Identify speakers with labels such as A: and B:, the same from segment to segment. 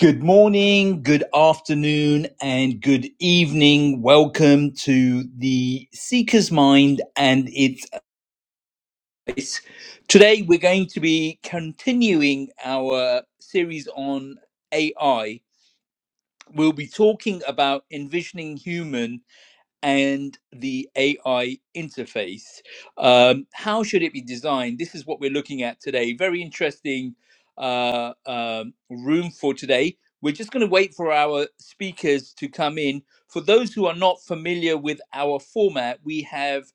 A: Good morning, good afternoon, and good evening. Welcome to the Seeker's Mind and its Abyss. Today, we're going to be continuing our series on AI. We'll be talking about envisioning human and the AI interface. Um, how should it be designed? This is what we're looking at today. Very interesting uh, um, room for today. We're just going to wait for our speakers to come in. For those who are not familiar with our format, we have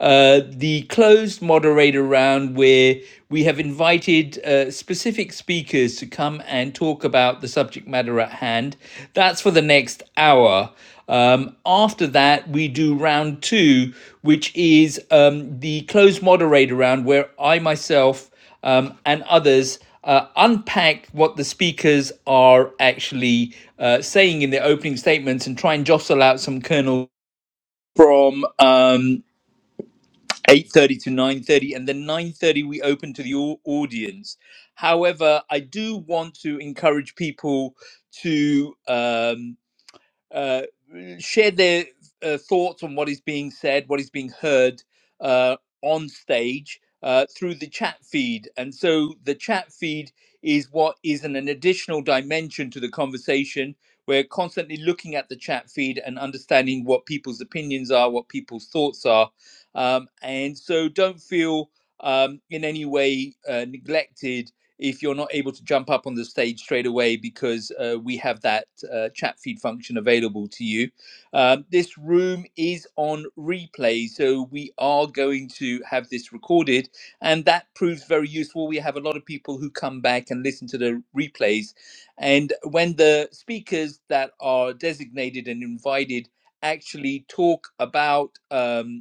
A: uh, the closed moderator round where we have invited uh, specific speakers to come and talk about the subject matter at hand. That's for the next hour. Um, after that, we do round two, which is um, the closed moderator round where I myself um, and others uh, unpack what the speakers are actually uh, saying in their opening statements and try and jostle out some kernel from um, 8.30 to 9.30 and then 9.30 we open to the au- audience however i do want to encourage people to um, uh, share their uh, thoughts on what is being said, what is being heard uh, on stage uh, through the chat feed. And so the chat feed is what is an, an additional dimension to the conversation. We're constantly looking at the chat feed and understanding what people's opinions are, what people's thoughts are. Um, and so don't feel um, in any way uh, neglected if you're not able to jump up on the stage straight away because uh, we have that uh, chat feed function available to you. Um, this room is on replay, so we are going to have this recorded, and that proves very useful. We have a lot of people who come back and listen to the replays, and when the speakers that are designated and invited actually talk about. um,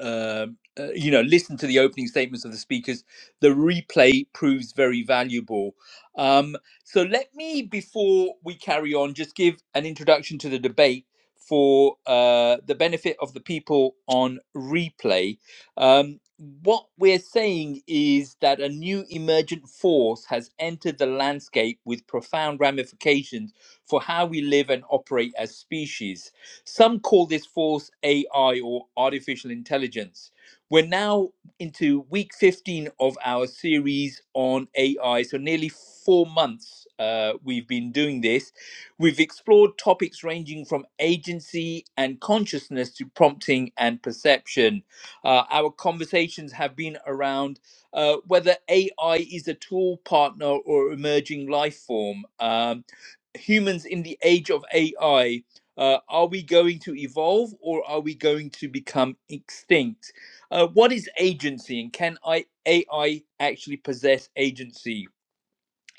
A: um, uh, you know, listen to the opening statements of the speakers. The replay proves very valuable. Um, so let me, before we carry on, just give an introduction to the debate for uh, the benefit of the people on replay. Um, what we're saying is that a new emergent force has entered the landscape with profound ramifications for how we live and operate as species. Some call this force AI or artificial intelligence. We're now into week 15 of our series on AI. So, nearly four months uh, we've been doing this. We've explored topics ranging from agency and consciousness to prompting and perception. Uh, our conversations have been around uh, whether AI is a tool, partner, or emerging life form. Um, humans in the age of AI uh, are we going to evolve or are we going to become extinct? Uh, what is agency and can I, AI actually possess agency?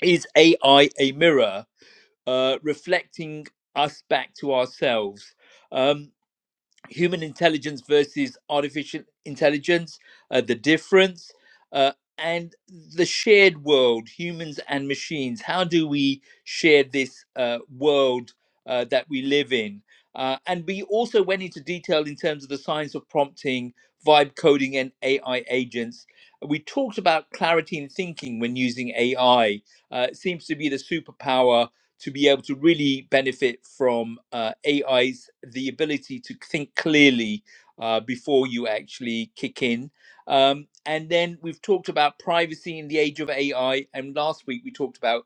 A: Is AI a mirror uh, reflecting us back to ourselves? Um, human intelligence versus artificial intelligence, uh, the difference, uh, and the shared world, humans and machines. How do we share this uh, world uh, that we live in? Uh, and we also went into detail in terms of the science of prompting, vibe coding, and AI agents. We talked about clarity in thinking when using AI. Uh, it seems to be the superpower to be able to really benefit from uh, AI's the ability to think clearly uh, before you actually kick in. Um, and then we've talked about privacy in the age of AI, and last week we talked about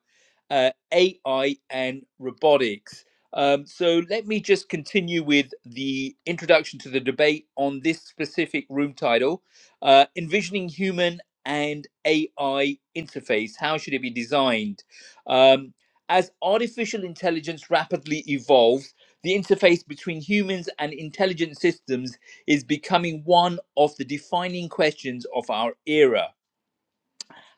A: uh, AI and robotics. Um, so let me just continue with the introduction to the debate on this specific room title uh, Envisioning Human and AI Interface. How should it be designed? Um, as artificial intelligence rapidly evolves, the interface between humans and intelligent systems is becoming one of the defining questions of our era.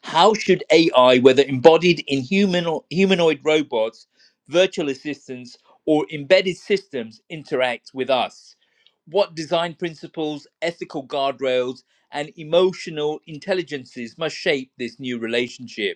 A: How should AI, whether embodied in human or humanoid robots, virtual assistants, or embedded systems, interact with us? What design principles, ethical guardrails, and emotional intelligences must shape this new relationship?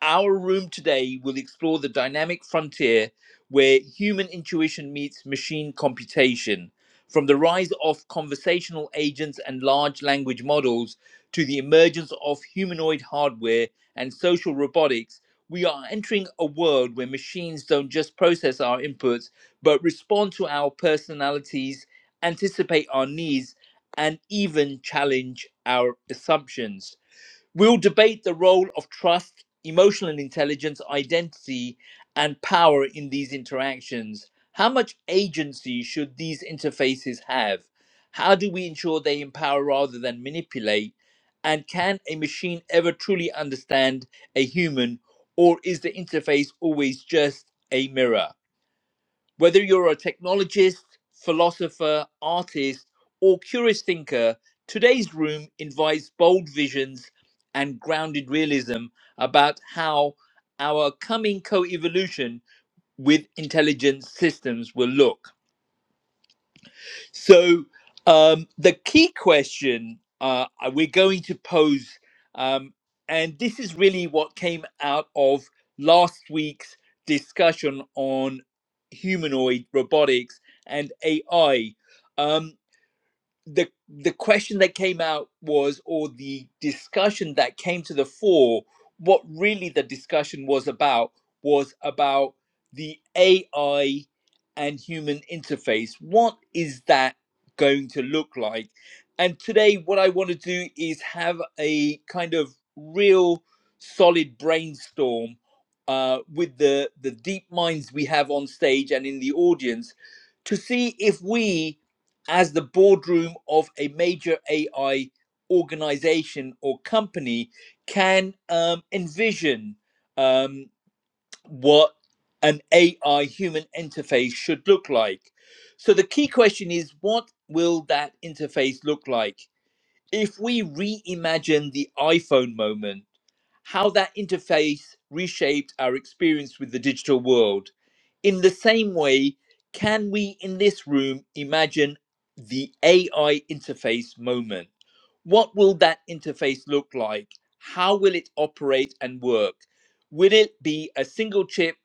A: Our room today will explore the dynamic frontier where human intuition meets machine computation, from the rise of conversational agents and large language models to the emergence of humanoid hardware and social robotics. We are entering a world where machines don't just process our inputs, but respond to our personalities, anticipate our needs, and even challenge our assumptions. We'll debate the role of trust, emotional intelligence, identity, and power in these interactions. How much agency should these interfaces have? How do we ensure they empower rather than manipulate? And can a machine ever truly understand a human, or is the interface always just a mirror? Whether you're a technologist, philosopher, artist, or curious thinker, today's room invites bold visions and grounded realism about how our coming co evolution with intelligent systems will look. So um, the key question uh, we're going to pose, um, and this is really what came out of last week's discussion on humanoid robotics and AI. Um, the the question that came out was or the discussion that came to the fore what really the discussion was about was about the ai and human interface what is that going to look like and today what i want to do is have a kind of real solid brainstorm uh, with the the deep minds we have on stage and in the audience to see if we as the boardroom of a major AI organization or company can um, envision um, what an AI human interface should look like. So the key question is what will that interface look like? If we reimagine the iPhone moment, how that interface reshaped our experience with the digital world. In the same way, can we in this room imagine the AI interface moment? What will that interface look like? How will it operate and work? Will it be a single chip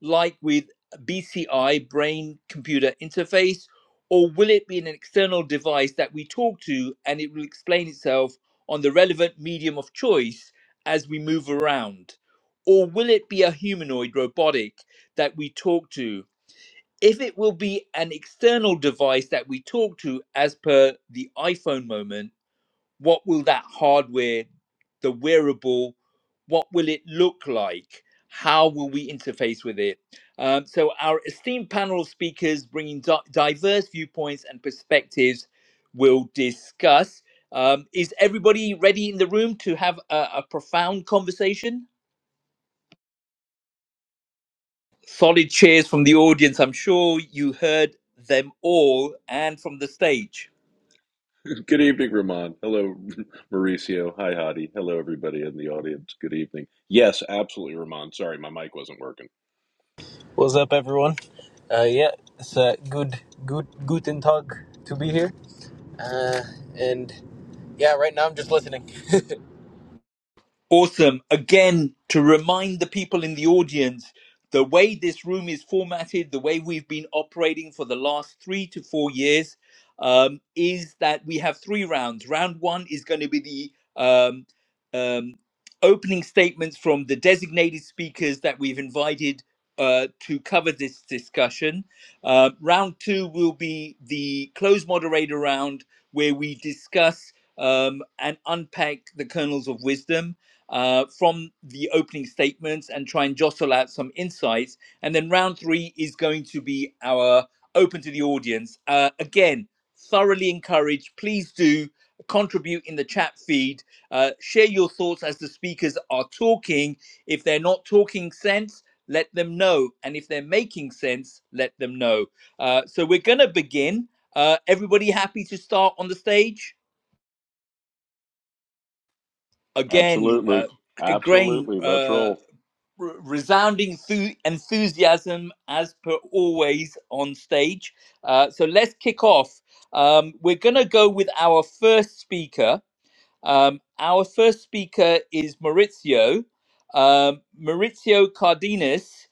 A: like with BCI, brain computer interface, or will it be an external device that we talk to and it will explain itself on the relevant medium of choice? as we move around? Or will it be a humanoid robotic that we talk to? If it will be an external device that we talk to, as per the iPhone moment, what will that hardware the wearable what will it look like how will we interface with it um, so our esteemed panel of speakers bringing di- diverse viewpoints and perspectives will discuss um, is everybody ready in the room to have a, a profound conversation solid cheers from the audience i'm sure you heard them all and from the stage
B: Good evening, Ramon. Hello, Mauricio. Hi, Hadi. Hello, everybody in the audience. Good evening. Yes, absolutely, Ramon. Sorry, my mic wasn't working.
C: What's up, everyone? Uh, yeah, it's uh, good, good, guten tag to be here. Uh, and yeah, right now I'm just listening.
A: Awesome. Again, to remind the people in the audience, the way this room is formatted, the way we've been operating for the last three to four years, um, is that we have three rounds. Round one is going to be the um, um, opening statements from the designated speakers that we've invited uh, to cover this discussion. Uh, round two will be the closed moderator round, where we discuss um, and unpack the kernels of wisdom uh, from the opening statements and try and jostle out some insights. And then round three is going to be our open to the audience. Uh, again, thoroughly encouraged. Please do contribute in the chat feed. Uh, share your thoughts as the speakers are talking. If they're not talking sense, let them know. And if they're making sense, let them know. Uh, so we're going to begin. Uh, everybody happy to start on the stage? Again, uh,
B: Absolutely.
A: Grain,
B: Absolutely. Let's
A: uh,
B: roll.
A: r- resounding thu- enthusiasm as per always on stage. Uh, so let's kick off. Um, we're going to go with our first speaker. Um, our first speaker is Maurizio, um, Maurizio Cardenas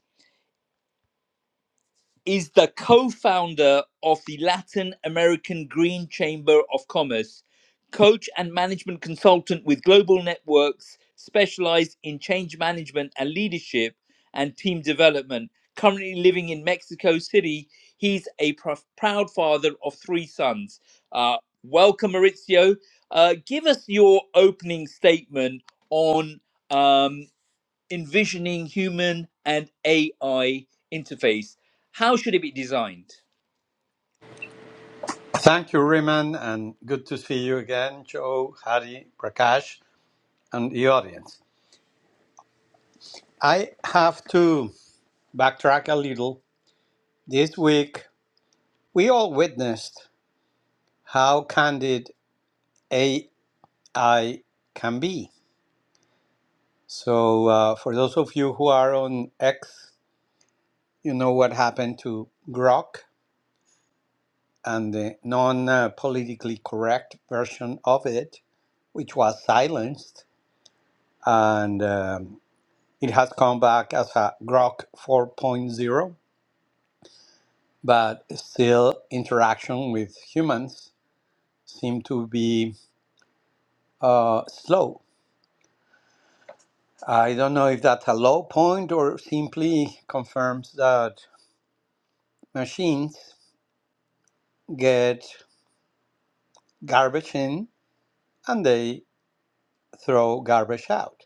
A: is the co-founder of the Latin American Green Chamber of Commerce, coach and management consultant with Global Networks, specialized in change management and leadership and team development. Currently living in Mexico City, he's a pr- proud father of three sons. Uh, welcome, Maurizio. Uh, give us your opening statement on um, envisioning human and AI interface. How should it be designed?
D: Thank you, Riemann, and good to see you again, Joe, Hari, Prakash, and the audience. I have to backtrack a little. This week, we all witnessed how candid AI can be. So, uh, for those of you who are on X, you know what happened to Grok and the non uh, politically correct version of it, which was silenced. And um It has come back as a Grok 4.0, but still interaction with humans seem to be uh, slow. I don't know if that's a low point or simply confirms that machines get garbage in and they throw garbage out.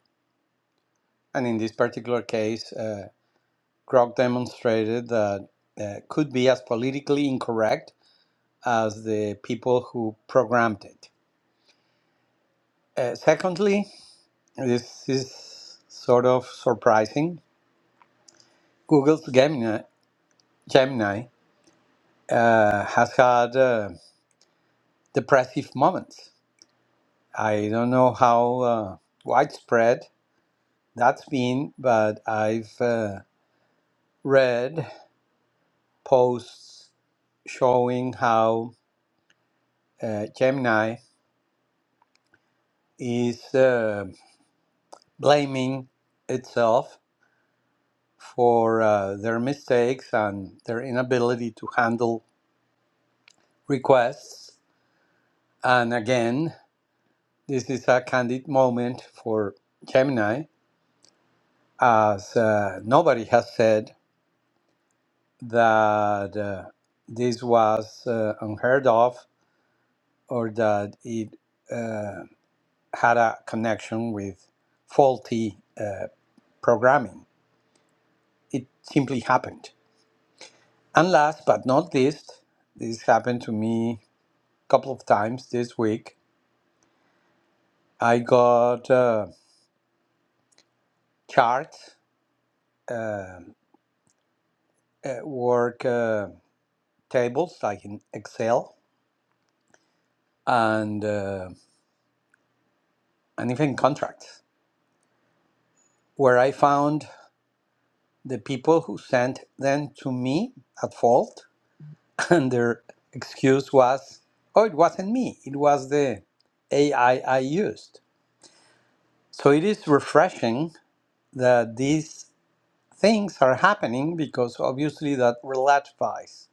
D: And in this particular case, uh, Grok demonstrated that uh, could be as politically incorrect as the people who programmed it. Uh, secondly, This is sort of surprising. Google's Gemini, Gemini uh, has had uh, depressive moments. I don't know how uh, widespread that's been, but I've uh, read posts showing how uh, Gemini is uh, blaming itself for uh, their mistakes and their inability to handle requests. And again, This is a candid moment for Gemini, as uh, nobody has said that uh, this was uh, unheard of or that it uh, had a connection with faulty uh, programming. It simply happened. And last but not least, this happened to me a couple of times this week. I got uh, charts, uh, uh, work uh, tables like in Excel and uh, and even contracts, where I found the people who sent them to me at fault, and their excuse was, "Oh, it wasn't me; it was the AI I I used." So it is refreshing that these things are happening because obviously that relativizes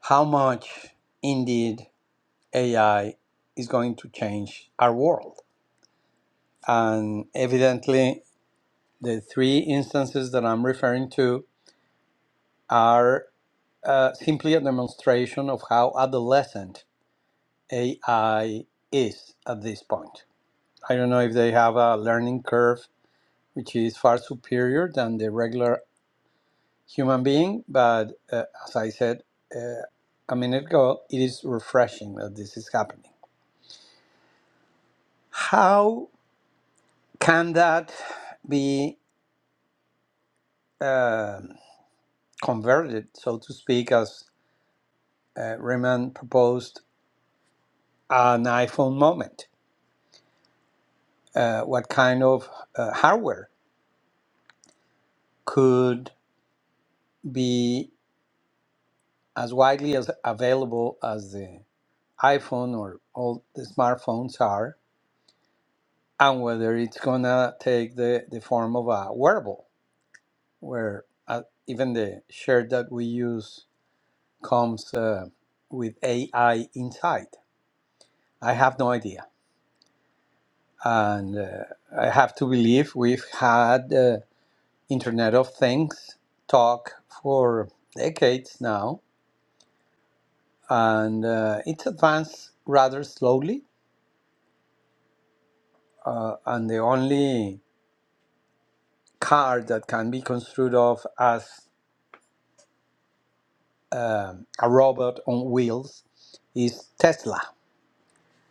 D: how much indeed AI is going to change our world, and evidently the three instances that I'm referring to are uh, simply a demonstration of how adolescent AI is at this point. I don't know if they have a learning curve which is far superior than the regular human being, but uh, as I said uh, a minute ago, it is refreshing that this is happening. How can that be um converted, so to speak, as uh, Riemann proposed, an iPhone moment? uh, what kind of uh, hardware could be as widely as available as the iPhone or all the smartphones are, and whether it's gonna take the, the form of a wearable, where uh, even the shirt that we use comes uh, with AI inside. I have no idea, and uh, I have to believe we've had uh, Internet of Things talk for decades now and uh, it advanced rather slowly. Uh, and the only car that can be construed of as um, a robot on wheels is Tesla,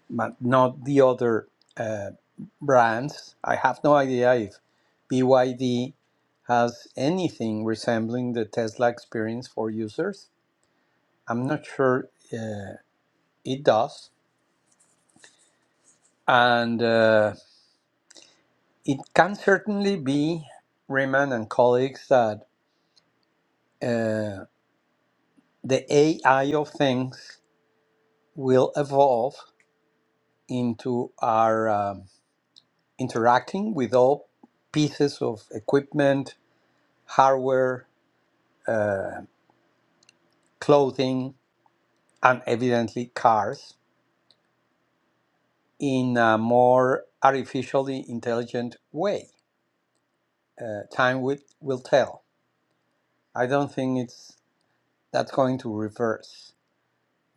D: but not the other uh, brands. I have no idea if BYD has anything resembling the Tesla experience for users. I'm not sure uh, it does. And uh, it can certainly be Raymond and colleagues that. uh, the AI of things will evolve into our um, interacting with all pieces of equipment, hardware, uh, clothing, and evidently cars in a more artificially intelligent way. Uh, time will, will tell. I don't think it's that's going to reverse,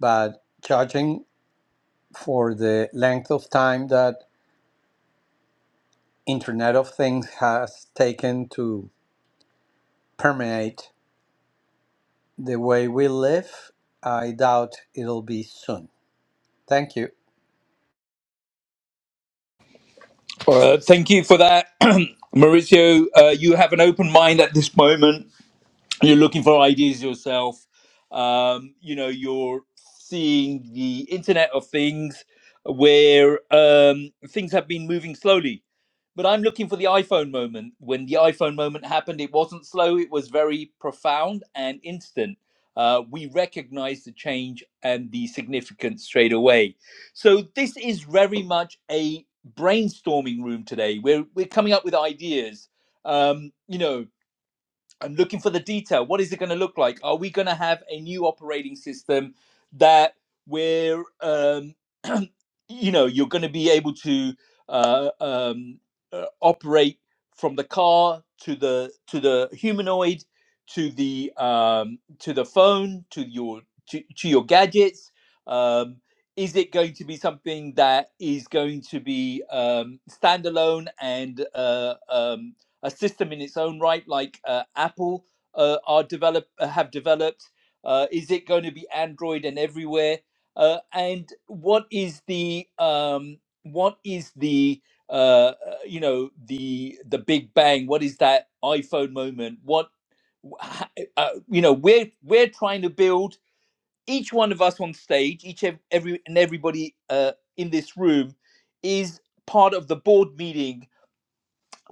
D: but judging for the length of time that Internet of Things has taken to permeate the way we live, I doubt it'll be soon. Thank you.
A: Uh, thank you for that, Mauricio. Uh, you have an open mind at this moment. You're looking for ideas yourself. Um, you know, you're seeing the Internet of Things where um, things have been moving slowly. but I'm looking for the iPhone moment. When the iPhone moment happened, it wasn't slow, it was very profound and instant. Uh, we recognized the change and the significance straight away. So, this is very much a brainstorming room today. We're, we're coming up with ideas. Um, you know, I'm looking for the detail. What is it going to look like? Are we going to have a new operating system that where um, you know you're going to be able to uh, um, uh, operate from the car to the to the humanoid to the um, to the phone to your to, to your gadgets? Um, is it going to be something that is going to be um, standalone and uh, um, a system in its own right, like uh, Apple uh, are develop uh, have developed? Uh, is it going to be Android and everywhere? Uh, and what is the um, what is the uh, uh, you know the the Big Bang? What is that iPhone moment? What uh, you know we're we're trying to build each one of us on stage, each ev- every and everybody uh, in this room is part of the board meeting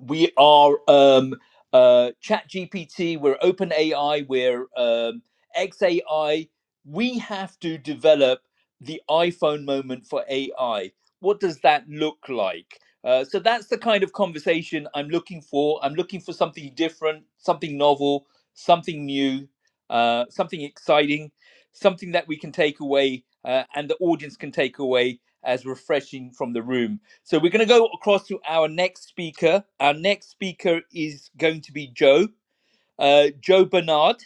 A: we are um, uh, ChatGPT, we're OpenAI, we're um, XAI. We have to develop the iPhone moment for AI. What does that look like? Uh, so that's the kind of conversation I'm looking for. I'm looking for something different, something novel, something new, uh, something exciting, something that we can take away uh, and the audience can take away as refreshing from the room so we're going to go across to our next speaker. Our next speaker is going to be Joe, uh, Joe Bernard.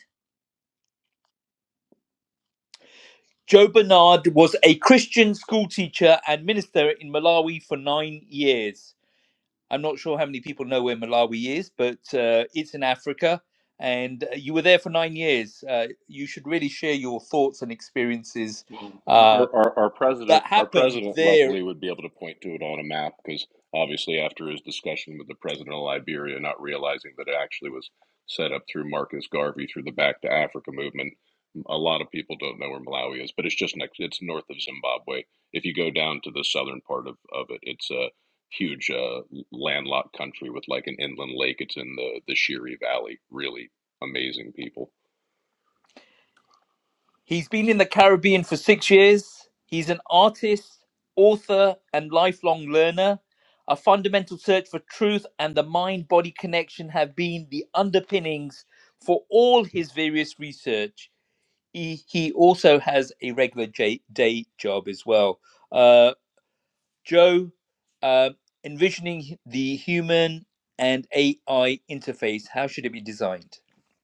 A: Joe Bernard was a Christian school teacher and minister in Malawi for nine years. I'm not sure how many people know where Malawi is, but uh, it's in Africa. And uh, you were there for nine years. Uh, you should really share your thoughts and experiences
B: Well,
A: uh,
B: our, our, our president,
A: that
B: our
A: happened
B: president,
A: there
B: luckily, would be able to point to it on a map because obviously, after his discussion with the president of Liberia, not realizing that it actually was set up through Marcus Garvey through the Back to Africa movement, a lot of people don't know where Malawi is, but it's just next, it's north of Zimbabwe. If you go down to the southern part of, of it, it's a huge uh, landlocked country with like an inland lake. It's in the the Shiri Valley. Really amazing people.
A: He's been in the Caribbean for six years. He's an artist, author, and lifelong learner. A fundamental search for truth and the mind body connection have been the underpinnings for all his various research. He, he also has a regular j- day job as well. Uh, Joe, uh, envisioning the human and AI interface, how should it be designed?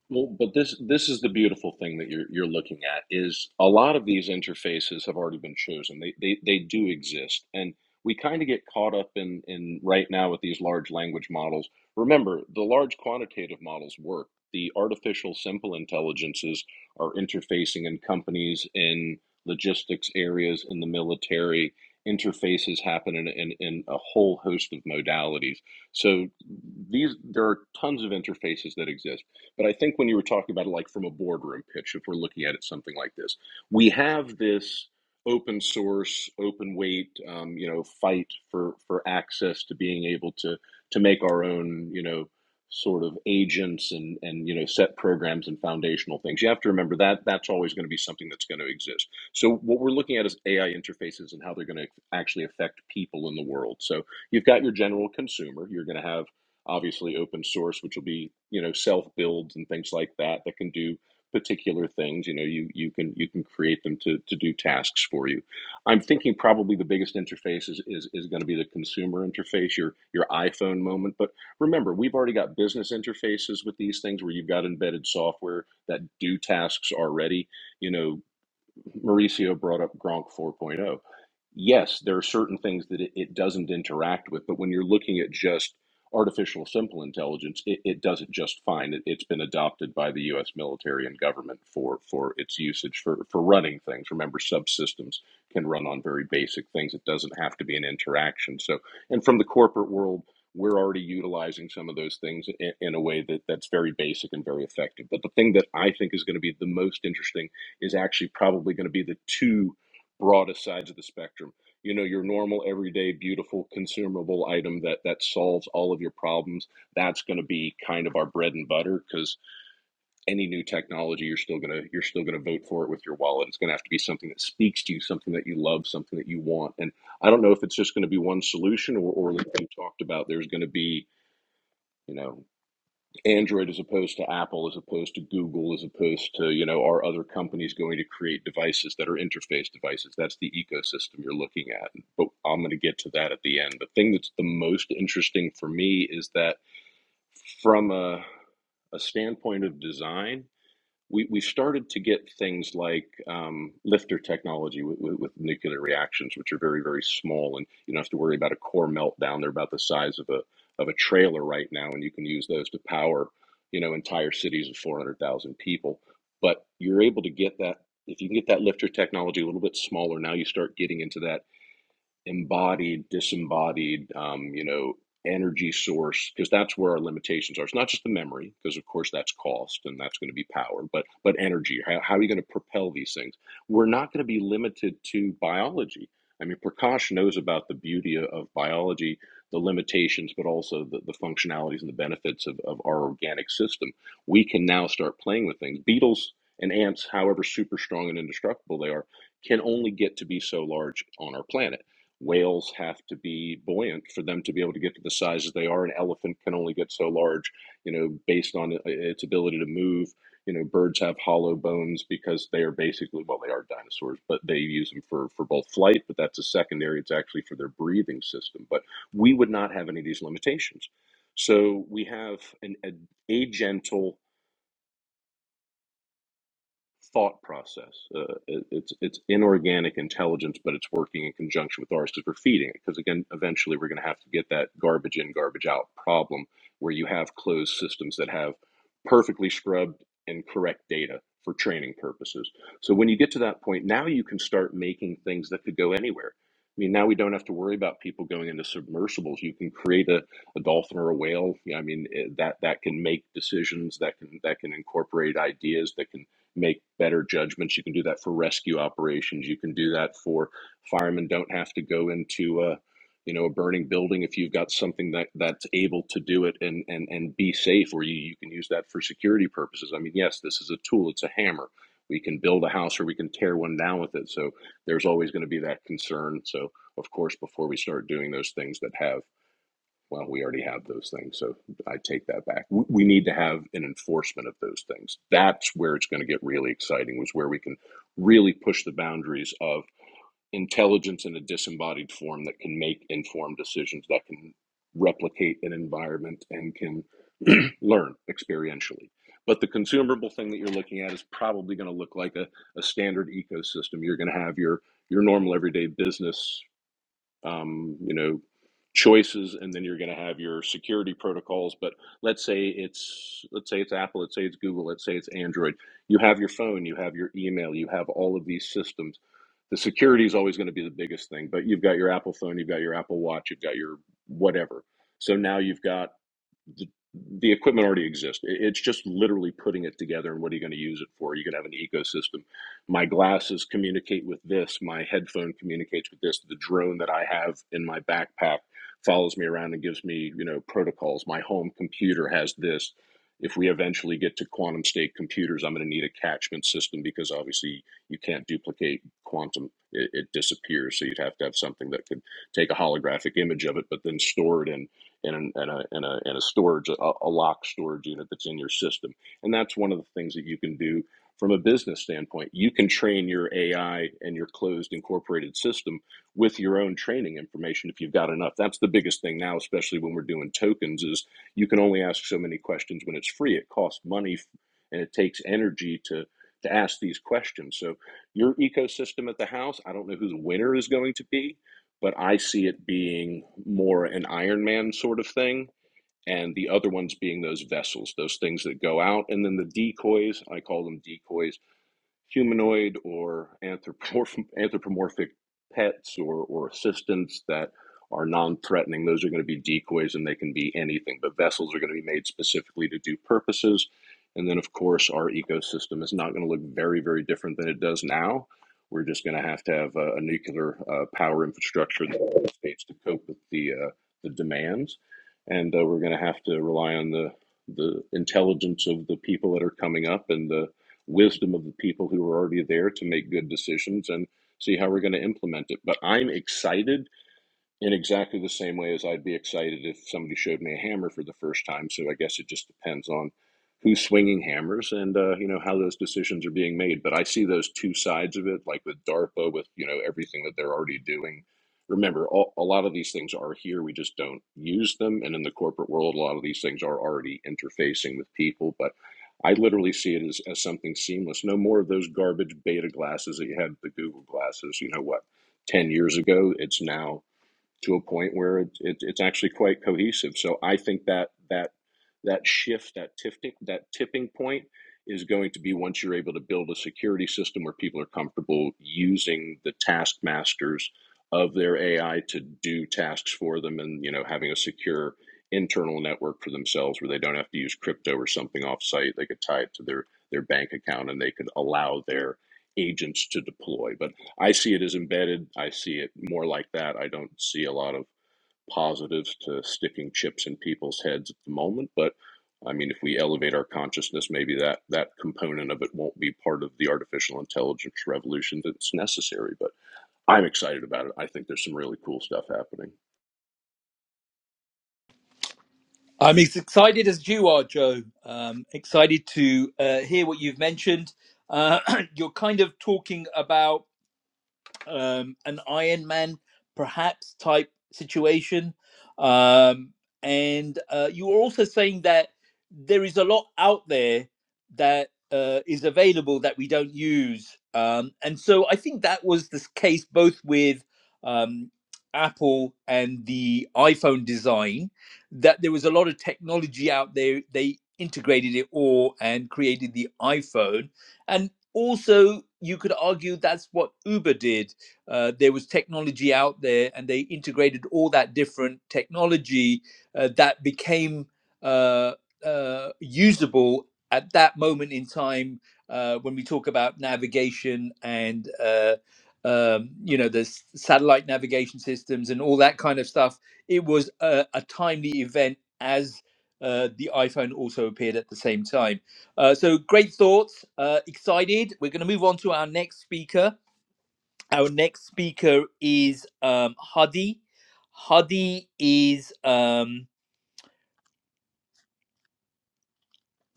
B: Well, but this this is the beautiful thing that you're you're looking at is a lot of these interfaces have already been chosen. They they they do exist, and we kind of get caught up in in right now with these large language models. Remember, the large quantitative models work. The artificial simple intelligences are interfacing in companies, in logistics areas, in the military. Interfaces happen in, in, in a whole host of modalities. So these there are tons of interfaces that exist but I think when you were talking about it, like from a boardroom pitch, if we're looking at it something like this, we have this open source, open weight, um, you know, fight for for access to being able to to make our own, you know, sort of agents and and you know set programs and foundational things. You have to remember that that's always going to be something that's going to exist. So what we're looking at is AI interfaces and how they're going to actually affect people in the world. So you've got your general consumer. You're going to have obviously open source, which will be you know self builds and things like that that can do particular things. You know, you you can you can create them to to do tasks for you. I'm thinking probably the biggest interface is is, is going to be the consumer interface, your your iPhone moment. But remember, we've already got business interfaces with these things where you've got embedded software that do tasks already. You know, Mauricio brought up Gronk 4.0 yes, there are certain things that it, it doesn't interact with, but when you're looking at just artificial simple intelligence, it, it does it just fine. It, it's been adopted by the U.S. military and government for, for its usage for, for running things. Remember, subsystems can run on very basic things. It doesn't have to be an interaction. So, and from the corporate world, we're already utilizing some of those things in, in a way that, that's very basic and very effective. But the thing that I think is going to be the most interesting is actually probably going to be the two broadest sides of the spectrum. You know, your normal, everyday, beautiful, consumable item that that solves all of your problems. That's going to be kind of our bread and butter because any new technology, you're still gonna you're still gonna vote for it with your wallet. It's going to have to be something that speaks to you, something that you love, something that you want. And I don't know if it's just going to be one solution or, or like you talked about, there's going to be you know Android as opposed to Apple, as opposed to Google, as opposed to, you know, are other companies going to create devices that are interface devices? That's the ecosystem you're looking at. But I'm going to get to that at the end. The thing that's the most interesting for me is that from a, a standpoint of design, we, we started to get things like um, lifter technology with, with, with nuclear reactions, which are very, very small, and you don't have to worry about a core meltdown. They're about the size of a of a trailer right now, and you can use those to power, you know, entire cities of four hundred thousand people. But you're able to get that if you can get that lifter technology a little bit smaller. Now you start getting into that embodied, disembodied, um, you know, energy source, because that's where our limitations are. It's not just the memory, because of course that's cost and that's going to be power, but but energy. How, how are you going to propel these things? We're not going to be limited to biology. I mean, Prakash knows about the beauty of of biology, the limitations, but also the, the functionalities and the benefits of, of our organic system. We can now start playing with things. Beetles and ants, however super strong and indestructible they are, can only get to be so large on our planet whales have to be buoyant for them to be able to get to the sizes they are. An elephant can only get so large, you know, based on uh, its ability to move. You know, birds have hollow bones because they are basically well, they are dinosaurs, but they use them for for both flight. But that's a secondary; it's actually for their breathing system. But we would not have any of these limitations. So we have an, a agental thought process. Uh, it, it's it's inorganic intelligence, but it's working in conjunction with ours because we're feeding it. Because again, eventually we're going to have to get that garbage in, garbage out problem where you have closed systems that have perfectly scrubbed and correct data for training purposes. So when you get to that point, now you can start making things that could go anywhere. I mean, now we don't have to worry about people going into submersibles. You can create a, a dolphin or a whale. Yeah, I mean, eh, that that can make decisions, that can that can incorporate ideas, that can make better judgments. You can do that for rescue operations. You can do that for firemen don't have to go into a you know a burning building if you've got something that that's able to do it and and and be safe or you, you can use that for security purposes i mean yes this is a tool it's a hammer we can build a house or we can tear one down with it so there's always going to be that concern so of course before we start doing those things that have well, we already have those things, so I take that back. We, need to have an enforcement of those things. That's where it's going to get really exciting. Was where we can really push the boundaries of intelligence in a disembodied form that can make informed decisions, that can replicate an environment, and can learn experientially. But the consumable thing that you're looking at is probably going to look like a, a standard ecosystem. You're going to have your your normal everyday business um, you know, choices, and then you're going to have your security protocols. But let's say it's let's say it's Apple, let's say it's Google, let's say it's Android. You have your phone, you have your email, you have all of these systems. The security is always going to be the biggest thing, but you've got your Apple phone, you've got your Apple Watch, you've got your whatever. So now you've got the, the equipment already exists. It's just literally putting it together and what are you going to use it for? You're going to have an ecosystem. My glasses communicate with this. My headphone communicates with this. The drone that I have in my backpack follows me around and gives me, you know, protocols. My home computer has this. If we eventually get to quantum state computers, I'm going to need a catchment system because obviously you can't duplicate quantum. It, it disappears. So you'd have to have something that could take a holographic image of it, but then store it in in, an, in, a, in, a, in a storage, a, a lock storage unit that's in your system. And that's one of the things that you can do from a business standpoint. You can train your AI and your closed incorporated system with your own training information if you've got enough. That's the biggest thing now, especially when we're doing tokens, is you can only ask so many questions when it's free. It costs money and it takes energy to to ask these questions. So your ecosystem at the house, I don't know who the winner is going to be, but I see it being more an Iron Man sort of thing, and the other ones being those vessels, those things that go out, and then the decoys. I call them decoys humanoid or anthropomorphic pets or, or assistants that are non-threatening those are going to be decoys and they can be anything but vessels are going to be made specifically to do purposes and then of course our ecosystem is not going to look very very different than it does now we're just going to have to have a, a nuclear uh, power infrastructure in the United states to cope with the uh, the demands and uh, we're going to have to rely on the the intelligence of the people that are coming up and the wisdom of the people who are already there to make good decisions and see how we're going to implement it. But I'm excited in exactly the same way as I'd be excited if somebody showed me a hammer for the first time. So I guess it just depends on who's swinging hammers and uh, you know how those decisions are being made. But I see those two sides of it, like with DARPA, with you know everything that they're already doing. Remember, all, a lot of these things are here; we just don't use them. And in the corporate world, a lot of these things are already interfacing with people. But I literally see it as, as something seamless. No more of those garbage beta glasses that you had, the Google glasses. You know what? 10 years ago. It's now to a point where it, it, it's actually quite cohesive. So I think that that that shift, that tipping that tipping point, is going to be once you're able to build a security system where people are comfortable using the taskmasters of their AI to do tasks for them, and you know having a secure internal network for themselves where they don't have to use crypto or something offsite. They could tie it to their their bank account, and they could allow their agents to deploy. But I see it as embedded. I see it more like that. I don't see a lot of positives to sticking chips in people's heads at the moment, but I mean, if we elevate our consciousness, maybe that that component of it won't be part of the artificial intelligence revolution that's necessary. But I'm excited about it. I think there's some really cool stuff happening.
A: I'm as excited as you are, Joe. Um, excited to uh, hear what you've mentioned. Uh, you're kind of talking about um, an Iron Man perhaps type situation. Um, and uh, you were also saying that there is a lot out there that uh, is available that we don't use. Um, and so I think that was the case both with um, Apple and the iPhone design, that there was a lot of technology out there. They integrated it all and created the iPhone. And also, you could argue that's what Uber did uh, there was technology out there, and they integrated all that different technology uh, that became uh, uh, usable at that moment in time uh, when we talk about navigation and uh, um, you know the s- satellite navigation systems and all that kind of stuff. It was a, a timely event as uh, the iPhone also appeared at the same time. Uh, so great thoughts. Uh, excited. We're going to move on to our next speaker. Our next speaker is um, Hadi. Hadi is um,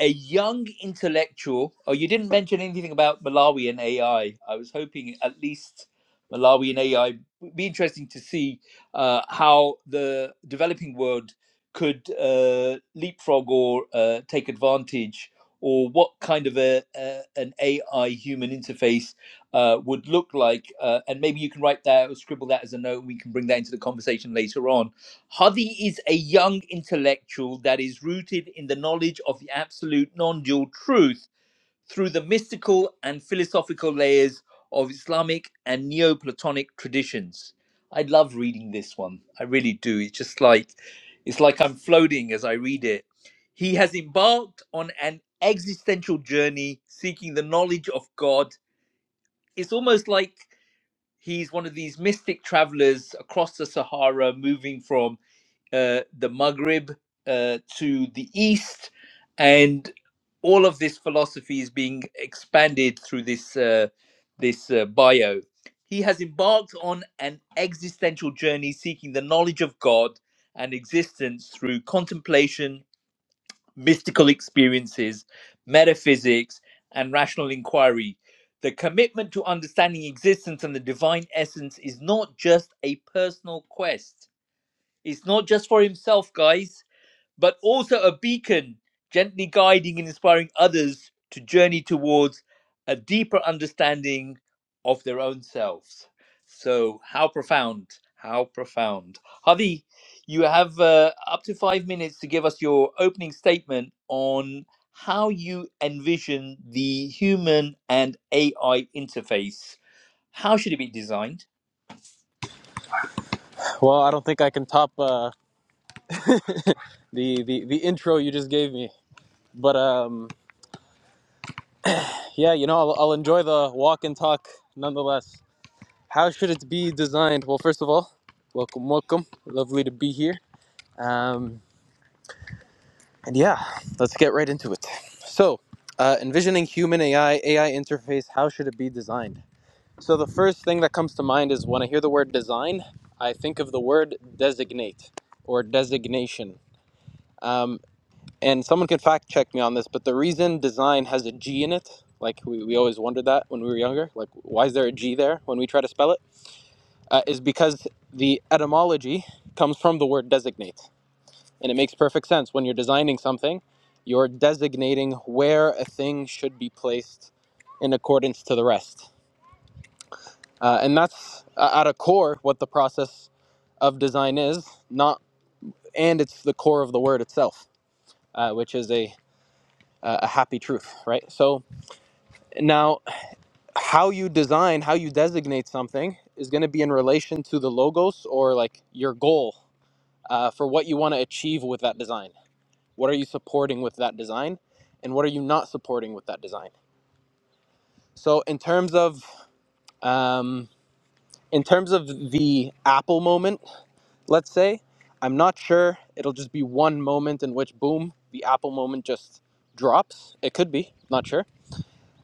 A: a young intellectual. Oh, you didn't mention anything about Malawi and AI. I was hoping at least Malawi and AI would be interesting to see uh, how the developing world could uh, leapfrog or uh, take advantage, or what kind of a, a an AI human interface uh, would look like. Uh, and maybe you can write that or scribble that as a note. We can bring that into the conversation later on Hadi is a young intellectual that is rooted in the knowledge of the absolute non dual truth through the mystical and philosophical layers of Islamic and Neoplatonic traditions. I love reading this one. I really do. It's just like it's like I'm floating as I read it. He has embarked on an existential journey seeking the knowledge of God. It's almost like he's one of these mystic travelers across the Sahara moving from uh, the Maghreb uh, to the east, and all of this philosophy is being expanded through this uh, this uh, bio. He has embarked on an existential journey seeking the knowledge of God and existence through contemplation, mystical experiences, metaphysics, and rational inquiry. The commitment to understanding existence and the divine essence is not just a personal quest. It's not just for himself, guys but also a beacon gently guiding and inspiring others to journey towards a deeper understanding of their own selves. So, how profound! How profound. Hadi, you have uh, up to five minutes to give us your opening statement on how you envision the human and AI interface. How should it be designed?
C: well, I don't think I can top uh, the, the the intro you just gave me, but um, yeah, you know, I'll, I'll enjoy the walk and talk nonetheless. How should it be designed? Well, first of all, welcome, welcome. Lovely to be here. Um, and yeah, let's get right into it. So, uh, envisioning human AI AI interface. How should it be designed? So the first thing that comes to mind is when I hear the word design, I think of the word designate or designation. Um, and someone can fact check me on this, but the reason design has a G in it, like we, we always wondered that when we were younger, like why is there a G there when we try to spell it, uh, is because the etymology comes from the word designate. And it makes perfect sense. When you're designing something, you're designating where a thing should be placed in accordance to the rest. uh, and that's uh, at a core what the process of design is not and it's the core of the word itself uh, which is a uh, a happy truth right so now how you design how you designate something is going to be in relation to the logos or like your goal uh, for what you want to achieve with that design what are you supporting with that design and what are you not supporting with that design so in terms of um, in terms of the apple moment Let's say I'm not sure it'll just be one moment in which boom the Apple moment just drops. It could be, not sure.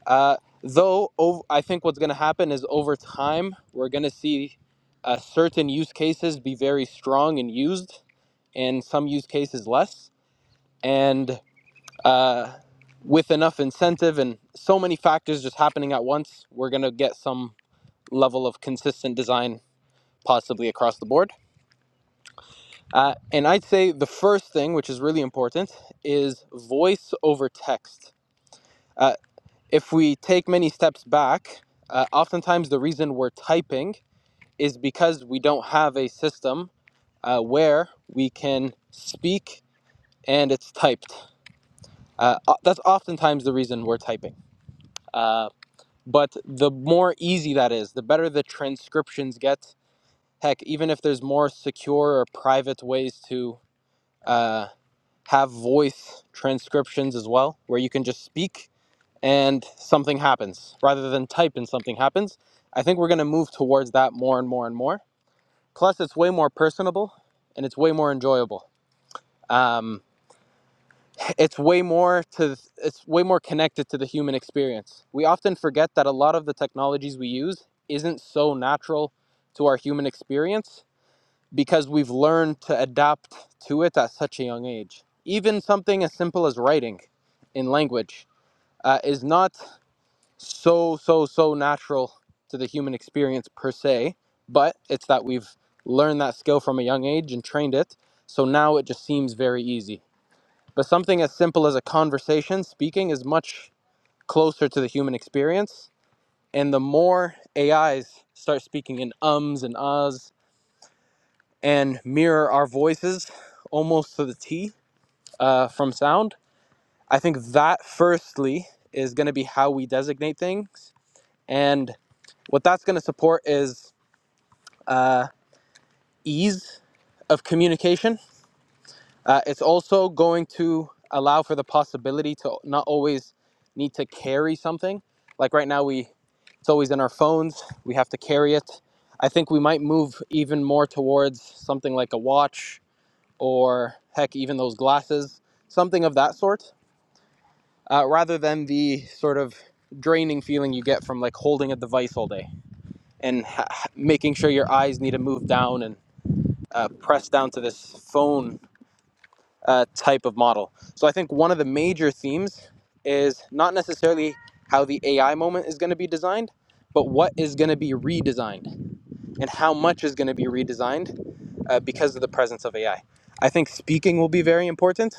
C: Uh, though ov- I think what's going to happen is over time we're going to see uh, certain use cases be very strong and used, and some use cases less. And uh, with enough incentive and so many factors just happening at once, we're going to get some level of consistent design possibly across the board. Uh, and I'd say the first thing, which is really important, is voice over text. Uh, if we take many steps back, uh, oftentimes the reason we're typing is because we don't have a system uh, where we can speak and it's typed. Uh, o- that's oftentimes the reason we're typing. Uh, but the more easy that is, the better the transcriptions get. Heck, even if there's more secure or private ways to. uh, have voice transcriptions as well, where you can just speak and something happens rather than type and something happens. I think we're going to move towards that more and more and more. Plus, it's way more personable and it's way more enjoyable. Um, it's way more to it's way more connected to the human experience. We often forget that a lot of the technologies we use isn't so natural to our human experience because we've learned to adapt to it at such a young age. Even something as simple as writing in language uh, is not so, so, so natural to the human experience per se, but it's that we've learned that skill from a young age and trained it. So now it just seems very easy. But something as simple as a conversation, speaking is much closer to the human experience. And the more AIs start speaking in ums and ahs and mirror our voices almost to the T uh, from sound. I think that, firstly, is going to be how we designate things. And what that's going to support is uh, ease of communication. Uh, it's also going to allow for the possibility to not always need to carry something. Like right now, we it's always in our phones. We have to carry it. I think we might move even more towards something like a watch or heck, even those glasses, something of that sort, uh, rather than the sort of draining feeling you get from like holding a device all day and ha- making sure your eyes need to move down and uh, press down to this phone uh, type of model. So I think one of the major themes is not necessarily how the AI moment is going to be designed, but what is going to be redesigned and how much is going to be redesigned uh, because of the presence of AI. I I think speaking will be very important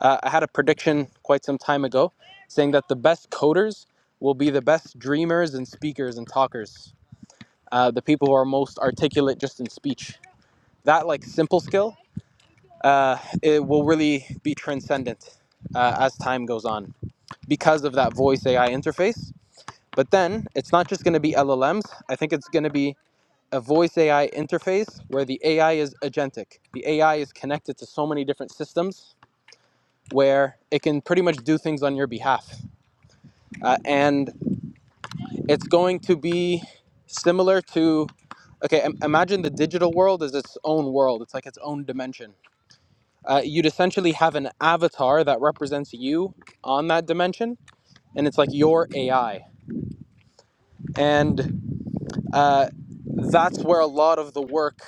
C: Uh, I had a prediction quite some time ago saying that the best coders will be the best dreamers and speakers and talkers, uh, the people who are most articulate just in speech. That like simple skill, uh, it will really be transcendent uh, as time goes on because of that voice AI interface. But then it's not just going to be LLMs. I think it's going to be a voice AI interface where the AI is agentic. The AI is connected to so many different systems where it can pretty much do things on your behalf. uh, and it's going to be similar to okay im- imagine the digital world is its own world it's like its own dimension uh, you'd essentially have an avatar that represents you on that dimension and it's like your ai and uh, that's where a lot of the work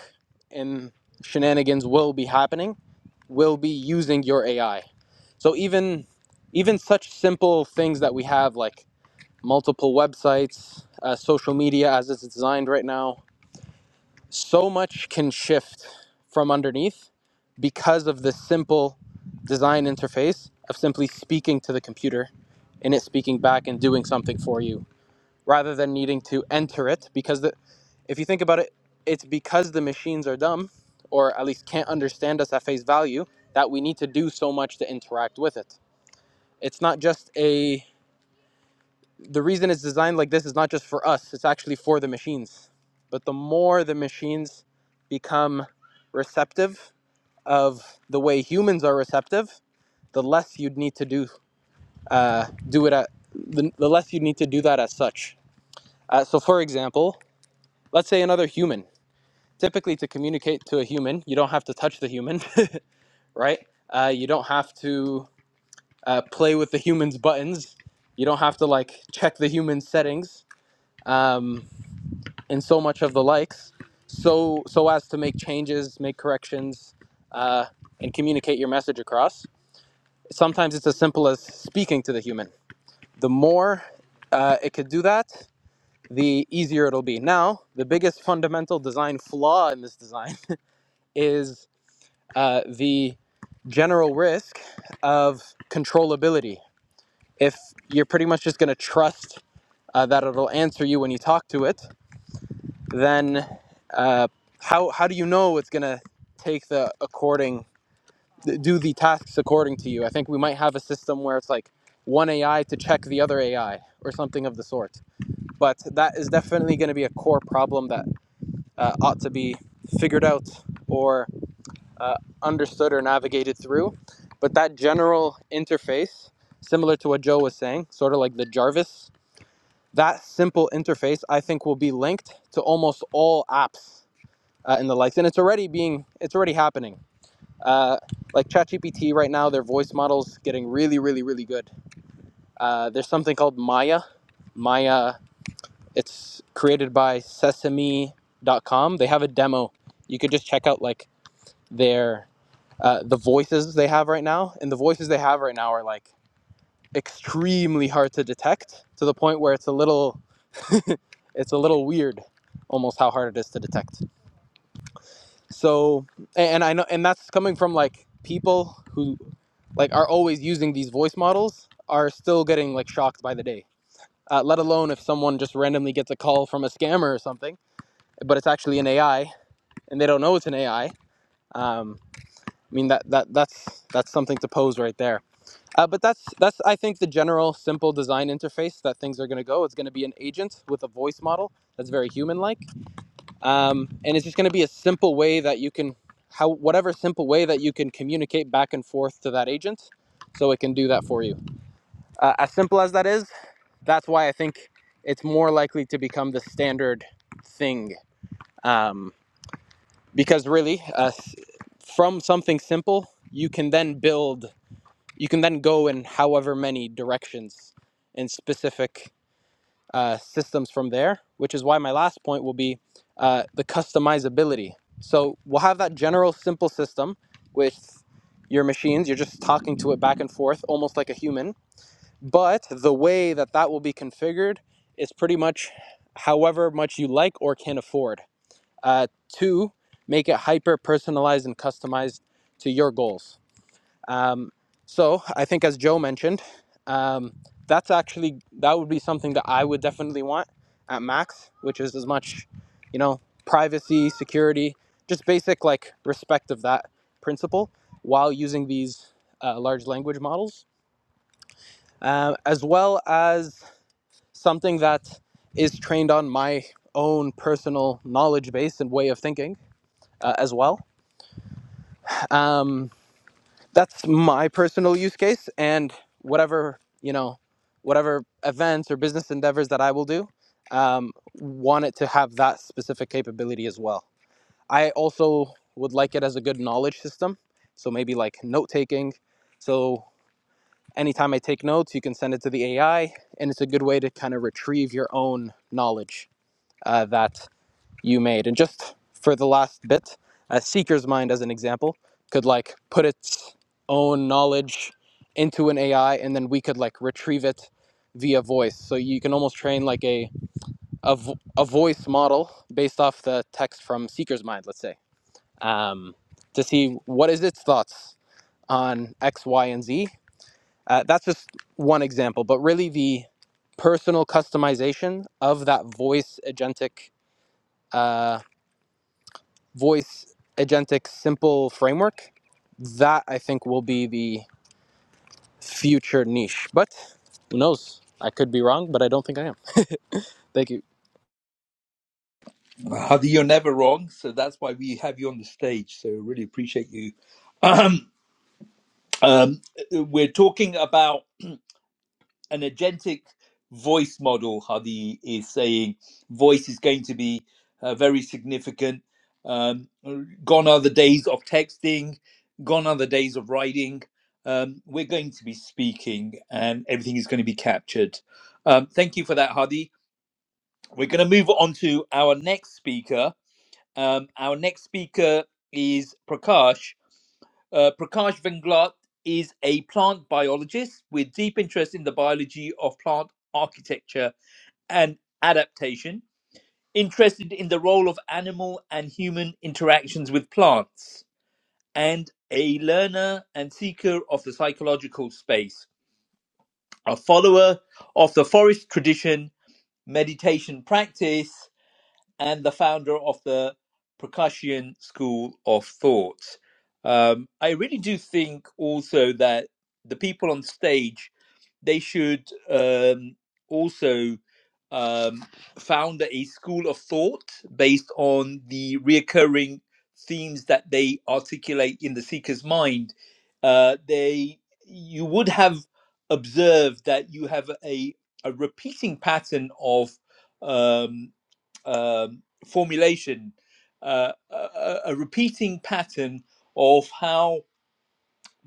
C: in shenanigans will be happening will be using your ai so even even such simple things that we have like multiple websites, uh, social media as it's designed right now. So much can shift from underneath because of the simple design interface of simply speaking to the computer and it speaking back and doing something for you rather than needing to enter it. Because the, if you think about it, it's because the machines are dumb or at least can't understand us at face value that we need to do so much to interact with it. It's not just a the reason it's designed like this is not just for us, it's actually for the machines. But the more the machines become receptive of the way humans are receptive, the less you'd need to do uh, do it at the, the less you'd need to do that as such. Uh, so, for example, let's say another human. Typically, to communicate to a human, you don't have to touch the human, right? Uh, you don't have to uh, play with the human's buttons. You don't have to like check the human's settings. Um, in so much of the likes, so so as to make changes, make corrections, uh, and communicate your message across. Sometimes it's as simple as speaking to the human. The more uh, it could do that, the easier it'll be. Now, the biggest fundamental design flaw in this design is uh, the general risk of controllability. If you're pretty much just going to trust uh, that it'll answer you when you talk to it, then uh, how how do you know it's gonna take the according do the tasks according to you? I think we might have a system where it's like one AI to check the other AI or something of the sort. But that is definitely going to be a core problem that uh, ought to be figured out or uh, understood or navigated through. But that general interface, similar to what Joe was saying, sort of like the Jarvis, that simple interface, I think will be linked to almost all apps uh, and the likes. And it's already being, it's already happening. Uh, like ChatGPT right now, their voice model's getting really, really, really good. Uh, there's something called Maya. Maya, it's created by Sesame.com. They have a demo. You could just check out like their uh, the voices they have right now, and the voices they have right now are like extremely hard to detect to the point where it's a little it's a little weird almost how hard it is to detect so and i know and that's coming from like people who like are always using these voice models are still getting like shocked by the day uh, let alone if someone just randomly gets a call from a scammer or something but it's actually an ai and they don't know it's an ai um, i mean that, that that's that's something to pose right there uh, but that's that's i think the general simple design interface that things are going to go it's going to be an agent with a voice model that's very human like um, and it's just going to be a simple way that you can how whatever simple way that you can communicate back and forth to that agent so it can do that for you uh, as simple as that is that's why i think it's more likely to become the standard thing um, because really uh, from something simple you can then build you can then go in however many directions in specific uh, systems from there, which is why my last point will be uh, the customizability. So we'll have that general simple system with your machines. You're just talking to it back and forth, almost like a human. But the way that that will be configured is pretty much however much you like or can afford uh, to make it hyper personalized and customized to your goals. Um, so I think, as Joe mentioned, um, that's actually that would be something that I would definitely want at max, which is as much, you know, privacy, security, just basic like respect of that principle, while using these uh, large language models, Um as well as something that is trained on my own personal knowledge base and way of thinking uh, as well. Um, that's my personal use case and whatever you know whatever events or business endeavors that i will do um, want it to have that specific capability as well i also would like it as a good knowledge system so maybe like note taking so anytime i take notes you can send it to the ai and it's a good way to kind of retrieve your own knowledge uh, that you made. And just for the last bit, a seeker's mind, as an example, could like put its own knowledge into an AI, and then we could like retrieve it via voice. So you can almost train like a a, vo- a voice model based off the text from seeker's mind, let's say, um, to see what is its thoughts on X, Y, and Z. Uh, that's just one example, but really the personal customization of that voice agentic. uh, voice agentic simple framework, that I think will be the future niche. But who knows? I could be wrong, but I don't think I am. Thank you.
A: Hadi, you're never wrong. So, that's why we have you on the stage. So, really appreciate you Um, we're talking about an agentic voice model. Hadi is saying voice is going to be uh, very significant. Um, gone are the days of texting, gone are the days of writing. Um, we're going to be speaking, and everything is going to be captured. Um, thank you for that, Hadi. We're going to move on to our next speaker. Um, our next speaker is Prakash. Uh, Prakash Venglat is a plant biologist with deep interest in the biology of plant architecture and adaptation, interested in the role of animal and human interactions with plants, and a learner and seeker of the psychological space, a follower of the forest tradition, meditation practice, and the founder of the Percussion School of Thought. Um, I really do think also that the people on stage they should um, also um, founder a school of thought based on the reoccurring themes that they articulate in the seeker's mind. Uh, they you would have observed that you have a a repeating pattern of um, um, formulation, uh, a a repeating pattern of how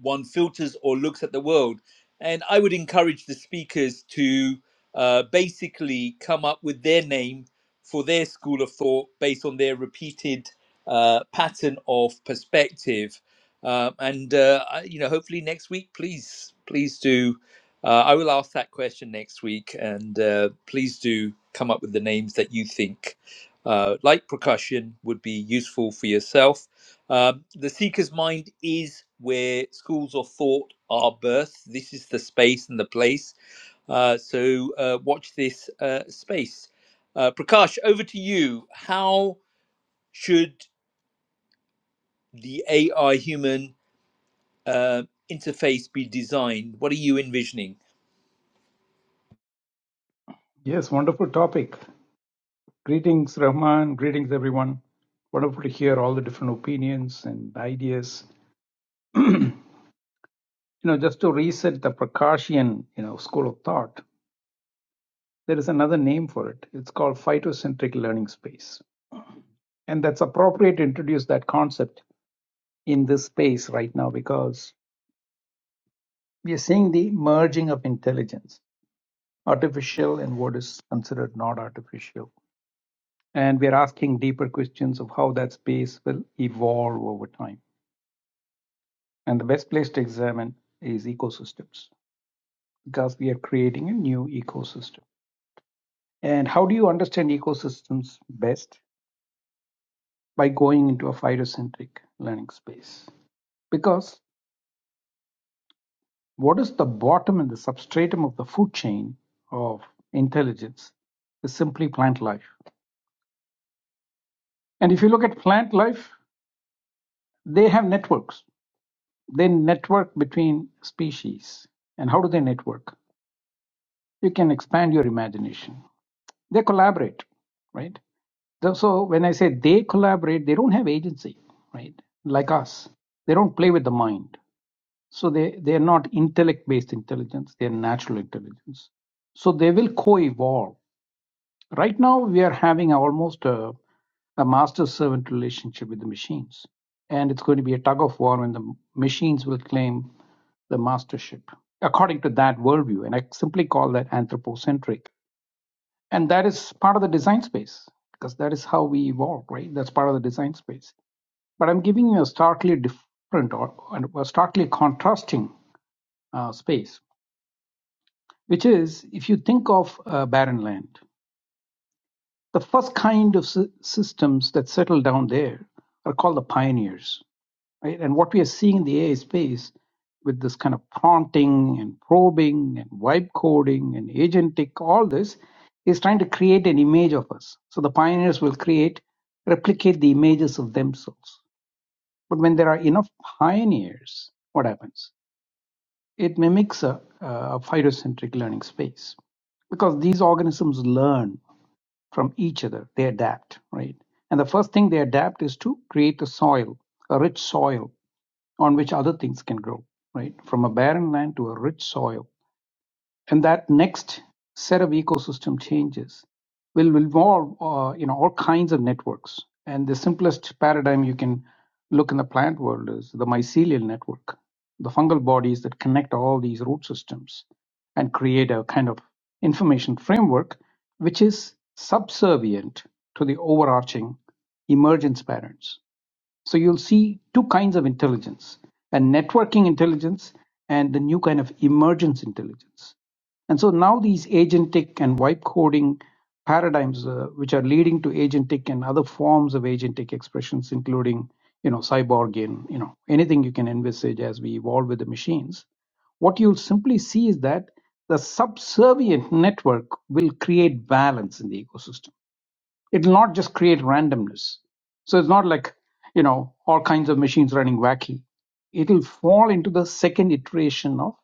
A: one filters or looks at the world. And I would encourage the speakers to uh, basically come up with their name for their school of thought based on their repeated uh, pattern of perspective. Uh, and uh, I- you know, hopefully next week, please, please do. Uh, I will ask that question next week, and uh, please do come up with the names that you think, uh, like percussion, would be useful for yourself uh, the seeker's mind is where schools of thought are birthed. This is the space and the place. Uh, so uh, watch this uh, space. Uh, Prakash, over to you. How should the AI human uh, interface be designed? What are you envisioning?
E: Yes, wonderful topic. Greetings, Rahman. Greetings, everyone. Wonderful to hear all the different opinions and ideas. You know, just to reset the Prakashian, you know, school of thought, there is another name for it. It's called phytocentric learning space. And that's appropriate to introduce that concept in this space right now because we are seeing the merging of intelligence, artificial and what is considered not artificial. And we are asking deeper questions of how that space will evolve over time And the best place to examine is ecosystems because we are creating a new ecosystem. And how do you understand ecosystems best? By going into a phytocentric learning space. Because what is the bottom and the substratum of the food chain of intelligence is simply plant life. And if you look at plant life, they have networks. They network between species. And how do they network? You can expand your imagination. They collaborate, right? Th- So when I say they collaborate, they don't have agency, right? Like us, they don't play with the mind. So they they are not intellect-based intelligence; they are natural intelligence. So they will co-evolve. Right now, we are having almost a, a master-servant relationship with the machines, and it's going to be a tug of war when the machines will claim the mastership, according to that worldview. And I simply call that anthropocentric and that is part of the design space because that is how we evolve right that's part of the design space but i'm giving you a starkly different or a starkly contrasting uh, space which is if you think of uh, barren land the first kind of sy- systems that settle down there are called the pioneers right? And what we are seeing in the AI space with this kind of prompting and probing and vibe coding and agentic, all this is trying to create an image of us. So the pioneers will create, replicate the images of themselves. But when there are enough pioneers, what happens? It mimics a, a phytocentric learning space because these organisms learn from each other. They adapt, right? And the first thing they adapt is to create a soil, a rich soil on which other things can grow, right? From a barren land to a rich soil. And that next set of ecosystem changes will involve, uh, you know, all kinds of networks. And the simplest paradigm you can look in the plant world is the mycelial network, the fungal bodies that connect all these root systems and create a kind of information framework which is subservient to the overarching emergence patterns so you'll see two kinds of intelligence a networking intelligence and the new kind of emergence intelligence. And so now these agentic and wipe coding paradigms, uh, which are leading to agentic and other forms of agentic expressions, including you know cyborg and you know anything you can envisage as we evolve with the machines, what you'll simply see is that the subservient network will create balance in the ecosystem It'll not just create randomness. So it's not like, you know, all kinds of machines running wacky. It'll fall into the second iteration of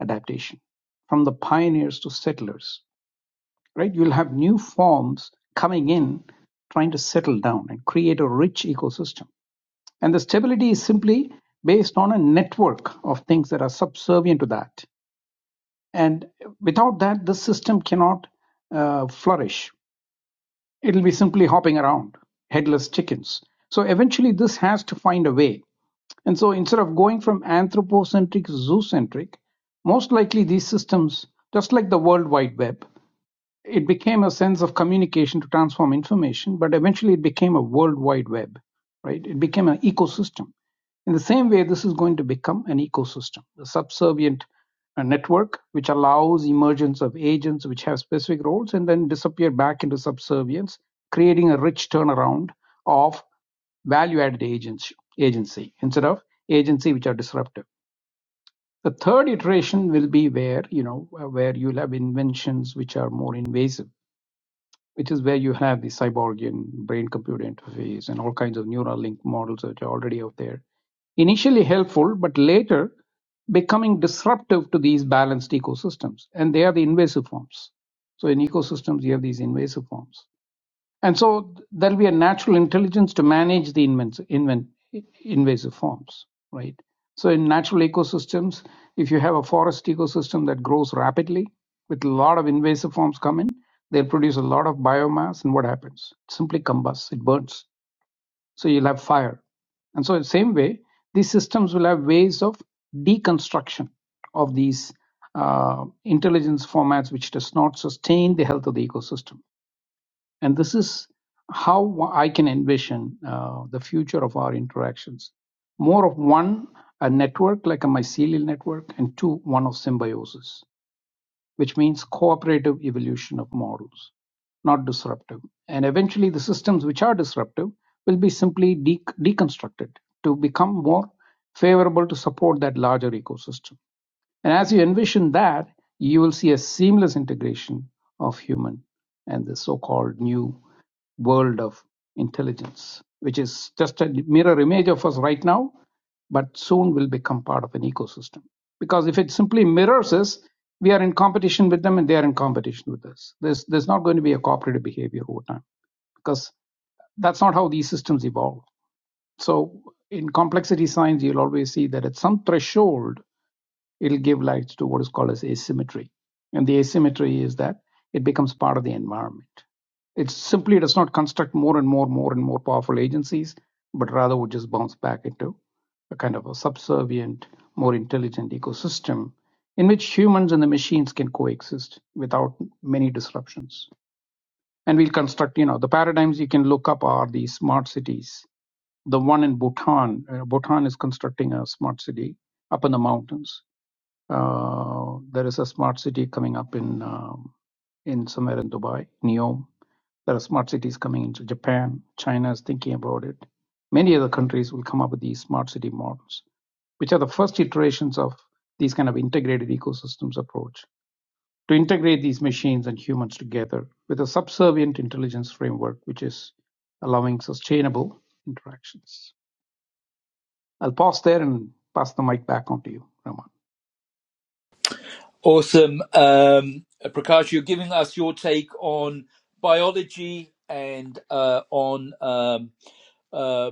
E: adaptation from the pioneers to settlers, right? You'll have new forms coming in trying to settle down and create a rich ecosystem. And the stability is simply based on a network of things that are subservient to that. And without that, the system cannot uh, flourish It'll be simply hopping around, headless chickens. So eventually, this has to find a way. And so, instead of going from anthropocentric zoocentric, most likely these systems, just like the World Wide Web, it became a sense of communication to transform information, but eventually it became a world wide web, right? It became an ecosystem. In the same way, this is going to become an ecosystem, a subservient uh, network which allows emergence of agents which have specific roles and then disappear back into subservience, creating a rich turnaround of value added agency, agency instead of agency which are disruptive. The third iteration will be where, you know, uh, where you'll have inventions which are more invasive which is where you have the cyborgian brain computer interface and all kinds of neural link models that are already out there initially helpful but later becoming disruptive to these balanced ecosystems and they are the invasive forms so in ecosystems you have these invasive forms and so there'll be a natural intelligence to manage the inven- invasive forms, right? So in natural ecosystems, if you have a forest ecosystem that grows rapidly with a lot of invasive forms come in, they'll produce a lot of biomass, and what happens? It simply combusts, it burns. So you'll have fire. And so, in the same way, these systems will have ways of deconstruction of these uh, intelligence formats, which does not sustain the health of the ecosystem and this is how I can envision uh, the future of our interactions. More of one, a network like a mycelial network, and two, one of symbiosis, which means cooperative evolution of models, not disruptive. And eventually, the systems which are disruptive will be simply de- deconstructed to become more favorable to support that larger ecosystem. And as you envision that, you will see a seamless integration of human and the so called new world of intelligence, which is just a mirror image of us right now, but soon will become part of an ecosystem. Because if it simply mirrors us, we are in competition with them and they are in competition with us. There's, there's not going to be a cooperative behavior over time because that's not how these systems evolve. So in complexity science, you'll always see that at some threshold, it'll give rise to what is called as asymmetry. And the asymmetry is that it becomes part of the environment. It simply does not construct more and more, more and more powerful agencies, but rather would just bounce back into a kind of a subservient, more intelligent ecosystem in which humans and the machines can coexist without many disruptions. And we'll construct, you know, the paradigms you can look up are the smart cities. The one in Bhutan, uh, Bhutan is constructing a smart city up in the mountains uh, there is a smart city coming up in um in somewhere in Dubai, NEOM. There are smart cities coming into Japan. China is thinking about it. Many other countries will come up with these smart city models, which are the first iterations of these kind of integrated ecosystems approach to integrate these machines and humans together with a subservient intelligence framework, which is allowing sustainable interactions. I'll pause there and pass the mic back on to you, Raman.
A: Awesome. Um, Prakash, you're giving us your take on biology and uh, on um, uh,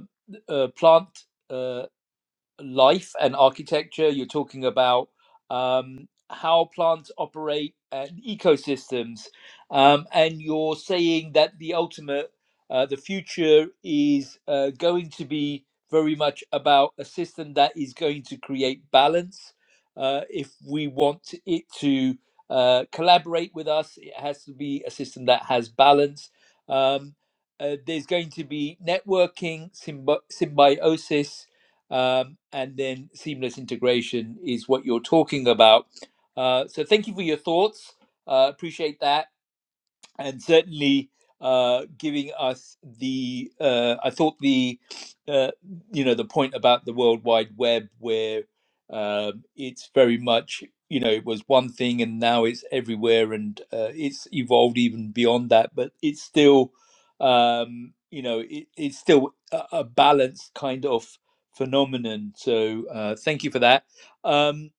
A: uh, plant. uh, life and architecture. You're talking about um, how plants operate uh, and ecosystems, um, and you're saying that the ultimate, uh, the future is uh, going to be very much about a system that is going to create balance. Uh, if we want it to uh, collaborate with us, it has to be a system that has balance. Um, uh, there's going to be networking, symbi- symbiosis, um, and then seamless integration is what you're talking about. Uh, so thank you for your thoughts. Uh, appreciate that and certainly uh, giving us the uh, I thought the uh, you know the point about the World Wide Web where um it's very much you know it was one thing and now it's everywhere and uh, it's evolved even beyond that, but it's still um, you know it, it's still a, a balanced kind of phenomenon. So uh, thank you for that. Um,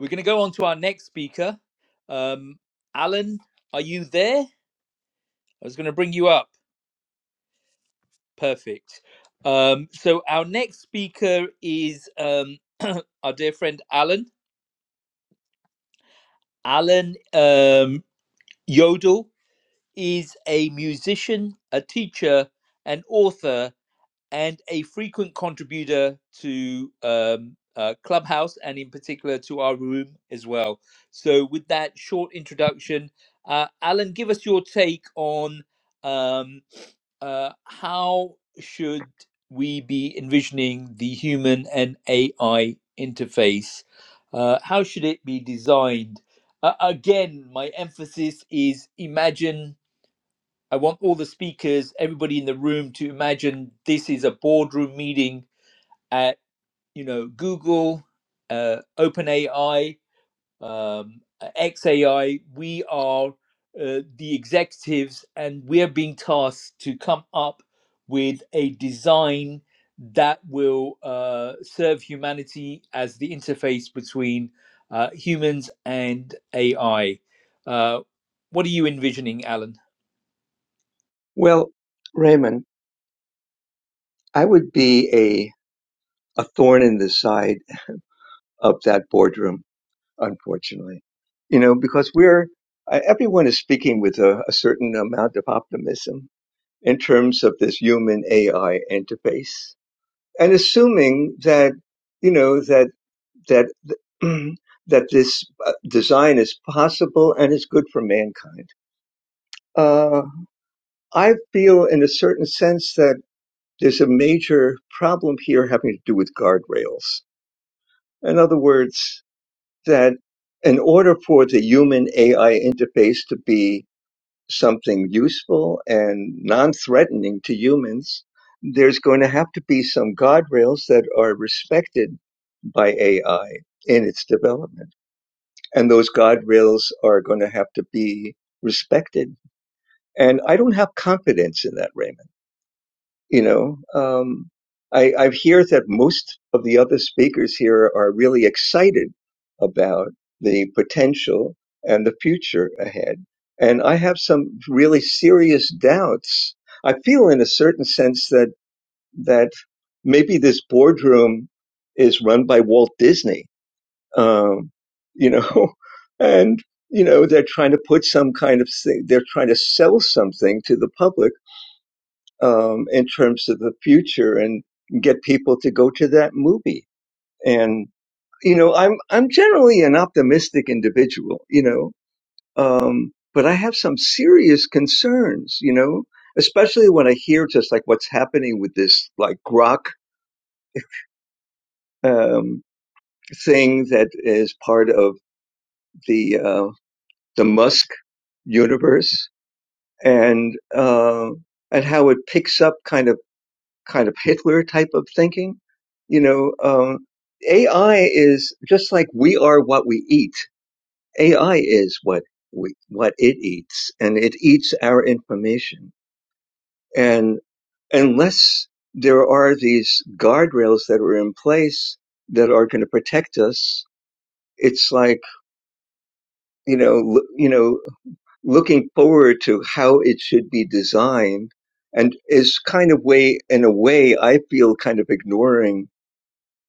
A: we're going to go on to our next speaker, um, Alan. Are you there? I was going to bring you up. Perfect. Um, so our next speaker is um, our dear friend Alan. Alan um, Yodel is a musician, a teacher, an author, and a frequent contributor to um, uh, Clubhouse and, in particular, to our room as well. So, with that short introduction, uh, Alan, give us your take on um, uh, how should we be envisioning the human and AI interface? Uh, how should it be designed? Uh, again, my emphasis is imagine I want all the speakers, everybody in the room to imagine this is a boardroom meeting at, you know, Google, uh, OpenAI, um, XAI. We are uh, the executives and we're being tasked to come up with a design that will uh, serve humanity as the interface between uh, humans and AI. Uh, what are you envisioning, Alan?
F: Well, Raymond, I would be a a thorn in the side of that boardroom, unfortunately. You know, because we're uh, everyone is speaking with a, a certain amount of optimism in terms of this human AI interface, and assuming that you know that that that this uh, design is possible and is good for mankind. Uh, I feel, in a certain sense, that there's a major problem here having to do with guardrails. In other words, that in order for the human AI interface to be something useful and non threatening to humans, there's going to have to be some guardrails that are respected by AI in its development. And those guardrails are going to have to be respected. And I don't have confidence in that, Raymond. you know um, I, I hear that most of the other speakers here are really excited about the potential and the future ahead and i have some really serious doubts i feel in a certain sense that that maybe this boardroom is run by walt disney um, you know and you know they're trying to put some kind of thing they're trying to sell something to the public um, in terms of the future and get people to go to that movie. And you know, I'm I'm generally an optimistic individual, you know, um, but I have some serious concerns, you know, especially when I hear just like what's happening with this like grok um, thing that is part of the uh, the Musk universe and uh, and how it picks up kind of kind of Hitler type of thinking. You know, um, AI is just like we are what we eat. AI is what we, what it eats and it eats our information. And unless there are these guardrails that are in place that are going to protect us, it's like, you know, l- you know, looking forward to how it should be designed and is kind of way, in a way, I feel kind of ignoring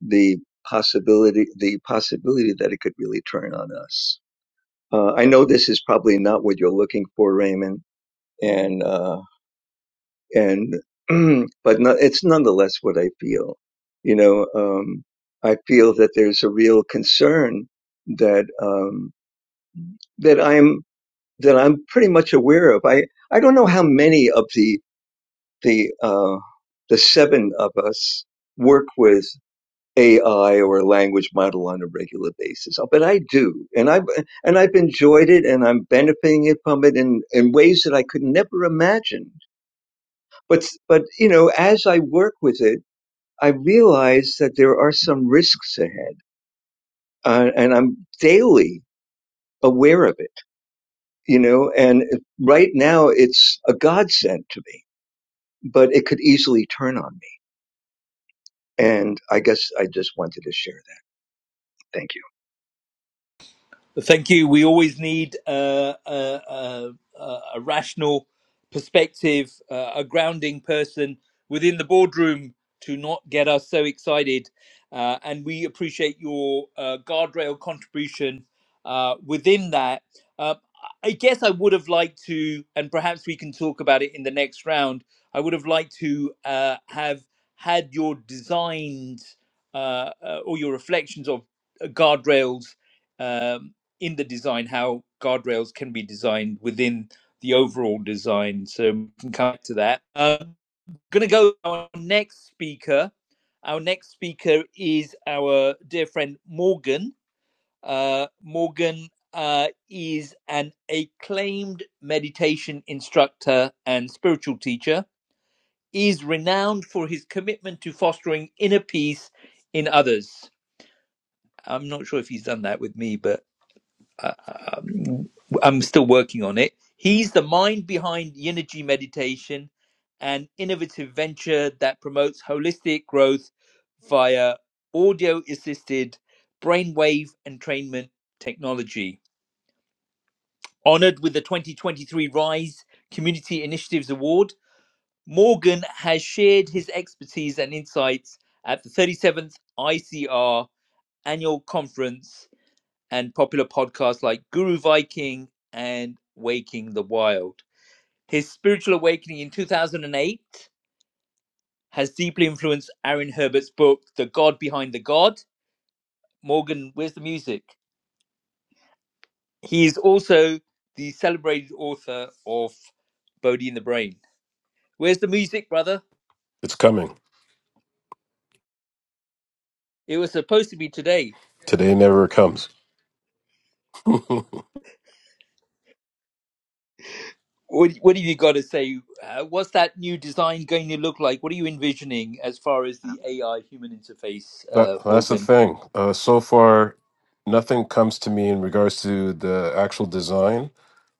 F: the possibility the possibility that it could really turn on us. Uh, I know this is probably not what you're looking for, Raymond, and uh, and but no, it's nonetheless what I feel. You know, um, I feel that there's a real concern that um, that I'm that I'm pretty much aware of. I I don't know how many of the the uh, the seven of us work with. AI or a language model on a regular basis. Oh, But I do, and I've and I've enjoyed it, and I'm benefiting it from it in in ways that I could never imagine. But but you know, as I work with it, I realize that there are some risks ahead, uh, and I'm daily aware of it. You know, and right now it's a godsend to me, but it could easily turn on me. And I guess I just wanted to share that. Thank you.
A: Thank you. We always need uh, a, a, a a rational perspective, uh, a grounding person within the boardroom to not get us so excited. Uh, and we appreciate your uh, guardrail contribution uh, within that. Uh, I guess I would have liked to, and perhaps we can talk about it in the next round. I would have liked to uh, have had your designs uh, uh, or your reflections of uh, guardrails um, in the design how guardrails can be designed within the overall design. So we can come back to that. Uh, I'm gonna go to our next speaker. Our next speaker is our dear friend Morgan. Uh, Morgan uh, is an acclaimed meditation instructor and spiritual teacher. He Is renowned for his commitment to fostering inner peace in others. I'm not sure if he's done that with me, but uh, um, I'm still working on it. He's the mind behind Yinergy Meditation, an innovative venture that promotes holistic growth via audio assisted brainwave entrainment technology. Honored with the 2023 Rise Community Initiatives Award, Morgan has shared his expertise and insights at the 37th ICR annual conference and popular podcasts like Guru Viking and Waking the Wild. His spiritual awakening in 2008 has deeply influenced Aaron Herbert's book, The God Behind the God. Morgan, where's the music? He is also the celebrated author of Bodhi in the Brain. Where's the music, brother?
G: It's coming.
A: It was supposed to be today.
G: Today never comes. that,
A: What, what have you got to say? Uh, what's that new design going to look like? What are you envisioning as far as the AI human interface, uh,
G: that's the
A: Morgan?
G: thing. Uh, so far, nothing comes to me in regards to the actual design,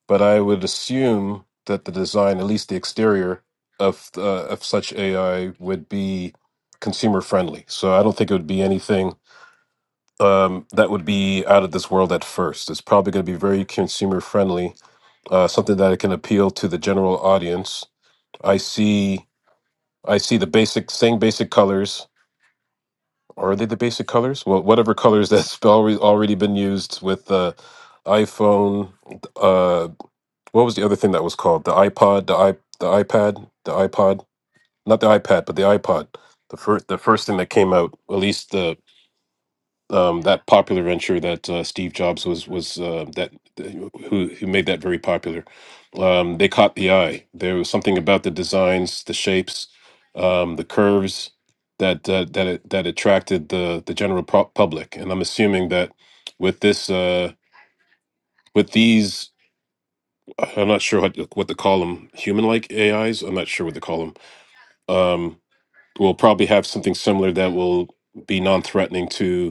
G: but I would assume that the design, at least the exterior of uh, of such AI, would be consumer friendly. So I don't think it would be anything um, that would be out of this world at first. It's probably going to be very consumer friendly, uh, something that it can appeal to the general audience. I see. I see the basic same basic colors or are they the basic colors? Well, whatever colors that's already already been used with the iPhone. Uh, what was the other thing that was called the iPod, the i the iPad, the iPod, not the iPad, but the iPod. The first the first thing that came out, at least um, that popular venture that uh, Steve Jobs was was uh, that who who made that very popular. Um, they caught the eye. There was something about the designs, the shapes, um, the curves that uh, that it, that attracted the the general pu- public. And I'm assuming that with this uh, with these, I'm not sure what what to call them, human like AIs. I'm not sure what to call them. Um, we'll probably have something similar that will be non-threatening to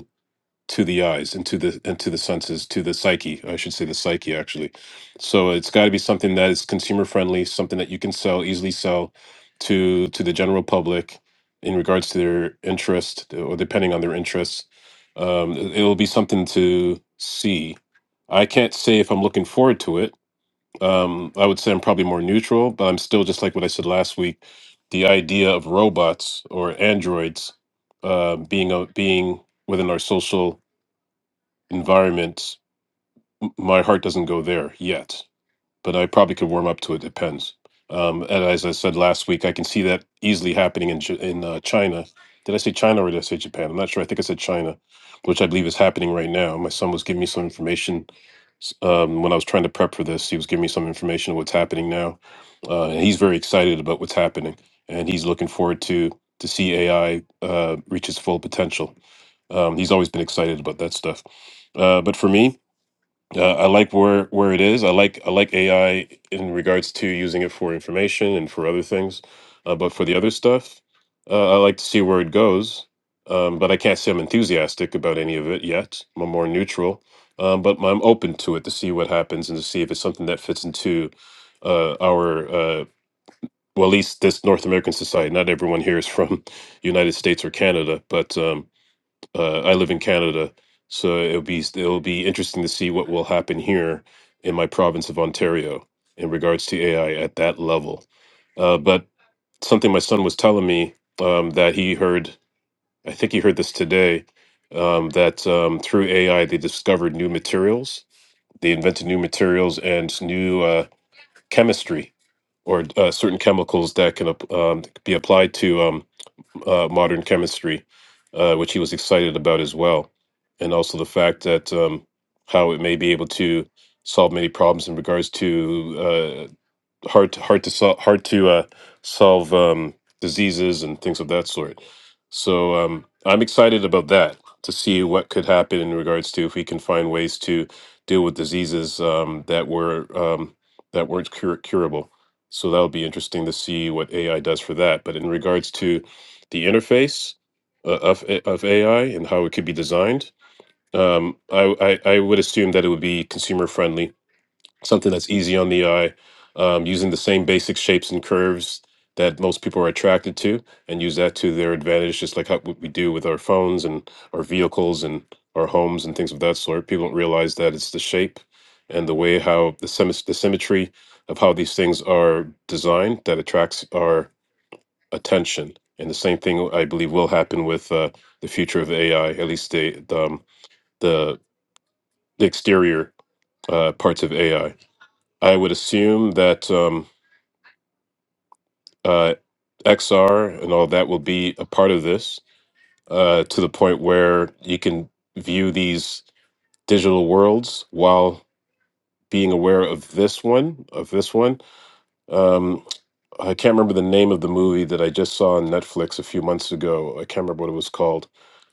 G: to the eyes and to the and to the senses to the psyche i should say the psyche actually so it's got to be something that is consumer friendly something that you can sell easily sell to to the general public in regards to their interest or depending on their interests um, it- it'll be something to see i can't say if i'm looking forward to it um, i would say i'm probably more neutral but i'm still just like what i said last week the idea of robots or androids uh, being a, being within our social environment, m- my heart doesn't go there yet, but I probably could warm up to it. Depends. Um, and as I said last week, I can see that easily happening in J- in uh, China. Did I say China or did I say Japan? I'm not sure. I think I said China, which I believe is happening right now. My son was giving me some information s- um, when I was trying to prep for this. He was giving me some information on what's happening now, uh, and he's very excited about what's happening, and he's looking forward to to see AI uh, reach its full potential. Um, he's always been excited about that stuff. Uh, but for me, uh, I like where where it is. I like I like AI in regards to using it for information and for other things, uh, but for the other stuff, uh, I like to see where it goes. Um, but I can't say I'm enthusiastic about any of it yet. I'm more neutral, um, but I'm open to it to see what happens and to see if it's something that fits into uh, our uh, well, at least this North American society. Not everyone here is from United States or Canada, but. Um, uh, I live in Canada, so it'll be it'll be interesting to see what will happen here in my province of Ontario in regards to AI at that level. Uh, but something my son was telling me um, that he heard, I think he heard this today, um, that um, through AI they discovered new materials, they invented new materials and new uh, chemistry or uh, certain chemicals that can ap- um, be applied to. Um, uh, modern chemistry, uh, which he was excited about as well, and also the fact that um, how it may be able to solve many problems in regards to uh, hard to, hard to solve hard to uh, solve um, diseases and things of that sort. So um, I'm excited about that to see what could happen in regards to if we can find ways to deal with diseases um, that were um, that weren't cur- curable. So that'll be interesting to see what AI does for that. But in regards to the interface uh, of A- of AI and how it could be designed, um, I, I I would assume that it would be consumer friendly something that's easy on the eye, um, using the same basic shapes and curves that most people are attracted to, and use that to their advantage, just like how, what we do with our phones and our vehicles and our homes and things of that sort. People don't realize that it's the shape and the way how the, symmet- the symmetry of how these things are designed that attracts our attention. And the same thing I believe will happen with uh, the future of AI, at least the the, um, the, the exterior uh, parts of AI I would assume that um, uh, XR and all that will be a part of this uh, to the point where you can view these digital worlds while being aware of this one. Of this one, um, I can't remember the name of the movie that I just saw on Netflix a few months ago. I can't remember what it was called,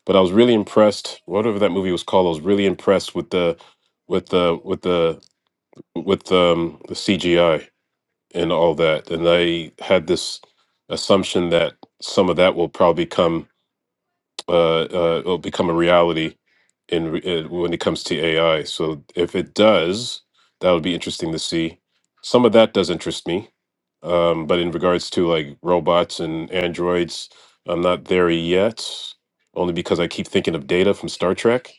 G: but I was really impressed. Whatever that movie was called, I was really impressed with the with the with the with um, the CGI and all that. And they had this assumption that some of that will probably come uh, uh, will become a reality in re- uh, when it comes to AI. So if it does, that would be interesting to see. Some of that does interest me, um, but in regards to like robots and androids, I'm not there yet. Only because I keep thinking of Data from Star Trek,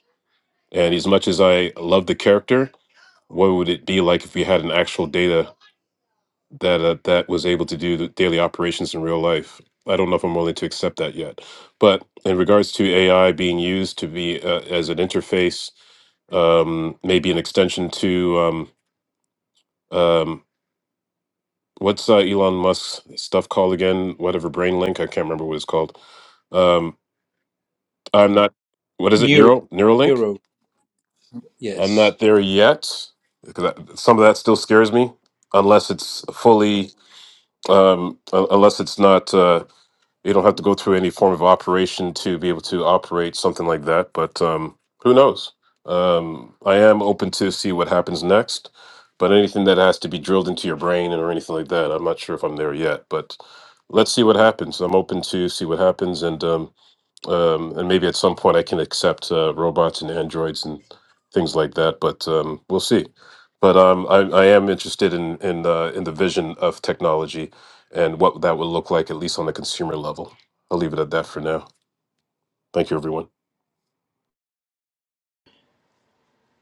G: and as much as I love the character, what would it be like if we had an actual Data that uh, that was able to do the daily operations in real life. I don't know if I'm willing to accept that yet. But in regards to AI being used to be uh, as an interface, um, maybe an extension to um, um, what's uh, Elon Musk's stuff called again? Whatever brain link, I can't remember what it's called. Um, I'm not. What is it?
A: Neuro,
G: Neural Neuralink.
A: neuro,
G: I'm
A: yes.
G: not there yet because some of that still scares me. Unless it's fully, um, un- unless it's not. Uh, They don't have to go through any form of operation to be able to operate something like that. But um, who knows? Um, I am open to see what happens next. But anything that has to be drilled into your brain and or anything like that, I'm not sure if I'm there yet. But let's see what happens. I'm open to see what happens, and um, um, and maybe at some point I can accept uh, robots and androids and things like that. But um, we'll see. But um, I, I am interested in in uh, in the vision of technology and what that would look like, at least on the consumer level. I'll leave it at that for now. Thank you, everyone.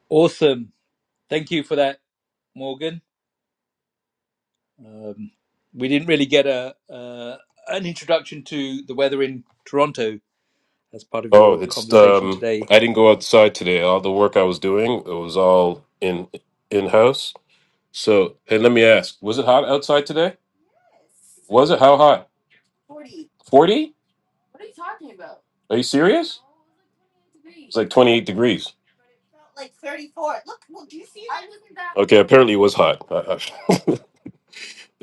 A: Awesome. Thank you for that, Morgan. Um, we didn't really get a uh, an introduction to the weather in Toronto as part of
G: Oh,
A: your
G: it's
A: conversation
G: um,
A: today.
G: I didn't go outside today. All the work I was doing it was all in in house. So hey, let me ask: Was it hot outside today? Was it how hot? Forty? Are you serious? It's like twenty eight degrees. Okay, apparently it was hot. Uh,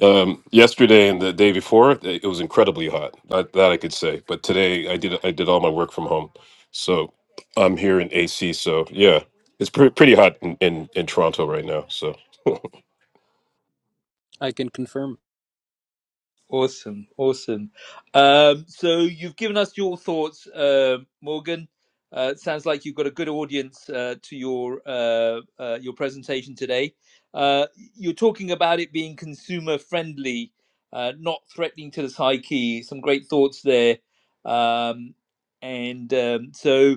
G: uh, um, yesterday and the day before, it it was incredibly hot. That, that I could say. But today, I did I did all my work from home, so I'm here in AC. So yeah, it's pre- pretty hot in, in in Toronto right now. So
C: I can confirm.
A: Awesome, awesome. Um, so you've given us your thoughts, uh, Morgan. Uh, it sounds like you've got a good audience uh, to your uh, uh, your presentation today. Uh, you're talking about it being consumer friendly, uh, not threatening to the psyche. Some great thoughts there, um, and um, so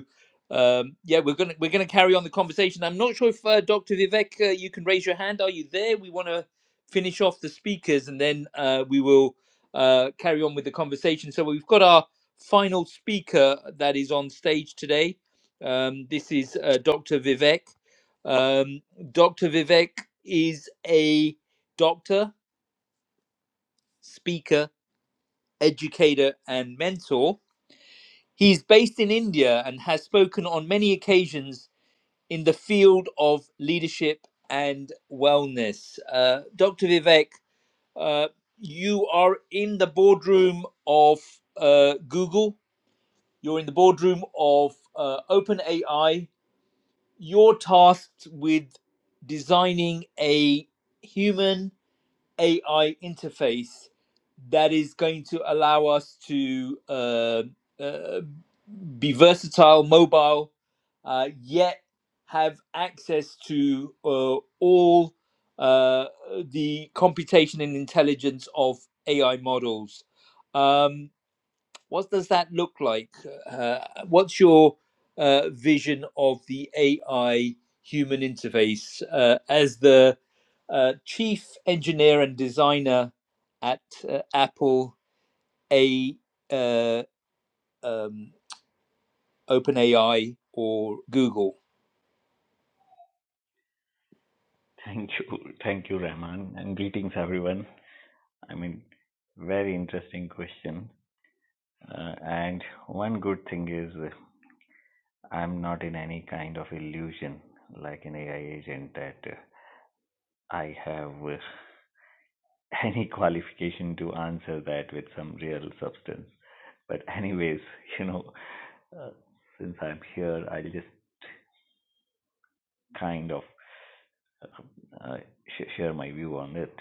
A: um, yeah, we're gonna we're gonna carry on the conversation. I'm not sure if uh, Dr. Vivek, uh, you can raise your hand. Are you there? We want to finish off the speakers, and then uh, we will uh, carry on with the conversation. So we've got our final speaker that is on stage today. Um, this is uh, Dr. Vivek. Um, Dr. Vivek is a doctor, speaker, educator, and mentor. He's based in India and has spoken on many occasions in the field of leadership and wellness. Uh, Dr. Vivek, uh, you are in the boardroom of uh, Google You're in the boardroom of uh, OpenAI. You're tasked with designing a human AI interface that is going to allow us to uh, uh, be versatile, mobile, uh, yet have access to uh, all uh, the computation and intelligence of AI models. Um, what does that look like? Uh, what's your uh, vision of the AI human interface uh, as the uh, chief engineer and designer at uh, Apple, a uh, um, OpenAI, or Google?
H: Thank you. Thank you, Rahman, and greetings, everyone. I mean, very interesting question. Uh, and one good thing is uh, I'm not in any kind of illusion like an AI agent that uh, I have uh, any qualification to answer that with some real substance. But, anyways, you know, uh, since I'm here, I'll just kind of uh, uh, sh- share my view on it.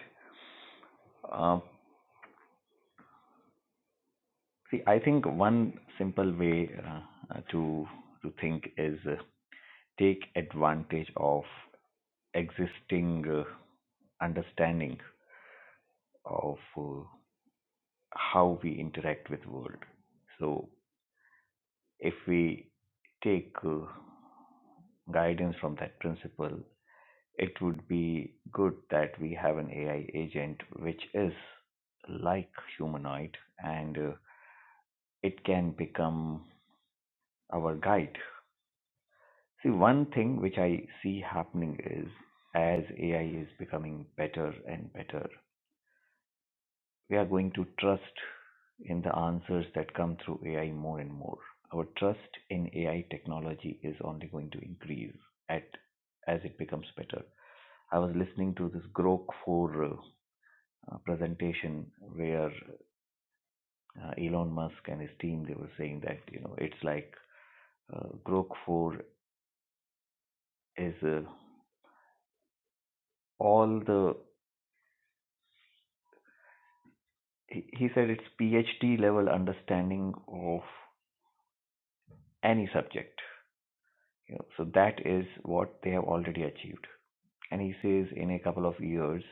H: Um See, I think one simple way uh, uh, to to think is uh, take advantage of existing uh, understanding of uh, how we interact with world. So if we take uh, guidance from that principle, it would be good that we have an AI agent which is like humanoid and uh, it can become our guide See, one thing which I see happening is as AI is becoming better and better, we are going to trust in the answers that come through AI more and more. Our trust in AI technology is only going to increase at as it becomes better. I was listening to this Grok 4 uh, uh, presentation where uh, Elon Musk and his team they were saying that you know it's like uh, Grok 4 is uh, all the he, he said it's PhD level understanding of any subject. You know, so that is what they have already achieved. And he says in a couple of years,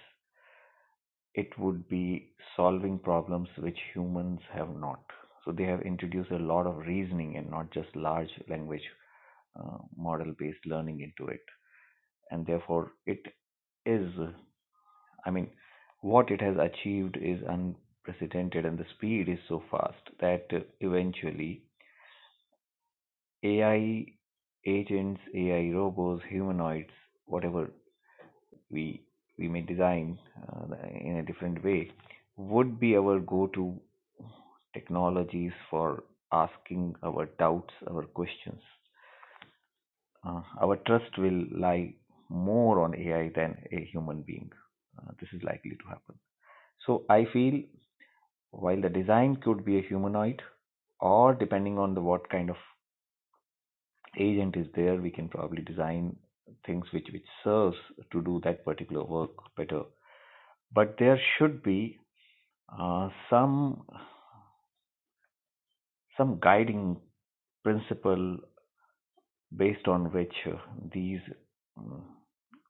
H: it would be solving problems which humans have not. So they have introduced a lot of reasoning and not just large language uh, model based learning into it. And therefore, it is, I mean, what it has achieved is unprecedented, and the speed is so fast that uh, eventually AI agents, AI robots, humanoids, whatever we we may design uh, in a different way, would be our go-to technologies for asking our doubts, our questions. Uh, our trust will lie more on AI than a human being. Uh, this is likely to happen. So I feel while the design could be a humanoid, or depending on the what kind of agent is there, we can probably design things which which serves to do that particular work better. But there should be uh, some some guiding principle based on which uh, these mm,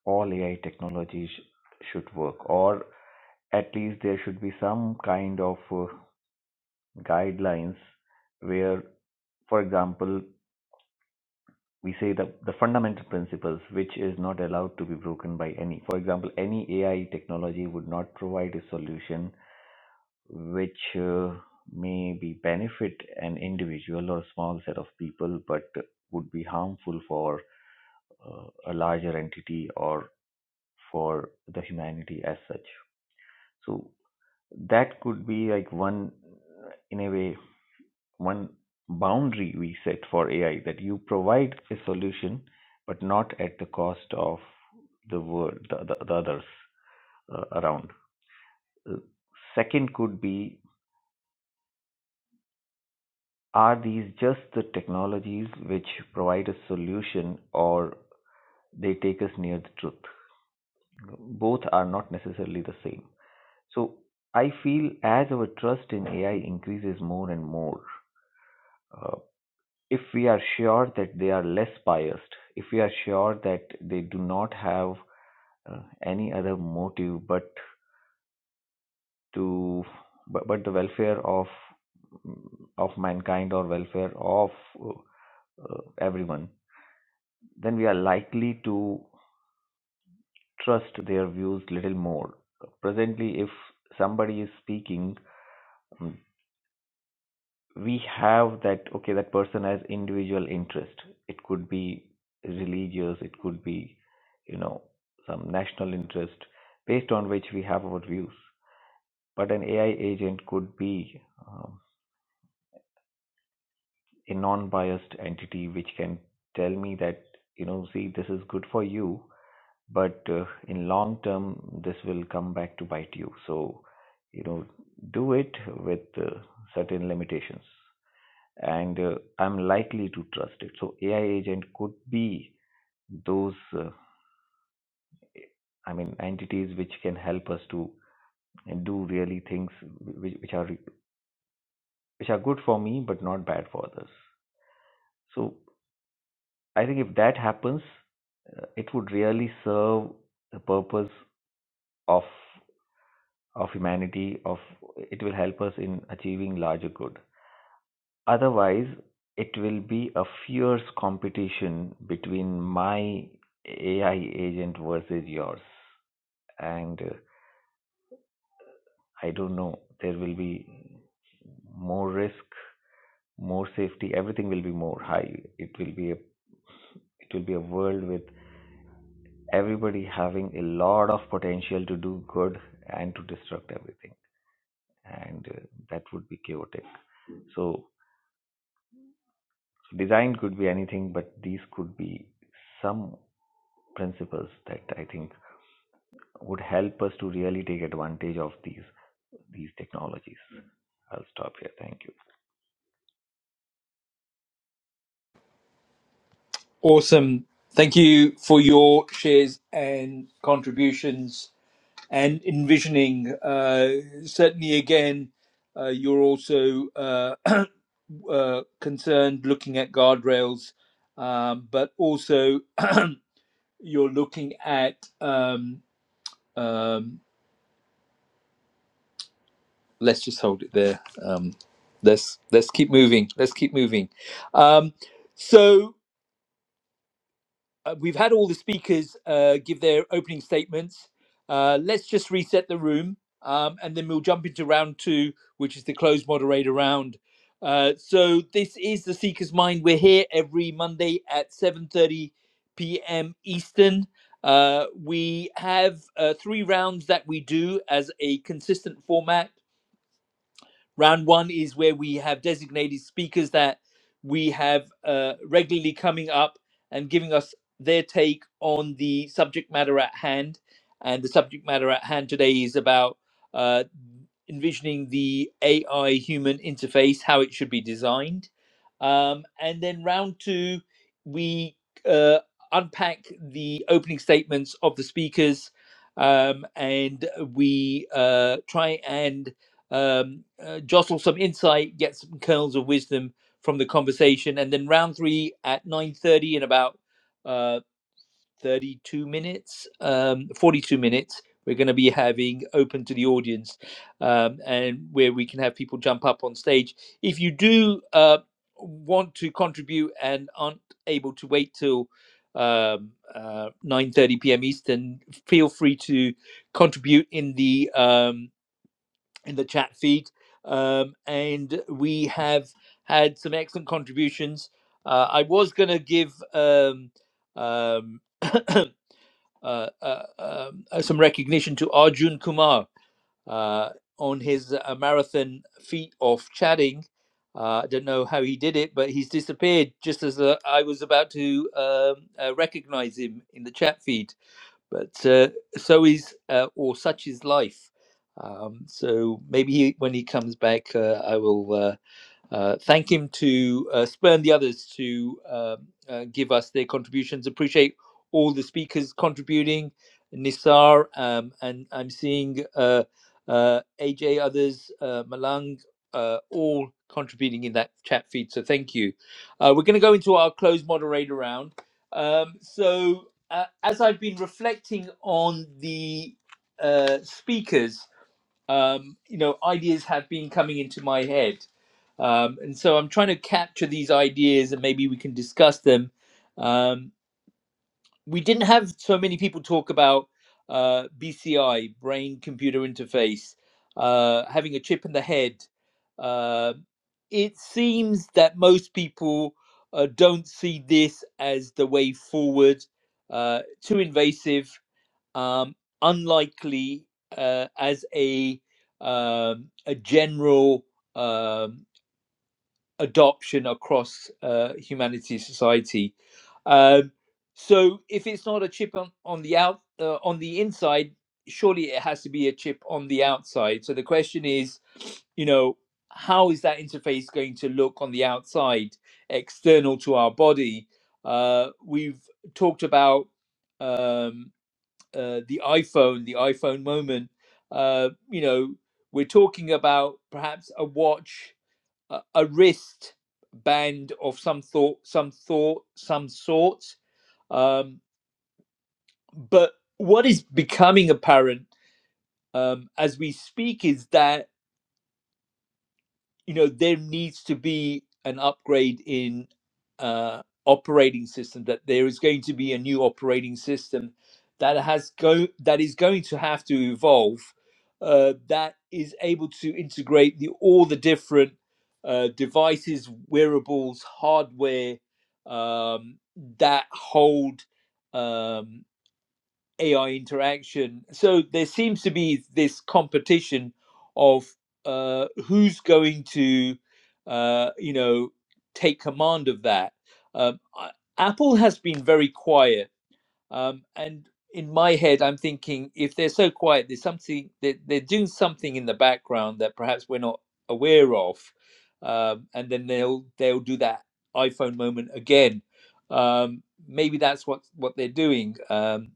H: all AI technologies should work, or at least there should be some kind of uh, guidelines where, for example, we say the, the fundamental principles which is not allowed to be broken by any for example any ai technology would not provide a solution which uh, may be benefit an individual or small set of people but would be harmful for uh, a larger entity or for the humanity as such so that could be like one in a way one boundary we set for AI that you provide a solution, but not at the cost of the world, the, the, the others uh, around. Uh, Second could be are these just the technologies which provide a solution or they take us near the truth? Both are not necessarily the same. So I feel as our trust in AI increases more and more, uh, if we are sure that they are less biased, if we are sure that they do not have uh, any other motive but to but, but the welfare of of mankind or welfare of uh, uh, everyone, then we are likely to trust their views little more. Presently, if somebody is speaking um, we have that okay that person has individual interest it could be religious it could be you know some national interest based on which we have our views but an ai agent could be um, a non-biased entity which can tell me that you know see this is good for you but uh, in long term this will come back to bite you so you know do it with uh, certain limitations and uh, I'm likely to trust it. So AI agent could be those, uh, I mean, entities which can help us to do really things which, which are which are good for me but not bad for others. So I think if that happens, uh, it would really serve the purpose of of humanity. Of it will help us in achieving larger good. Otherwise, it will be a fierce competition between my AI agent versus yours. And uh, I don't know, there will be more risk, more safety, everything will be more high. It will be a it will be a world with everybody having a lot of potential to do good and to disrupt everything. And uh, that would be chaotic. So Design could be anything, but these could be some principles that I think would help us to really take advantage of these these technologies. I'll stop here. Thank you.
A: Awesome. Thank you for your shares and contributions and envisioning. Uh, certainly, again, uh, you're also uh, uh, concerned, looking at guardrails, um, but also you're looking at. Um, um, let's just hold it there. Um, let's let's keep moving. Let's keep moving. Um, so uh, we've had all the speakers uh, give their opening statements. Uh, let's just reset the room, um, and then we'll jump into round two, which is the closed moderator round. Uh, so this is the Seeker's Mind. We're here every Monday at 7:30 p.m. Eastern. Uh, we have uh, three rounds that we do as a consistent format Round one is where we have designated speakers that we have uh, regularly coming up and giving us their take on the subject matter at hand. And the subject matter at hand today is about uh, envisioning the AI human interface, how it should be designed. Um, and then round two, we uh, unpack the opening statements of the speakers um, and we uh, try and um, uh, jostle some insight, get some kernels of wisdom from the conversation, and then round three at nine thirty in about uh, thirty-two minutes, um, forty-two minutes. We're going to be having open to the audience, um, and where we can have people jump up on stage. If you do uh, want to contribute and aren't able to wait till um, uh, 9:30 p.m. Eastern, feel free to contribute in the um, in the chat feed. Um, and we have had some excellent contributions. Uh, I was going to give um, um, uh, uh, um, uh, some recognition to Arjun Kumar uh, on his uh, marathon feat of chatting. Uh, I don't know how he did it, but he's disappeared just as uh, I was about to um, uh, recognize him in the chat feed but uh, so is uh, or such is life. Um, so maybe he, when he comes back, uh, I will. Uh, uh, thank him to uh, spurn the others to uh, uh, give us their contributions. Appreciate all the speakers contributing. Nisar, um, and I'm seeing uh, uh, AJ, others, uh, Malang, uh, all contributing in that chat feed. So thank you. Uh, we're going to go into our closed moderator round. Um, so uh, as I've been reflecting on the uh, speakers, um, you know, ideas have been coming into my head. Um, and so I'm trying to capture these ideas and maybe we can discuss them. Um, we didn't have so many people talk about uh, BCI, brain computer interface, uh, having a chip in the head. Uh, it seems that most people uh, don't see this as the way forward, uh, too invasive um, unlikely uh, as a um, a general um, adoption across uh, humanity society. Um, so if it's not a chip on, on the out uh, on the inside, surely it has to be a chip on the outside. So the question is, you know, how is that interface going to look on the outside, external to our body? Uh, we've talked about um, uh, the iPhone, the iPhone moment. Uh, you know, we're talking about perhaps a watch, a, a wrist band of some thought, some thought, some sort. Um, but what is becoming apparent um, as we speak is that you know there needs to be an upgrade in uh, operating system that there is going to be a new operating system that has go that is going to have to evolve uh, that is able to integrate the all the different uh, devices wearables hardware um, that hold um, AI interaction. So there seems to be this competition of uh, who's going to, uh, you know, take command of that. Um, I- Apple has been very quiet, um, and in my head, I'm thinking if they're so quiet, there's something they they're doing something in the background that perhaps we're not aware of, um, and then they'll they'll do that iPhone moment again. Um, maybe that's what what they're doing. Um,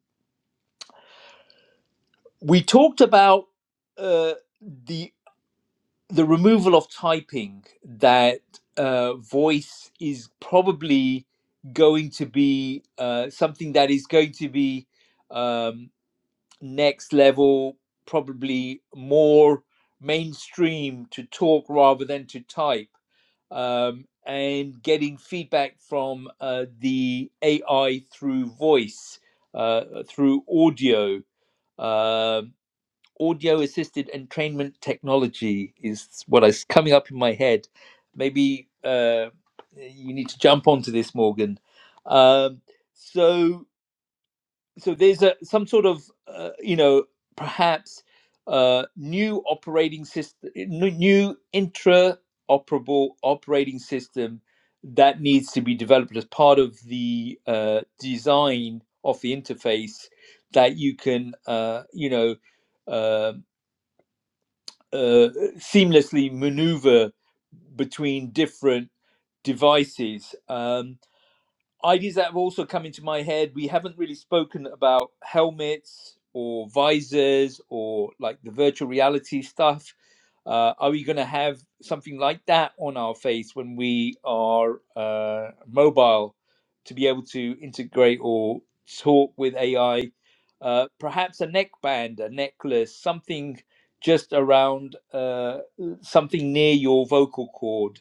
A: we talked about uh, the the removal of typing that uh, voice is probably going to be uh, something that is going to be um, next level probably more mainstream to talk rather than to type um, and getting feedback from uh, the ai through voice uh, through audio um, audio assisted entrainment technology is what is coming up in my head. Maybe uh, you need to jump onto this, Morgan. Um, so, so there's a some sort of uh, you know perhaps uh, new operating system, new intra-operable operating system that needs to be developed as part of the uh, design of the interface that you can uh, you know uh, uh, seamlessly maneuver between different devices. Um, ideas that have also come into my head we haven't really spoken about helmets or visors or like the virtual reality stuff uh, are we going to have something like that on our face when we are uh, mobile to be able to integrate or talk with ai uh, perhaps a neckband a necklace something just around uh, something near your vocal cord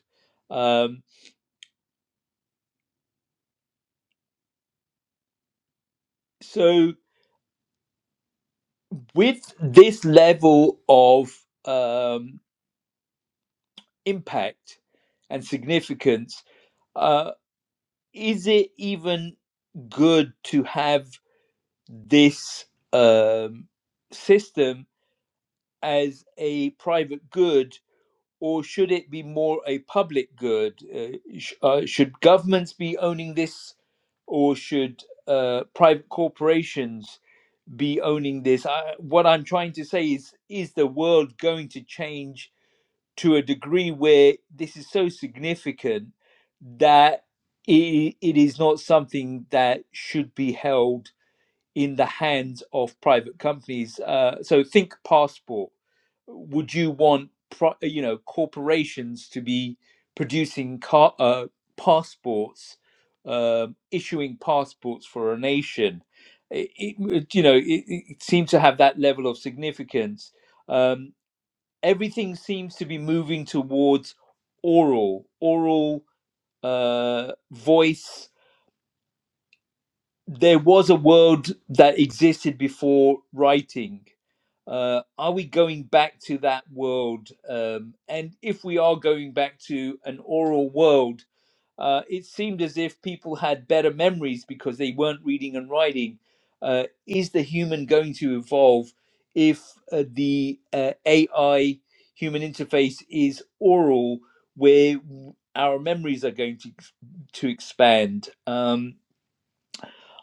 A: um, so with this level of um, impact and significance, uh, is it even good to have this um, system as a private good, or should it be more a public good? Uh, sh- uh, should governments be owning this, or should uh, private corporations be owning this? I, what I'm trying to say is: is the world going to change? to a degree where this is so significant that it, it is not something that should be held in the hands of private companies. Uh, so think passport. Would you want pro, you know corporations to be producing car, uh, passports, um issuing passports for a nation? It, it- you know it, it it seems to have that level of significance. Um, everything seems to be moving towards oral oral uh voice there was a world that existed before writing uh are we going back to that world um and if we are going back to an oral world uh, it seemed as if people had better memories because they weren't reading and writing. Uh, is the human going to evolve if uh, the uh, AI human interface is oral, where w- our memories are going to ex- to expand? Um,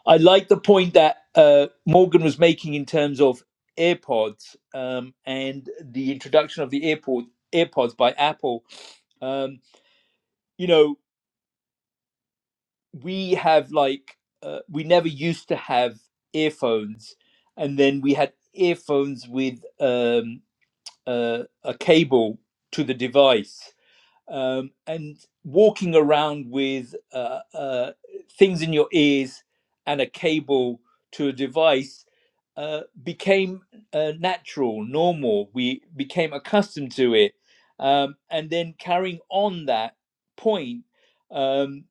A: I like the point that uh, Morgan was making in terms of AirPods um, and the introduction of the AirPod, AirPods by Apple. Um, you know, we have like uh, we never used to have earphones and then we had earphones with um, uh, a cable to the device um, and walking around with uh, uh, things in your ears and a cable to a device uh, became uh, natural, normal. We became accustomed to it. Um, and then carrying on that point, um,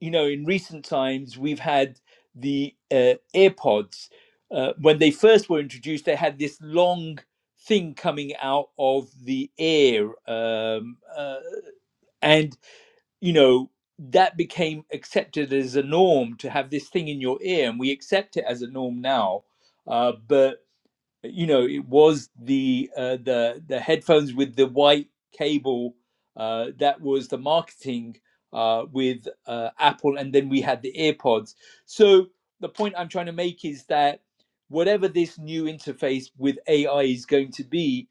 A: you know, in recent times, we've had the uh, AirPods. Uh, when they first were introduced, they had this long thing coming out of the air. Um, uh, and, you know, that became accepted as a norm to have this thing in your ear. And we accept it as a norm now. Uh, but you know it was the uh, the the headphones with the white cable uh, that was the marketing uh, with uh, Apple, and then we had the AirPods. So the point I'm trying to make is that whatever this new interface with AI is going to be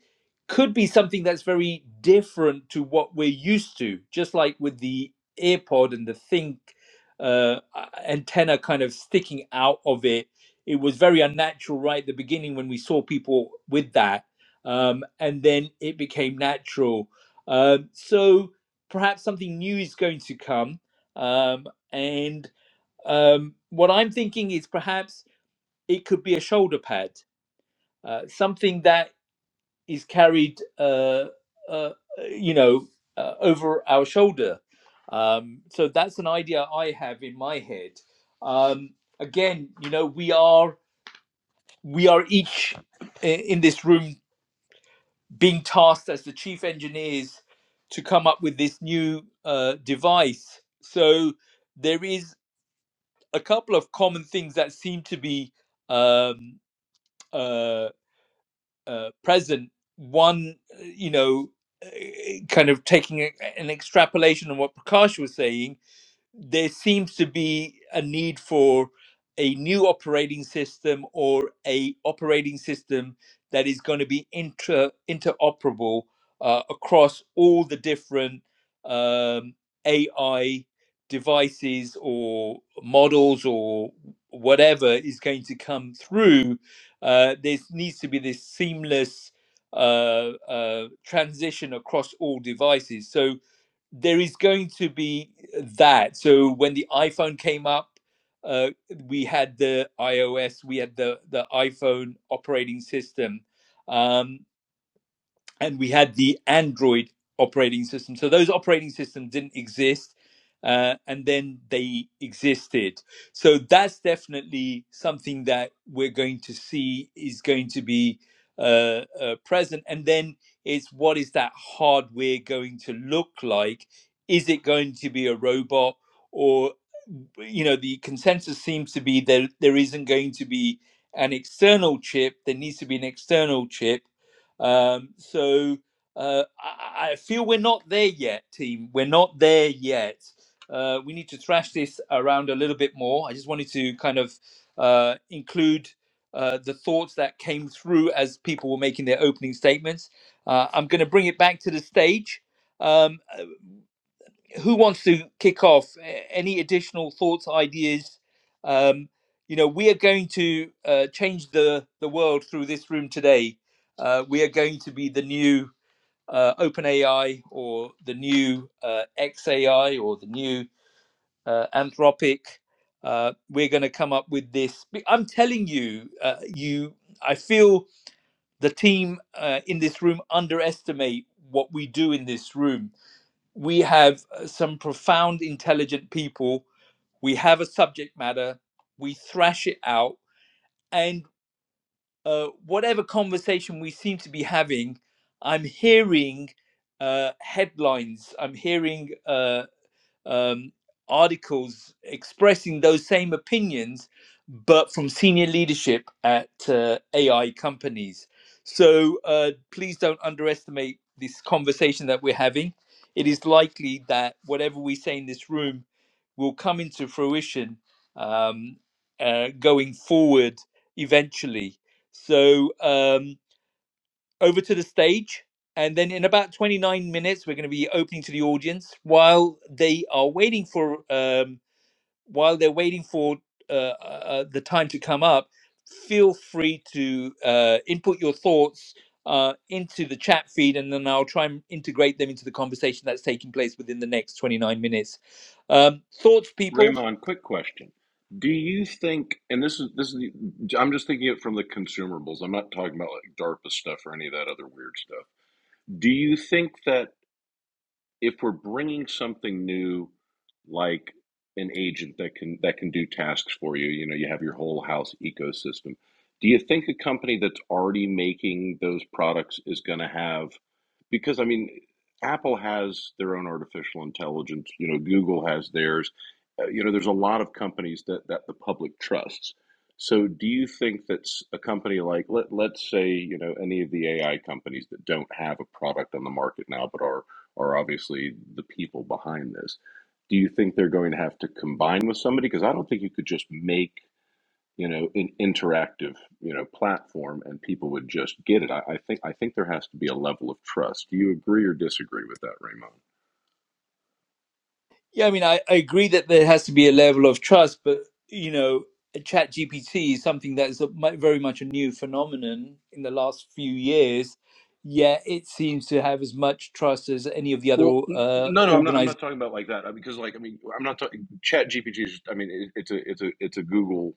A: could be something that's very different to what we're used to, just like with the AirPod and the think uh, antenna kind of sticking out of it it was very unnatural right at the beginning when we saw people with that um, and then it became natural Um so perhaps something new is going to come um, and um, what i'm thinking is perhaps it could be a shoulder pad uh, something that is carried uh, uh, you know uh, over our shoulder um, so that's an idea i have in my head um, again you know we are we are each eh, in this room being tasked as the chief engineers to come up with this new uh, device. So there is a couple of common things that seem to be um, uh, uh, present. One, uh, you know, eh, kind of taking a, an extrapolation on what Prakash was saying, there seems to be a need for a new operating system or a operating system that is going to be inter interoperable uh, across all the different um, AI devices or models or whatever is going to come through. Uh, there needs to be this seamless uh, uh, transition across all devices. So there is going to be that. So when the iPhone came up, uh, we had the iOS, we had the the iPhone operating system. Um, and we had the Android operating system. So those operating systems didn't exist, uh, and then they existed. So that's definitely something that we're going to see is going to be uh, uh, present. And then it's what is that hardware going to look like? Is it going to be a robot or you know the consensus seems to be that there isn't going to be an external chip there needs to be an external chip um, so uh, I, I feel we're not there yet, team. We're not there yet. Uh, we need to thrash this around a little bit more. I just wanted to kind of uh, include uh, the thoughts that came through as people were making their opening statements. Uh, I'm going to bring it back to the stage. Um, uh, who wants to kick off? A- Any additional thoughts, ideas? Um, you know, we are going to uh, change the the world through this room today. Uh, we are going to be the new uh, OpenAI or the new uh, XAI or the new uh, Anthropic. Uh, we're going to come up with this. Be- I'm telling you, uh, you. I feel the team uh, in this room underestimate what we do in this room we have uh, some profound, intelligent people. We have a subject matter. We thrash it out. And uh, whatever conversation we seem to be having, I'm hearing uh, headlines. I'm hearing. uh, um, articles expressing those same opinions, but from senior leadership at uh, AI companies. So uh, please don't underestimate this conversation that we're having. It is likely that whatever we say in this room will come into fruition um, uh, going forward eventually. So, um, over to the stage. And then in about 29 minutes, we're going to be opening to the audience while they are waiting for um, while they're waiting for uh, uh, uh, the time to come up. Feel free to uh, input your thoughts uh, into the chat feed, and then I'll try and integrate them into the conversation that's taking place within the next 29 minutes. Um, thoughts, people?
B: Raymond, quick question. Do you think, and this is this is, the- I'm just thinking it from the consumables. I'm not talking about like DARPA stuff or any of that other weird stuff. Do you think that if we're bringing something new like an agent that can that can do tasks for you you know you have your whole house ecosystem do you think a company that's already making those products is going to have because i mean apple has their own artificial intelligence you know google has theirs Uh, you know there's a lot of companies that that the public trusts so do you think that a company like let, let's say you know any of the ai companies that don't have a product on the market now but are are obviously the people behind this. Do you think they're going to have to combine with somebody? Because I don't think you could just make you know an interactive you know platform and people would just get it. I, I think I think there has to be a level of trust. Do you agree or disagree with that, Raymond?
A: Yeah, I mean, I, I agree that there has to be a level of trust, but you know, Chat GPT is something that is a, mu- very much a new phenomenon in the last few years. Yet it seems to have as much trust as any of the other
B: Well, n- no, no, I'm not. I'm
A: uh,
B: not talking about like that uh, because, like, I mean, I'm not talking. Chat GPT is. I mean, it, it's a, it's a, it's a Google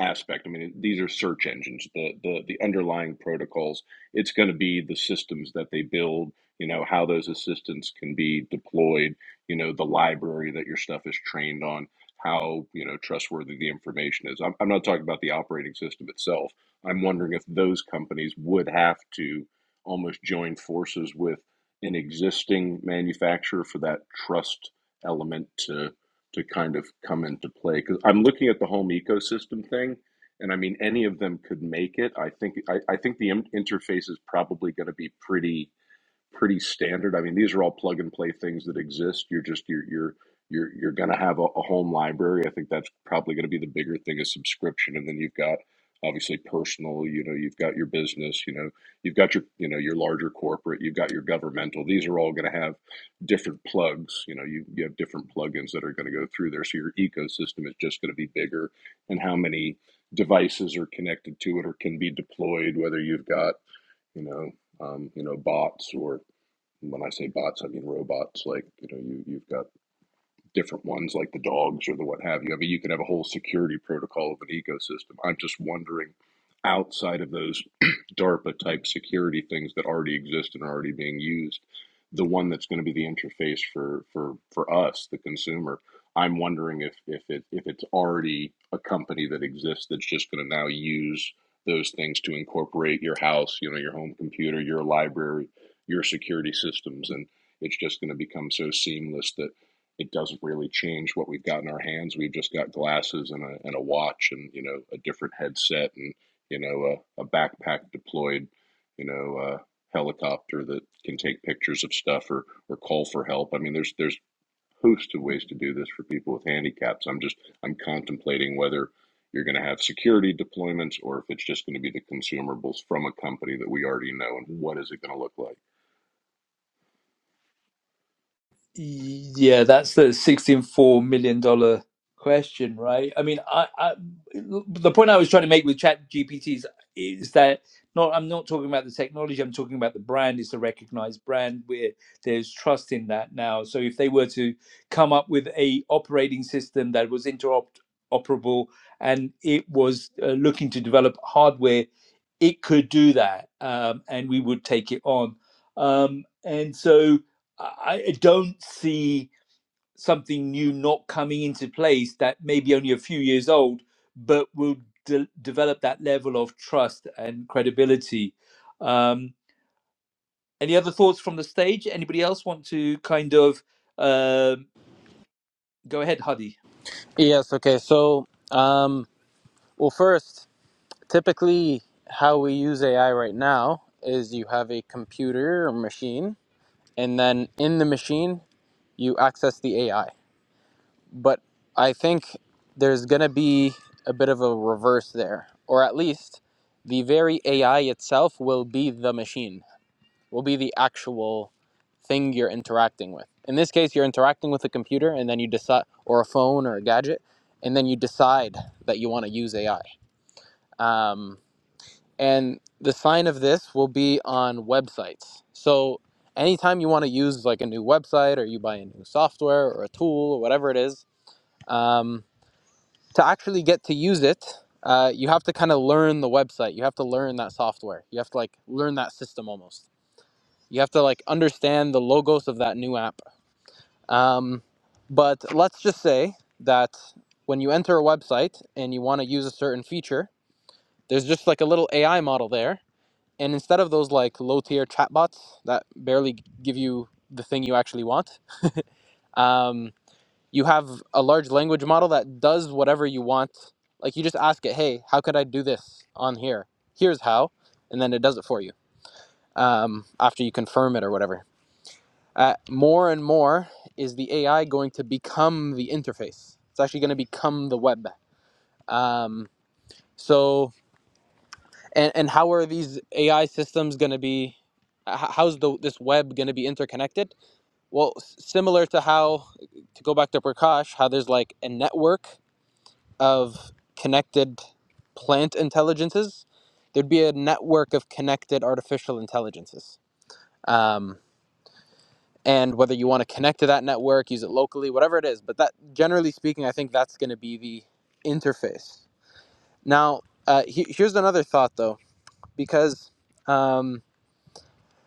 B: aspect. I mean, it, these are search engines. The, the, the underlying protocols. It's going to be the systems that they build. You know how those assistants can be deployed. You know the library that your stuff is trained on. How you know trustworthy the information is. I'm, I'm not talking about the operating system itself. I'm wondering if those companies would have to almost join forces with an existing manufacturer for that trust element to to kind of come into play because i'm looking at the home ecosystem thing and i mean any of them could make it i think i, I think the interface is probably going to be pretty pretty standard. I mean, these are all plug and play things that exist. You're just you're you're you're you're going to have a, a home library. I think that's probably going to be the bigger thing is subscription, and then you've got obviously personal. You know, you've got your business. You know, you've got your you know your larger corporate. You've got your governmental. These are all going to have different plugs. You know, you you have different plugins that are going to go through there. So your ecosystem is just going to be bigger, and how many devices are connected to it or can be deployed. Whether you've got you know um, you know bots or when I say bots, I mean robots. Like you know, you you've got different ones like the dogs or the what have you. I mean, you can have a whole security protocol of an ecosystem. I'm just wondering outside of those DARPA type security things that already exist and are already being used, the one that's going to be the interface for for for us, the consumer. I'm wondering if if it if it's already a company that exists that's just going to now use those things to incorporate your house, you know, your home computer, your library, your security systems, and it's just going to become so seamless that it doesn't really change what we've got in our hands. We've just got glasses and a, and a watch and, you know, a different headset and, you know, a, a backpack deployed, you know, uh, helicopter that can take pictures of stuff or, or call for help. I mean, there's, there's a host of ways to do this for people with handicaps. I'm just, I'm contemplating whether you're going to have security deployments or if it's just going to be the consumables from a company that we already know and what is it going to look like?
A: Yeah, that's the sixty-four million dollar question, right? I mean, I, I the point I was trying to make with Chat GPTs is that not I'm not talking about the technology. I'm talking about the brand. It's a recognized brand where there's trust in that now. So if they were to come up with a operating system that was interoperable and it was uh, looking to develop hardware, it could do that, um, and we would take it on. Um, and so. I I don't see something new not coming into place that may be only a few years old, but will de- develop that level of trust and credibility. Um, any other thoughts from the stage? Anybody else want to kind of um go ahead, Hadi?
C: Yes, okay. So, um, well, first, typically how we use AI right now is you have a computer or machine, and then in the machine, you access the AI. But I think there's going to be a bit of a reverse there, or at least the very AI itself will be the machine, will be the actual thing you're interacting with. In this case, you're interacting with a computer and then you decide, or a phone or a gadget, and then you decide that you want to use AI. Um, and the sign of this will be on websites. So anytime you want to use like a new website or you buy a new software or a tool or whatever it is, um, to actually get to use it, uh, you have to kind of learn the website. You have to learn that software. You have to like learn that system almost. You have to like understand the logos of that new app. Um, but let's just say that when you enter a website and you want to use a certain feature, there's just like a little AI model there. And instead of those like low tier chatbots that barely give you the thing you actually want, um, you have a large language model that does whatever you want. Like you just ask it, hey, how could I do this on here? Here's how, and then it does it for you um, after you confirm it or whatever. Uh, more and more is the AI going to become the interface. It's actually going to become the web. Um, so, and, and how are these AI systems going to be? How's the, this web going to be interconnected? Well, similar to how, to go back to Prakash, how there's like a network of connected plant intelligences, there'd be a network of connected artificial intelligences. Um, and whether you want to connect to that network, use it locally, whatever it is, but that generally speaking, I think that's going to be the interface. Now, uh, he- here's another thought though, because um,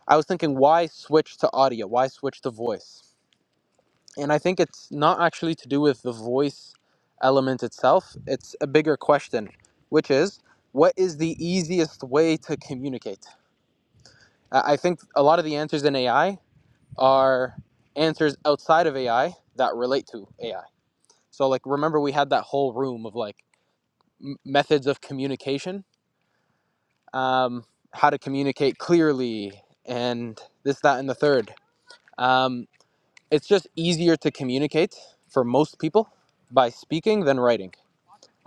C: I was thinking, why switch to audio? Why switch to voice? And I think it's not actually to do with the voice element itself, it's a bigger question, which is what is the easiest way to communicate? I I think a lot of the answers in AI are answers outside of AI that relate to AI. So, like, remember we had that whole room of like m- methods of communication, um, how to communicate clearly, and this, that, and the third. Um, it's just easier to communicate for most people by speaking than writing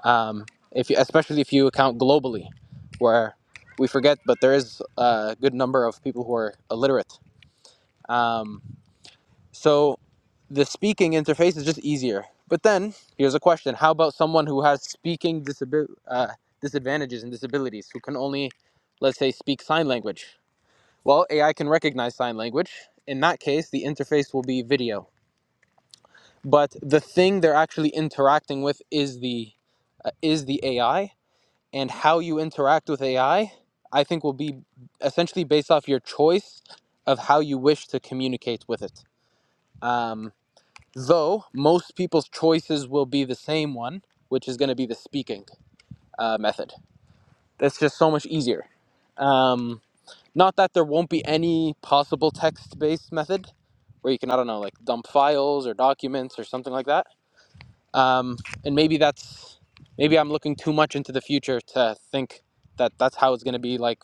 C: um, if you, especially if you account globally, where we forget, but there is a good number of people who are illiterate. Um, so the speaking interface is just easier. But then here's a question: How about someone who has speaking disabi- uh, disadvantages and disabilities, who can only, let's say, speak sign language? Well, AI can recognize sign language. In that case, the interface will be video. But the thing they're actually interacting with is the uh, is the AI, and how you interact with AI, I I think will be essentially based off your choice of how you wish to communicate with it. Um, though most people's choices will be the same one, which is going to be the speaking uh, method. That's just so much easier. Um, not that there won't be any possible text based method where you can, I don't know, like dump files or documents or something like that. Um, and maybe that's, maybe I'm looking too much into the future to think that that's how it's going to be like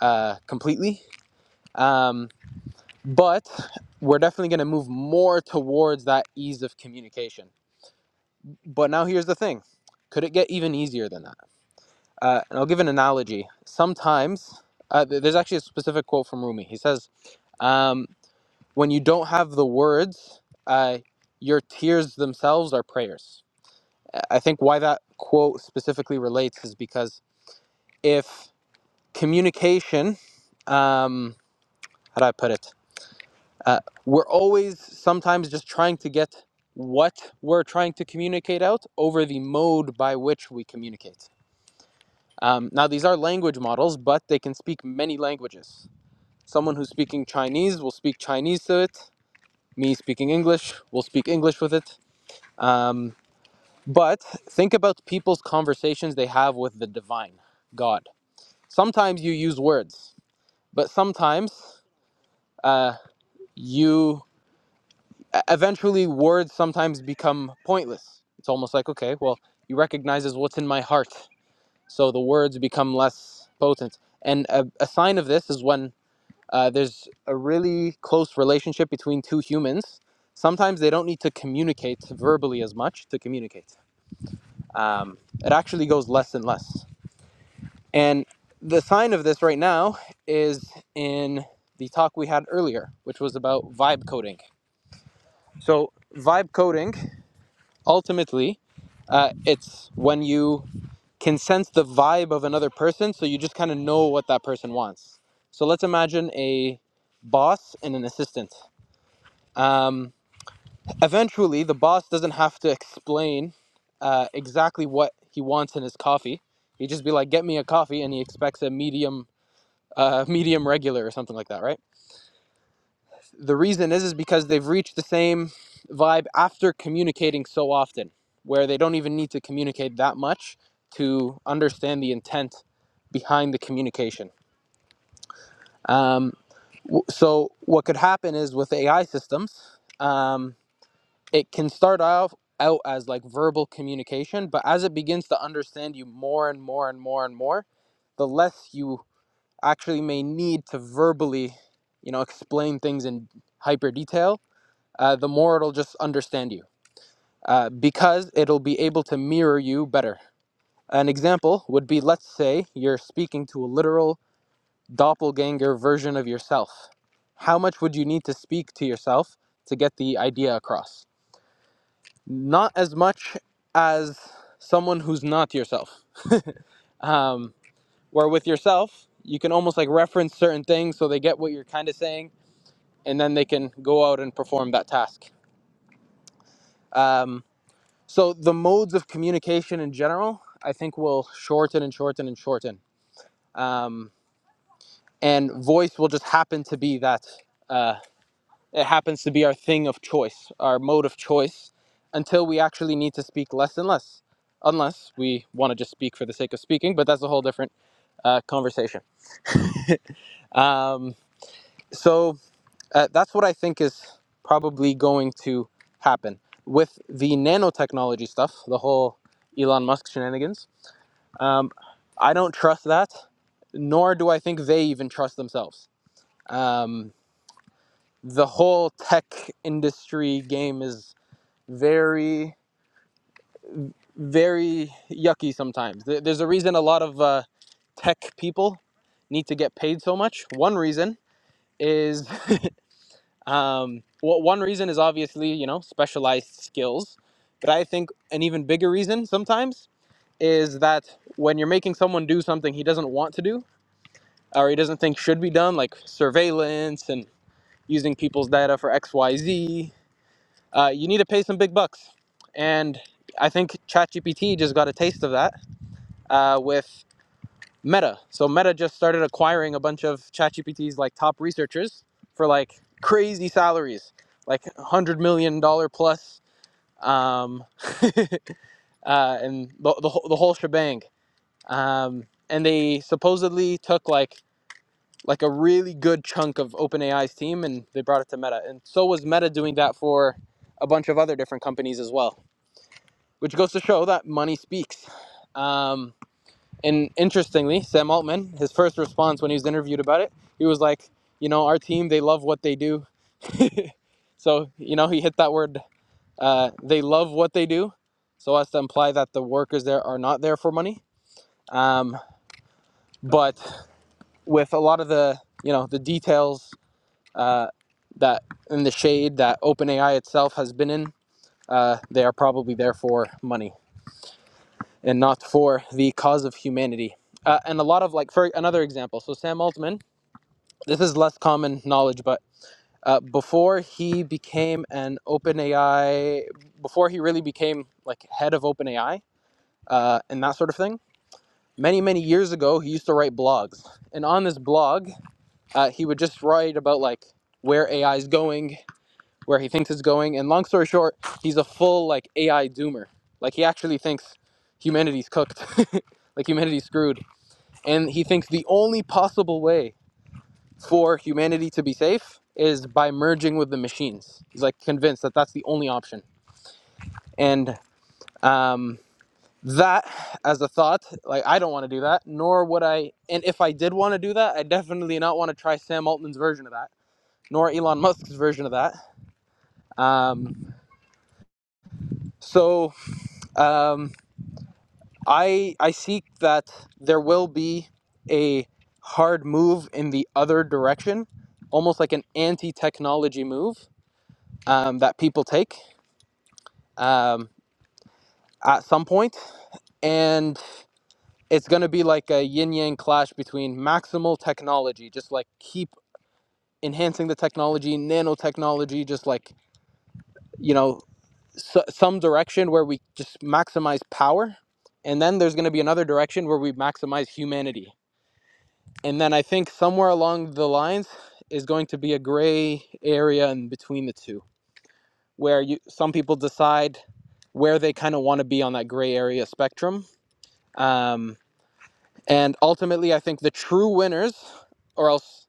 C: uh, completely. Um, but we're definitely going to move more towards that ease of communication. But now here's the thing could it get even easier than that? Uh, and I'll give an analogy. Sometimes, uh, there's actually a specific quote from Rumi. He says, um, When you don't have the words, uh, your tears themselves are prayers. I I think why that quote specifically relates is because if communication, um, how do I put it? uh, we're always sometimes just trying to get what we're trying to communicate out over the mode by which we communicate. Um, now, these are language models, but they can speak many languages. Someone who's speaking Chinese will speak Chinese to it. Me speaking English will speak English with it. Um, but think about people's conversations they have with the divine, God. Sometimes you use words, but sometimes uh, you e- eventually words sometimes become pointless. It's almost like, okay, well, he recognizes what's in my heart. So the words become less potent. And a, a sign of this is when uh, there's a really close relationship between two humans. Sometimes they don't need to communicate verbally as much to communicate. Um, it actually goes less and less. And the sign of this right now is in the talk we had earlier, which was about vibe coding. So, vibe coding ultimately Uh, it's when you can sense the vibe of another person, so you just kind of know what that person wants. So let's imagine a boss and an assistant. Um, eventually, the boss doesn't have to explain uh, exactly what he wants in his coffee. He would just be like, "Get me a coffee," and he expects a medium, uh, medium regular or something like that, right? the reason is is because they've reached the same vibe after communicating so often where they don't even need to communicate that much to understand the intent behind the communication um, so what could happen is with ai systems um, it can start off out as like verbal communication but as it begins to understand you more and more and more and more the less you actually may need to verbally you know explain things in hyper detail uh, the more it'll just understand you uh, because it'll be able to mirror you better. An example would be let's say you're speaking to a literal doppelganger version of yourself. How much would you need to speak to yourself to get the idea across? Not as much as someone who's not yourself. Um, where with yourself, you can almost like reference certain things so they get what you're kind of saying and then they can go out and perform that task. Um, So the modes of communication in general, I think, will shorten and shorten and shorten. Um, and voice will just happen to be that. Uh, it happens to be our thing of choice, our mode of choice, until we actually need to speak less and less, unless we want to just speak for the sake of speaking. But that's a whole different uh, conversation. Um, so uh, that's what I think is probably going to happen with the nanotechnology stuff, the whole Elon Musk shenanigans Um, I don't trust that, nor do I think they even trust themselves. Um, the whole tech industry game is very, very yucky sometimes. There's a reason a lot of uh, tech people need to get paid so much. One reason is, um, well, one reason is obviously, you know, specialized skills. But I think an even bigger reason sometimes is that when you're making someone do something he doesn't want to do, or he doesn't think should be done, like surveillance and using people's data for X, Y, Z, uh, you need to pay some big bucks. And I think ChatGPT just got a taste of that uh, with Meta. So Meta just started acquiring a bunch of ChatGPT's like top researchers for like crazy salaries, like one hundred million dollar plus, um, uh, and the, the whole the whole shebang. Um, and they supposedly took like like a really good chunk of OpenAI's team, and they brought it to Meta. And so was Meta doing that for a bunch of other different companies as well, which goes to show that money speaks. Um, and interestingly, Sam Altman, his first response when he was interviewed about it, he was like, "You know, our team, they love what they do." So you know, he hit that word. Uh, they love what they do, so as to imply that the workers there are not there for money. Um, but with a lot of the you know the details uh, that in the shade that OpenAI itself has been in, uh, they are probably there for money and not for the cause of humanity. Uh, and a lot of like, for another example, so Sam Altman, this is less common knowledge, but uh, before he became an OpenAI, before he really became like head of OpenAI uh, and that sort of thing, many many years ago he used to write blogs, and on this blog uh, he would just write about like where AI is going, where he thinks it's going. And long story short, he's a full like AI doomer. Like he actually thinks humanity's cooked, like humanity's screwed, and he thinks the only possible way for humanity to be safe is by merging with the machines. He's like convinced that that's the only option. And um, that as a thought, like I don't want to do that, nor would I. And if I did want to do that, I definitely not want to try Sam Altman's version of that, nor Elon Musk's version of that. Um, so um, I I seek that there will be a hard move in the other direction, almost like an anti-technology move um, that people take um, at some point, and it's going to be like a yin yang clash between maximal technology, just like keep enhancing the technology, nanotechnology, just like you know s- some direction where we just maximize power, and then there's going to be another direction where we maximize humanity And then I think somewhere along the lines is going to be a gray area in between the two, where you some people decide where they kind of want to be on that gray area spectrum. Um, and ultimately, I think the true winners, or else,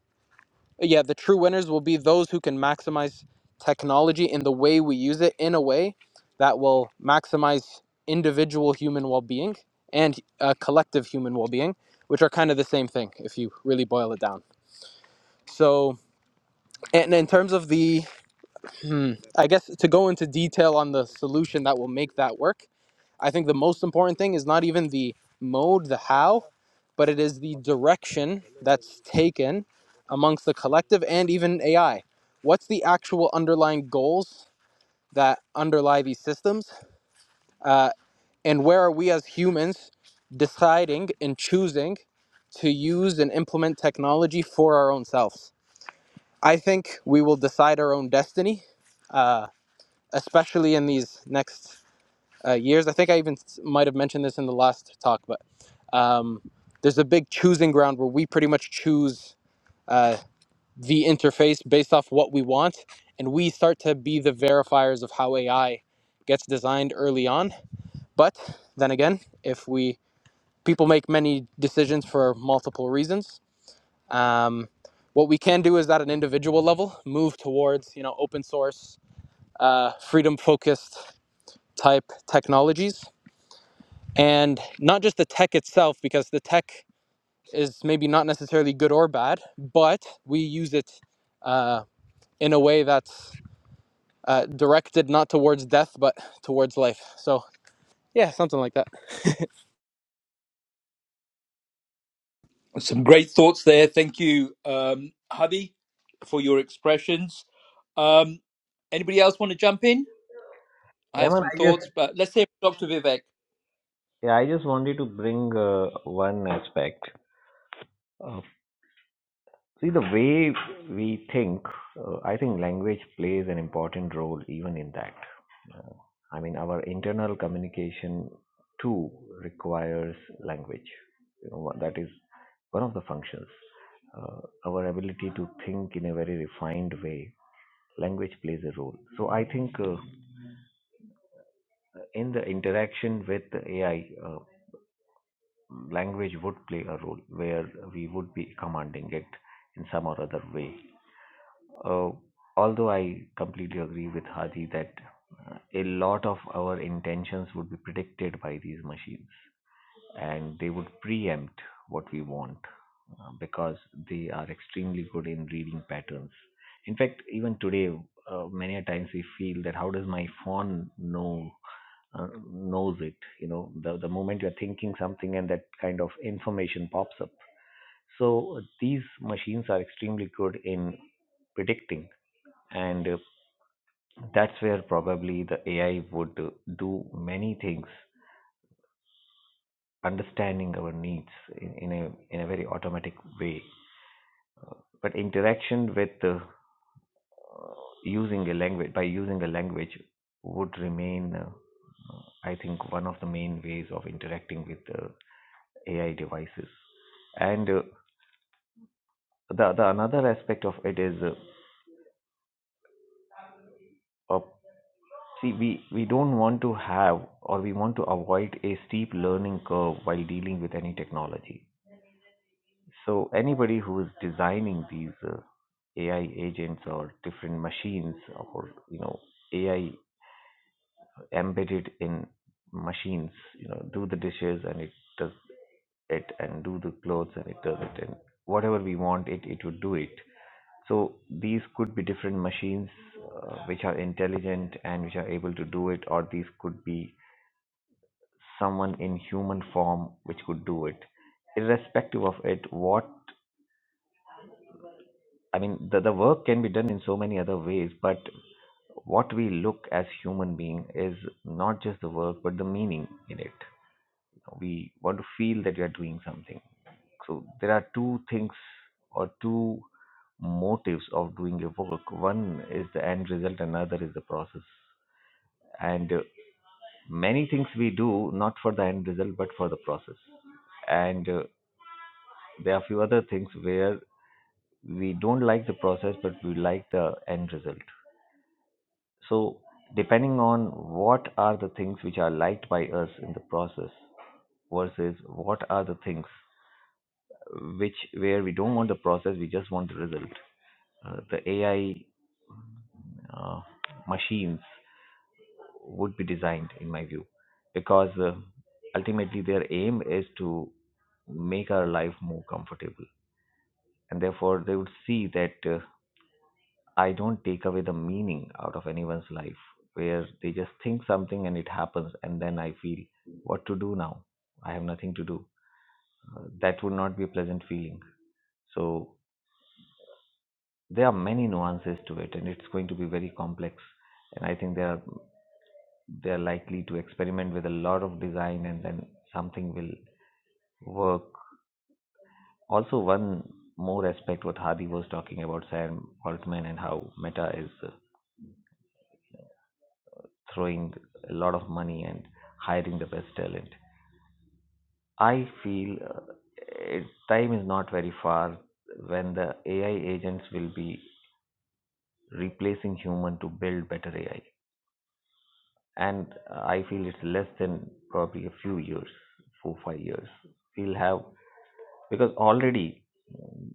C: yeah, the true winners will be those who can maximize technology in the way we use it in a way that will maximize individual human well being and uh, collective human well being, which are kind of the same thing if you really boil it down. So, And in terms of the, hmm, I guess to go into detail on the solution that will make that work, I think the most important thing is not even the mode, the how, but it is the direction that's taken amongst the collective and even AI. What's the actual underlying goals that underlie these systems? Uh, and where are we as humans deciding and choosing to use and implement technology for our own selves? I think we will decide our own destiny. Uh, especially in these next uh, years. I think I even might have mentioned this in the last talk, but um, there's a big choosing ground where we pretty much choose uh, the interface based off what we want, and we start to be the verifiers of how AI gets designed early on. But then again, if we people make many decisions for multiple reasons. Um, what we can do is at an individual level move towards you know open source uh, freedom focused type technologies and not just the tech itself because the tech is maybe not necessarily good or bad but we use it uh, in a way that's uh, directed not towards death but towards life so yeah something like that i
A: Some great thoughts there. Thank you, um, Hadi, for your expressions. Um, anybody else want to jump in? I have
H: Raman,
A: some
H: I
A: thoughts,
H: just
A: but let's hear from Dr. Vivek.
H: yeah, I just wanted to bring uh, one aspect of See, the way we think, uh, I think language plays an important role even in that. Uh, I mean, our internal communication too requires language. You know, what- that is one of the functions. Uh, our ability to think in a very refined way, language plays a role. So I think uh, in the interaction with the AI, uh, language would play a role where we would be commanding it in some or other way Uh, although I completely agree with Hadi that uh, a lot of our intentions would be predicted by these machines and they would preempt what we want uh, because they are extremely good in reading patterns. In fact, even today, uh, many a times we feel that how does my phone know uh, knows it? You know, the the moment you're thinking something and that kind of information pops up. So uh, these machines are extremely good in predicting, and uh, that's where probably the AI would uh, do many things, understanding our needs in, in a in a very automatic way. But interaction with uh, using a language by using a language would remain, uh, I think, one of the main ways of interacting with uh, AI devices. And uh, the the another aspect of it is uh, a See, we, we don't want to have or we want to avoid a steep learning curve while dealing with any technology. So, anybody who is designing these uh, AI agents or different machines or, you know, AI embedded in machines, you know, do the dishes and it does it and do the clothes and it does it and whatever we want it it would do it so these could be different machines uh, which are intelligent and which are able to do it or these could be someone in human form which could do it irrespective of it what i mean the, the work can be done in so many other ways but what we look as human being is not just the work but the meaning in it we want to feel that we are doing something so there are two things or two motives of doing your work one is the end result another is the process and uh, many things we do not for the end result but for the process and uh, There are few other things where we don't like the process, but we like the end result. So, depending on what are the things which are liked by us in the process versus what are the things which where we don't want the process, we just want the result. Uh, the AI uh, machines would be designed, in my view, because uh, ultimately their aim is to make our life more comfortable, and therefore they would see that. Uh, I don't take away the meaning out of anyone's life where they just think something and it happens, and then I feel, what to do now? I have nothing to do. Uh, That would not be a pleasant feeling. So there are many nuances to it, and it's going to be very complex. And I think they are they are likely to experiment with a lot of design, and then something will work. Also, one more aspect what Hadi was talking about, Sam Altman, and how Meta is uh, throwing a lot of money and hiring the best talent. I feel uh, it, time is not very far when the AI agents will be replacing human to build better AI. And uh, I feel it's less than probably a few years, four five years. We'll have because already mm,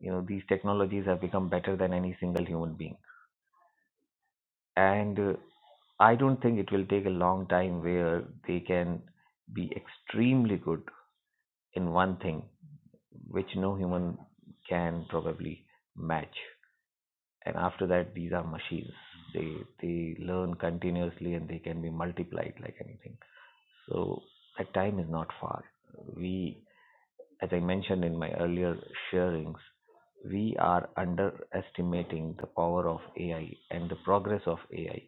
H: you know these technologies have become better than any single human being. And uh, I don't think it will take a long time where they can be extremely good in one thing which no human can probably match and after that these are machines they they learn continuously and they can be multiplied like anything so that time is not far we as i mentioned in my earlier sharings we are underestimating the power of ai and the progress of ai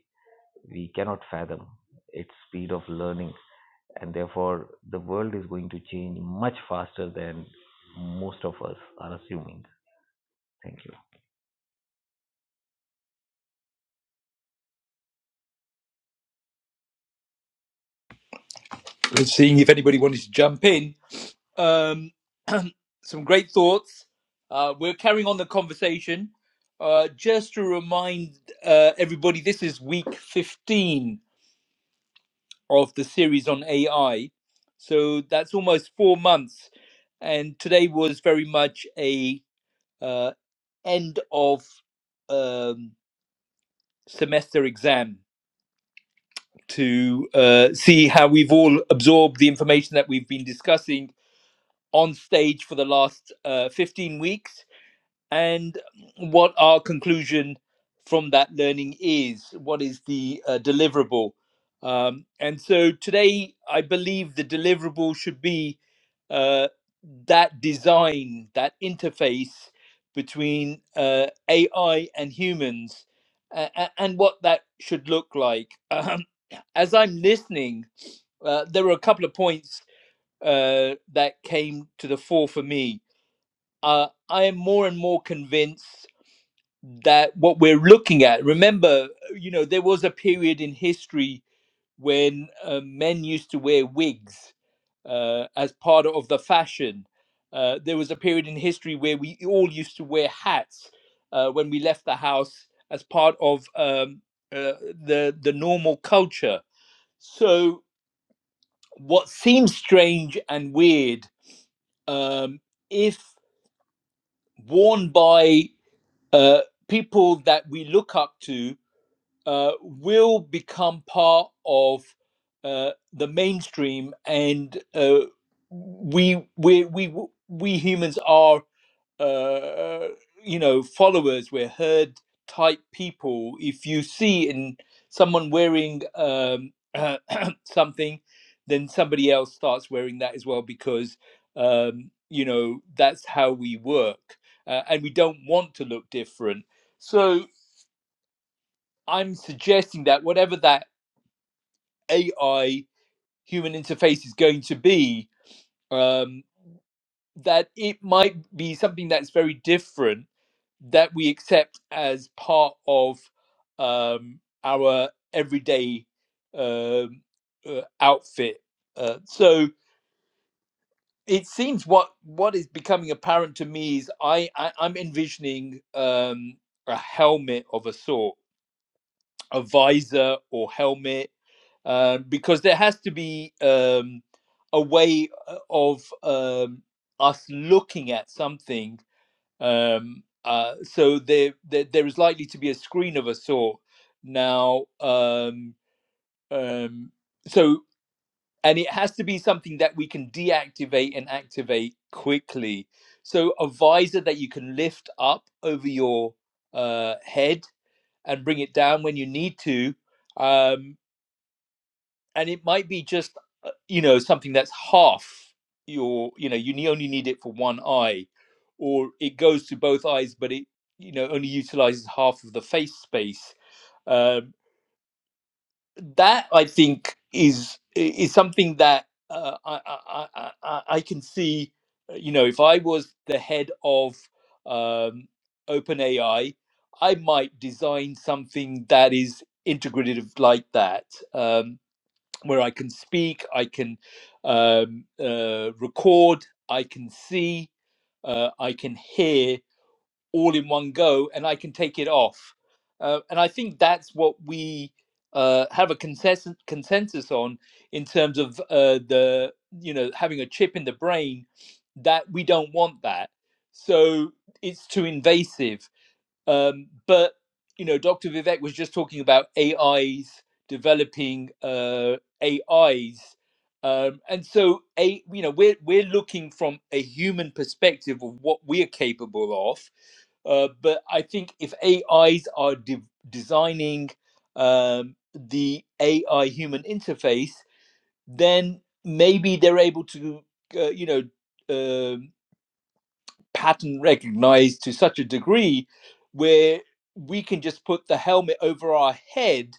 H: we cannot fathom its speed of learning and therefore the world is going to change much faster than most of us are assuming. Thank you.
A: Seeing if anybody wanted to jump in. Um, some great thoughts. Uh, we're carrying on the conversation. Uh, just to remind uh, everybody, this is week 15 of the series on AI. So that's almost four months. And today was very much a uh, end of um, semester exam to uh, see how we've all absorbed the information that we've been discussing on stage for the last uh, 15 weeks and what our conclusion from that learning is. What is the uh, deliverable? Um, and so today, I believe the deliverable should be uh, that design, that interface between uh, AI and humans, uh, and what that should look like. as I'm listening, uh, there were a couple of points uh, that came to the fore for me. Uh, I am more and more convinced that what we're looking at, remember, you know, there was a period in history when uh, men used to wear wigs uh, as part of the fashion. Uh, there was a period in history where we all used to wear hats uh, when we left the house as part of um, uh, the the normal culture. So what seems strange and weird um, if worn by uh, people that we look up to uh, will become part of uh, the mainstream and uh, we we we we humans are uh, you know, followers, we're herd type people. If you see in someone wearing um, something, then somebody else starts wearing that as well because um, you know that's how we work, uh, and we don't want to look different. So I'm suggesting that whatever that AI human interface is going to be, um, that it might be something that's very different that we accept as part of um, our everyday um, uh, outfit. Uh, so it seems what what is becoming apparent to me is I, I I'm envisioning um, a helmet of a sort, a visor or helmet, uh, because there has to be um, a way uh, of um, us looking at something um, uh, so there, there, there is likely to be a screen of a sort now. Um, um, so, and it has to be something that we can deactivate and activate quickly. So, a visor that you can lift up over your uh, head and bring it down when you need to. Um, and it might be just uh, you know something that's half your you know you only need it for one eye or it goes to both eyes but it you know only utilizes half of the face space um, that i think is is something that uh, I, I i i can see uh, you know if i was the head of um open i might design something that is integrative like that Um, where I can speak, I can um, uh, record, I can see, uh, I can hear all in one go, and I can take it off. Uh, and I think that's what we uh, have a consensus consensus on in terms of uh, the you know having a chip in the brain that we don't want that. So it's too invasive um, but you know, Dr. Vivek was just talking about AIs developing uh, AIs, um, and so a you know we're we're looking from a human perspective of what we are capable of. Uh, but I think if AIs are de- designing um, the AI human interface, then maybe they're able to uh, you know um pattern recognized to such a degree where we can just put the helmet over our head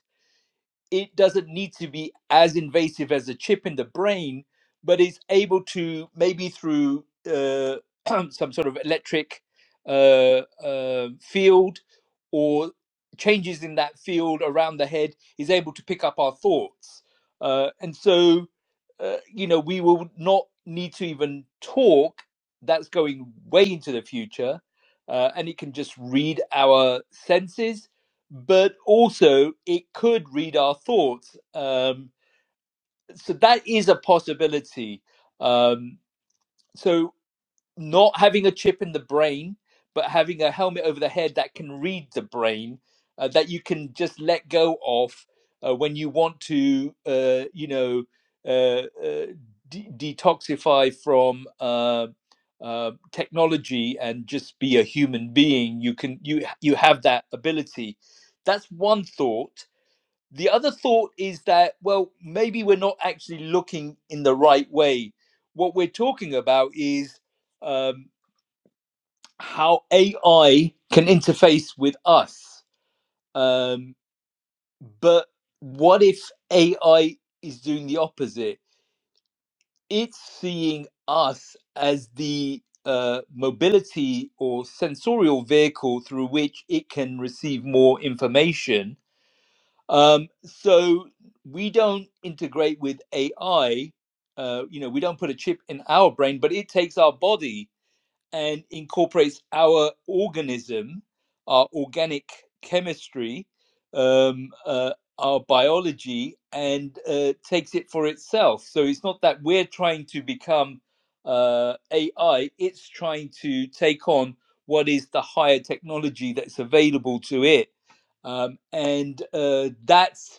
A: it doesn't need to be as invasive as a chip in the brain, but is able to maybe through uh, some sort of electric uh, uh, field or changes in that field around the head is able to pick up our thoughts. Uh, and so, uh, you know, we will not need to even talk. That's going way into the future. Uh, and it can just read our senses but also it could read our thoughts. Um, so that is a possibility. Um, so not having a chip in the brain, but having a helmet over the head that can read the brain, uh, that you can just let go of uh, when you want to, uh, you know, uh, uh, de- detoxify from. Uh, uh, technology and just be a human being. You can you you have that ability. That's one thought the other thought is that well maybe we're not actually looking in the right way what we're talking about is um, how ai can interface with us um, but what if ai is doing the opposite it's seeing us as the uh, mobility or sensorial vehicle through which it can receive more information Um, so we don't integrate with AI. Uh, you know, we don't put a chip in our brain, but it takes our body and incorporates our organism, our organic chemistry, um, uh, our biology, and uh, takes it for itself. So it's not that we're trying to become uh, AI, it's trying to take on what is the higher technology that's available to it. Um, and uh, that's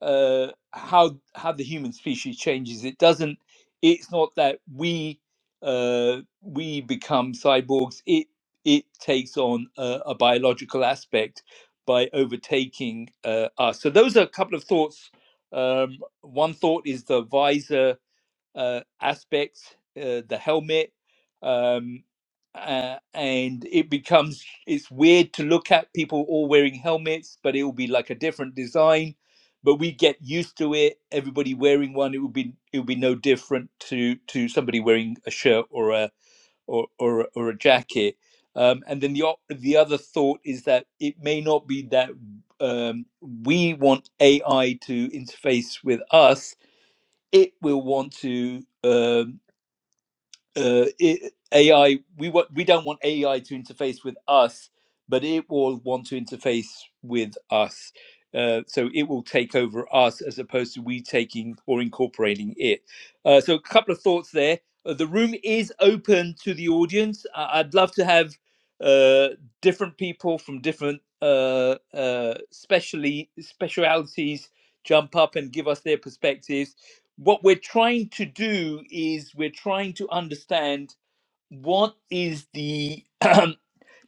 A: uh, how how the human species changes. It doesn't. It's not that we uh, we become cyborgs. It it takes on a, a biological aspect by overtaking uh, us. So those are a couple of thoughts. Um, one thought is the visor uh, aspects, uh, the helmet, um, uh, and it becomes it's weird to look at people all wearing helmets, but it will be like a different design. But we get used to it. Everybody wearing one, it would be it would be no different to to somebody wearing a shirt or a or or, a- or a jacket. Um, and then the o- the other thought is that it may not be that um, we want AI to interface with us, it will want to um, uh, it, AI. We want we don't want AI to interface with us, but it will want to interface with us. Uh, so it will take over us as opposed to we taking or incorporating it. Uh, so a couple of thoughts there. Uh, the room is open to the audience. I- I'd love to have uh, different people from different uh, uh, specially specialities jump up and give us their perspectives what we're trying to do is we're trying to understand what is the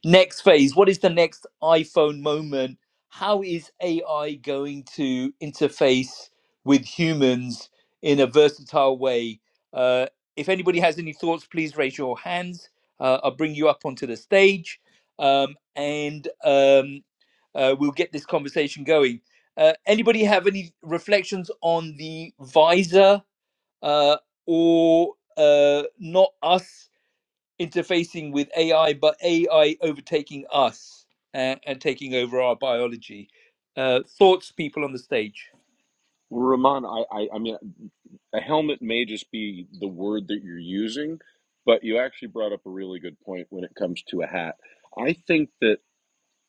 A: next phase what is the next iphone moment how is ai going to interface with humans in a versatile way uh, if anybody has any thoughts please raise your hands uh, i'll bring you up onto the stage um, and um, uh, we'll get this conversation going uh, anybody have any reflections on the visor uh, or uh, not us interfacing with AI, but AI overtaking us and, and taking over our biology. Uh, thoughts, people on the stage.
B: Well, Ramon, I, I, I mean, a helmet may just be the word that you're using, but you actually brought up a really good point when it comes to a hat. I think that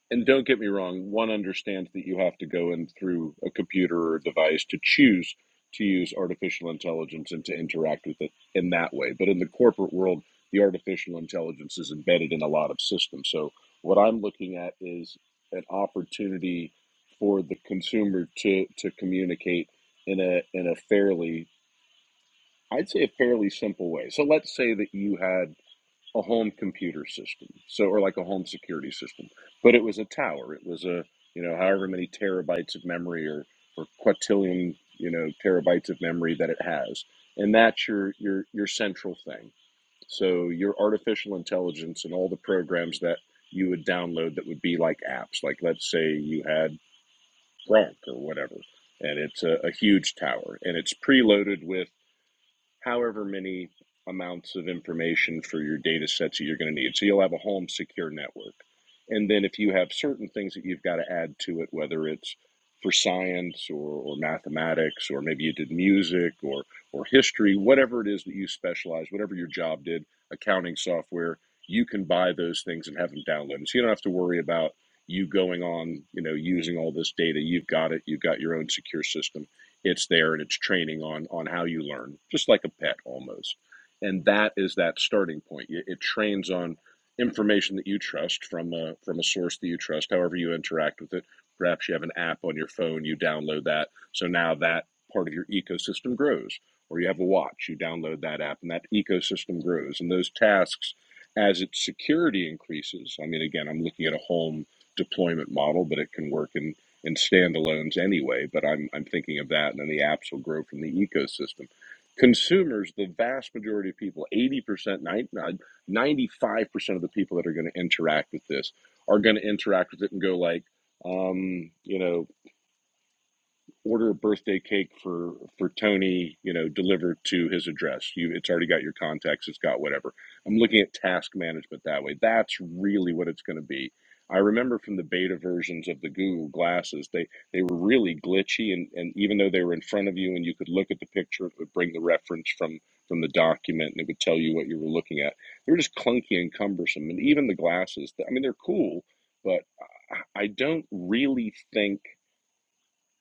B: and don't get me wrong, one understands that you have to go in through a computer or a device to choose to use artificial intelligence and to interact with it in that way. But in the corporate world, the artificial intelligence is embedded in a lot of systems. So what I'm looking at is an opportunity for the consumer to to communicate in a in a fairly I'd say a fairly simple way. So let's say that you had a home computer system, so or like a home security system, but it was a tower. It was a you know however many terabytes of memory or or quintillion you know terabytes of memory that it has, and that's your your your central thing. So your artificial intelligence and all the programs that you would download that would be like apps, like let's say you had Gronk or whatever, and it's a, a huge tower and it's preloaded with however many amounts of information for your data sets that you're going to need. So you'll have a home secure network. And then if you have certain things that you've got to add to it, whether it's for science or, or mathematics, or maybe you did music or, or history, whatever it is that you specialize, whatever your job did, accounting software, you can buy those things and have them downloaded. So you don't have to worry about you going on, you know, using all this data. You've got it. You've got your own secure system it's there and it's training on on how you learn just like a pet almost and that is that starting point it, trains on information that you trust from a from a source that you trust however you interact with it perhaps you have an app on your phone you download that so now that part of your ecosystem grows or you have a watch you download that app and that ecosystem grows and those tasks as its security increases i mean again i'm looking at a home deployment model but it can work in in standalones anyway, but I'm, I'm thinking of that, and then the apps will grow from the ecosystem. Consumers, the vast majority of people, 80%, 90, ninety-five percent of the people that are going to interact with this are going to interact with it and go like, um, you know, order a birthday cake for for Tony, you know, delivered to his address. You it's already got your contacts, it's got whatever. I'm looking at task management that way. That's really what it's going to be. I remember from the beta versions of the Google glasses, they they were really glitchy and and even though they were in front of you and you could look at the picture, it would bring the reference from from the document and it would tell you what you were looking at. They were just clunky and cumbersome and even the glasses, I mean they're cool, but I don't really think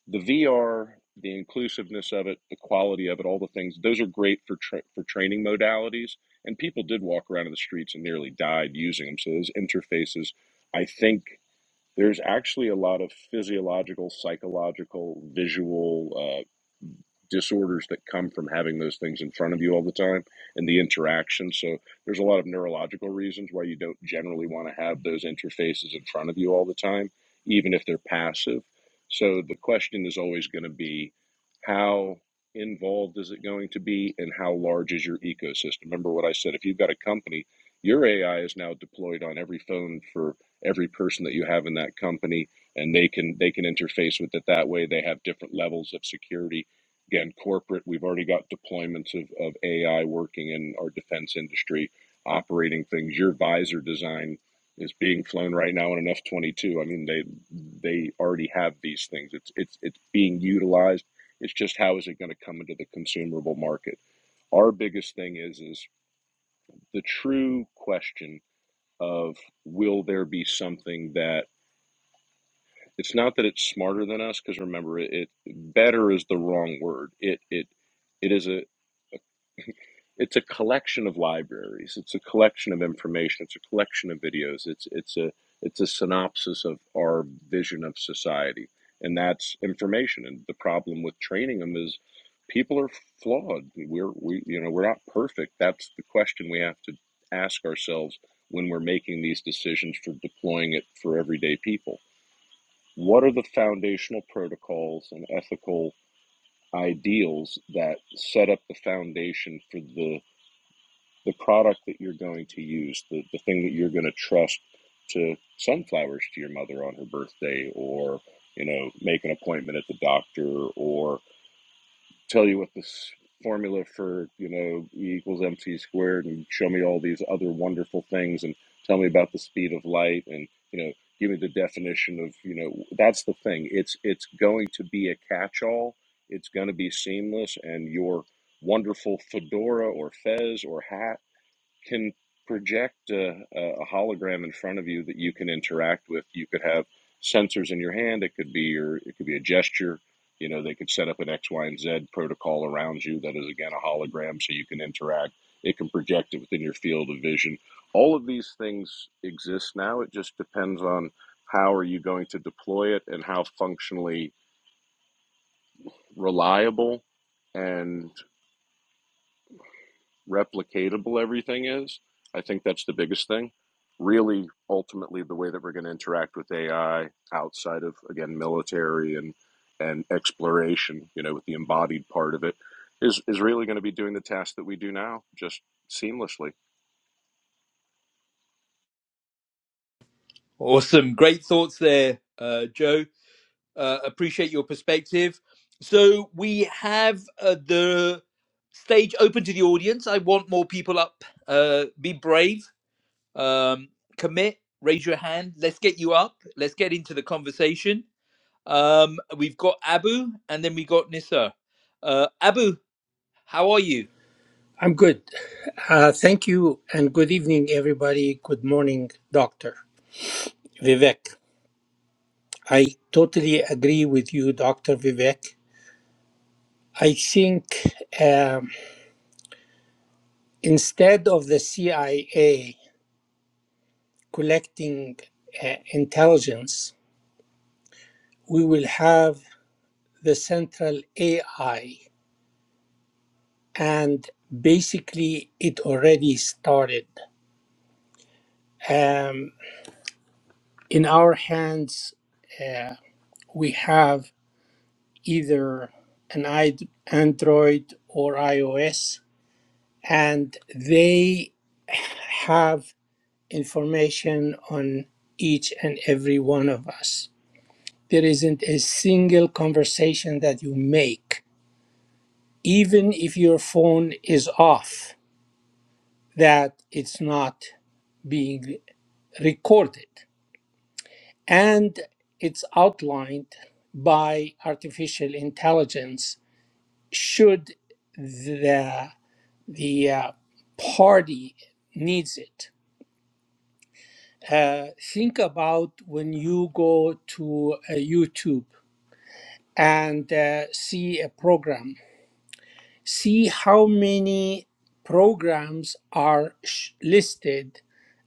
B: the VR, the inclusiveness of it, the quality of it, all the things, those are great for tra- for training modalities. And people did walk around in the streets and nearly died using them. So those interfaces, I think there's actually a lot of physiological, psychological, visual. uh, disorders that come from having those things in front of you all the time and the interaction. So there's a lot of neurological reasons why you don't generally want to have those interfaces in front of you all the time, even if they're passive. So the question is always going to be how involved is it going to be and how large is your ecosystem? Remember what I said if you've got a company, your AI is now deployed on every phone for every person that you have in that company and they can they can interface with it that way they have different levels of security Again, corporate, we've already got deployments of, of AI working in our defense industry, operating things. Your visor design is being flown right now in an F twenty two. I mean, they they already have these things. It's it's it's being utilized. It's just how is it going to come into the consumable market? Our biggest thing is is the true question of will there be something that it's not that it's smarter than us because remember it, it better is the wrong word. It it it is a it's a collection of libraries it's a collection of information it's a collection of videos it's it's a it's a synopsis of our vision of society and that's information and the problem with training them is people are flawed we're we you know we're not perfect that's the question we have to ask ourselves when we're making these decisions for deploying it for everyday people what are the foundational protocols and ethical ideals that set up the foundation for the the product that you're going to use, the, the thing that you're going to trust to sunflowers to your mother on her birthday, or you know, make an appointment at the doctor, or tell you what this formula for you know E equals mc squared, and show me all these other wonderful things, and tell me about the speed of light, and you know, give me the definition of you know. That's the thing. It's it's going to be a catch-all. It's going to be seamless, and your wonderful fedora or fez or hat can project a, a hologram in front of you that you can interact with. You could have sensors in your hand. It could be your it could be a gesture. You know, they could set up an X, Y, and Z protocol around you that is again a hologram, so you can interact. It can project it within your field of vision. All of these things exist now. It just depends on how are you going to deploy it and how functionally reliable and. replicatable everything is. I think that's the biggest thing. Really, ultimately, the way that we're going to interact with AI outside of again military and and exploration, you know, with the embodied part of it, is is really going to be doing the task that we do now, just seamlessly.
A: Awesome. Great thoughts there, uh, Joe. Uh, appreciate your perspective. So we have uh, the stage open to the audience. I want more people up. Uh, be brave, um, commit, raise your hand. Let's get you up. Let's get into the conversation. Um, we've got Abu, and then we got Nissa. Uh, Abu, how are you?
I: I'm good. Uh, thank you, and good evening, everybody. Good morning, Dr. Vivek. I totally agree with you, Dr. Vivek. I think um, instead of the CIA collecting uh, intelligence, we will have the central AI. And basically, it already started. Um, in our hands, uh, we have either an Android or iOS, and they have information on each and every one of us. There isn't a single conversation that you make, even if your phone is off, that it's not being recorded. And it's outlined by artificial intelligence should the the uh, party needs it. Uh, think about when you go to uh, YouTube and uh, see a program, see how many programs are sh- listed